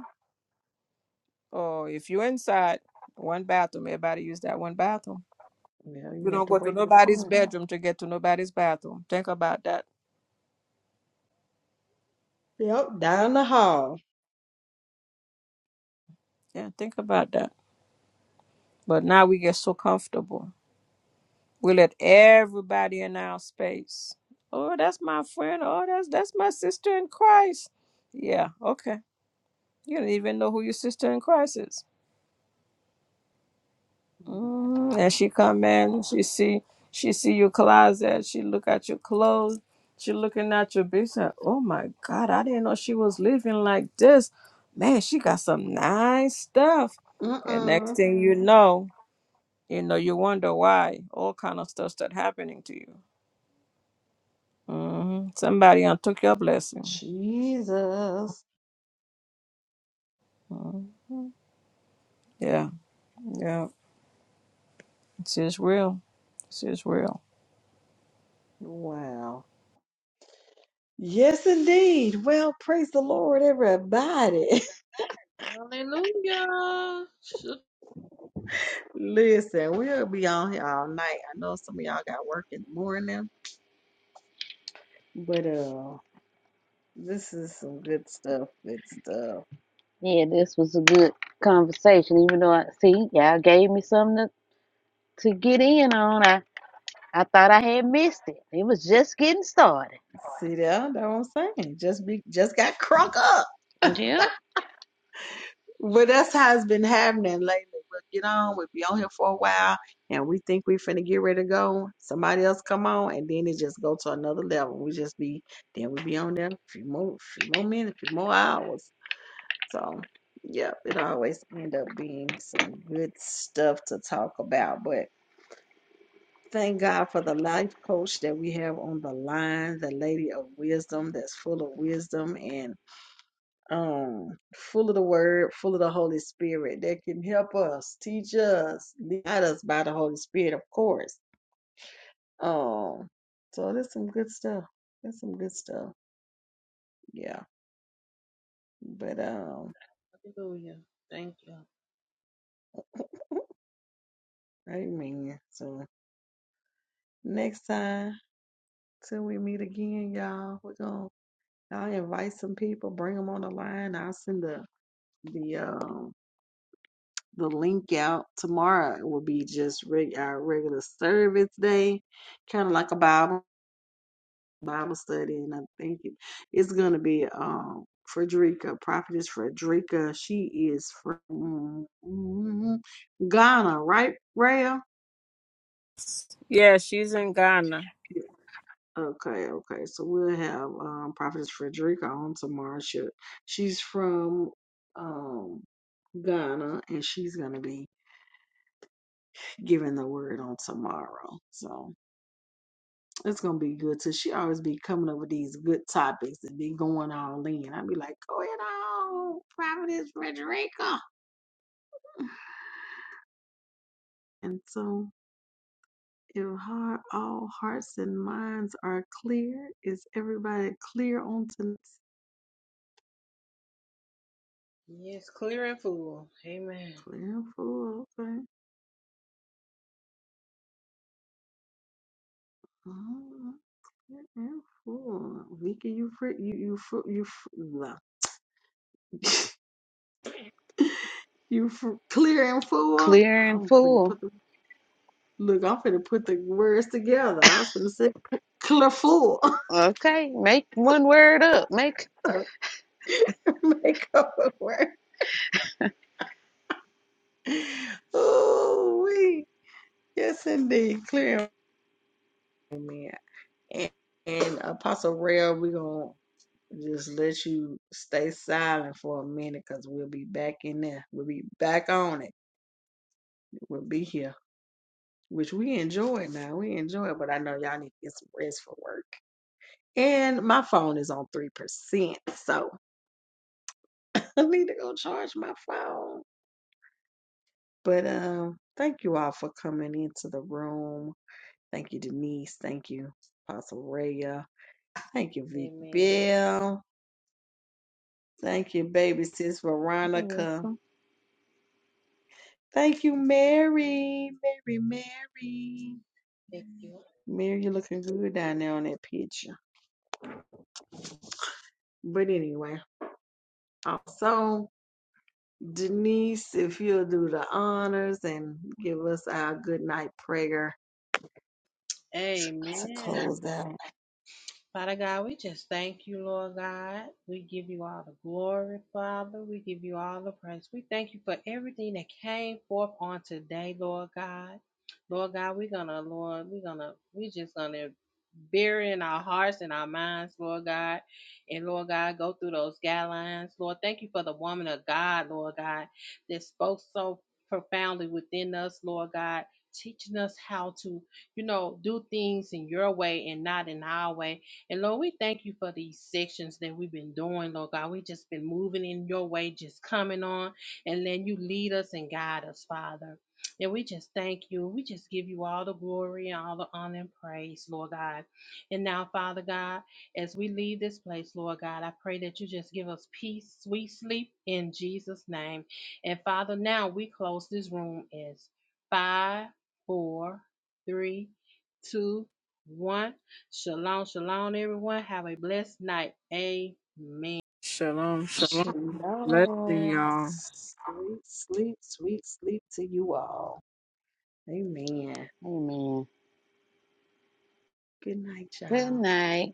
or if you're inside, one bathroom. Everybody use that one bathroom. Well, you You had don't to go to wait the nobody's time. bedroom to get to nobody's bathroom. Think about that. Yep, down the hall. Yeah, think about that. But now we get so comfortable. We let everybody in our space. Oh, that's my friend. Oh, that's that's my sister in Christ. Yeah, okay. You don't even know who your sister in Christ is Mm, and she come in, she see she see your closet, she look at your clothes, she looking at your business. Oh my God, I didn't know she was living like this. Man, she got some nice stuff. And next Mm-mm. thing you know, you know, you wonder why all kind of stuff start happening to you. hmm Somebody done took your blessing. Jesus. Mhm. Yeah, yeah, she's real. She's real. Wow. Yes, indeed. Well, praise the Lord, everybody. Hallelujah. Shut- Listen, we'll be on here all night. I know some of y'all got work in the morning, but uh, this is some good stuff. Good stuff. Yeah, this was a good conversation. Even though I see y'all gave me something to, to get in on. I, I thought I had missed it. It was just getting started. See that? That's what I'm saying. Just be, just got crunk up. Yep. But that's how it's been happening lately. We'll get on, we'll be on here for a while, and we think we finna get ready to go. Somebody else come on, and then it just go to another level. We just be then we be on there a few more, few more minutes, few more hours. So, yeah, it always end up being some good stuff to talk about. But thank God for the life coach that we have on the line, the lady of wisdom that's full of wisdom and um, full of the word, full of the Holy Spirit that can help us, teach us, lead us by the Holy Spirit, of course. Um, so there's some good stuff. There's some good stuff. Yeah. But um, Hallelujah. Thank you. amen. So next time till we meet again, y'all, we're gonna I'll invite some people, bring them on the line. I'll send the the um the link out tomorrow. It will be just reg- our regular service day, kind of like a Bible. Bible study, and I think it, it's going to be um Frederica, Prophetess Frederica. She is from mm, mm, Ghana, right, Raya? Yeah, she's in Ghana. Okay, okay. So we'll have um Prophetess Frederica on tomorrow. She, she's from um Ghana, and she's going to be giving the word on tomorrow. So. It's gonna be good too. She always be coming up with these good topics and be going all in. I'd be like, go it on, Providence Frederica. And so, if heart, all hearts and minds are clear, is everybody clear on tonight? Yes, clear and full. Amen. Clear and full, okay. Mm, Clear and full. Vicky, you free, you you fr- you fr- blah. you fr- clear and full. Clear and I'm finna full. put the Look, I'm finna put the words together. I was finna say colorful. Okay. Make one word up. Make Make up a word. Ooh, we yes indeed, clear. Amen. And, and Apostle Rail, we're gonna just let you stay silent for a minute because we'll be back in there. We'll be back on it. We'll be here. Which we enjoy now. We enjoy it, but I know y'all need to get some rest for work. And my phone is on 3%. So I need to go charge my phone. But um, thank you all for coming into the room. Thank you, Denise. Thank you, Apostle Raya. Thank you, Vic Amen. Bill. Thank you, baby sis you're Veronica. welcome. Thank you, Mary. Mary, Mary. Thank you. Mary, you're looking good down there on that picture. But anyway, also, Denise, if you'll do the honors and give us our good night prayer to Amen. close out. Father God, we just thank you, Lord God. We give you all the glory, Father. We give you all the praise. We thank you for everything that came forth on today, Lord God. Lord God, we're gonna, Lord, we're gonna, we just gonna bury in our hearts and our minds, Lord God. And Lord God, go through those guidelines. Lord, thank you for the woman of God, Lord God, that spoke so profoundly within us, Lord God, teaching us how to, you know, do things in your way and not in our way and Lord, we thank you for these sections that we've been doing, Lord God. We've just been moving in your way, just coming on and letting you lead us and guide us, Father. And we just thank you. We just give you all the glory and all the honor and praise, Lord God. And now, Father God, as we leave this place, Lord God, I pray that you just give us peace, sweet sleep in Jesus' name. And Father, now we close this room as five, four, three, two, one. Shalom, shalom, everyone. Have a blessed night. Amen. Shalom, shalom. Blessing Shalom. y'all. Sweet, sleep, sweet sleep to you all. Amen. Amen. Good night, Good y'all. night.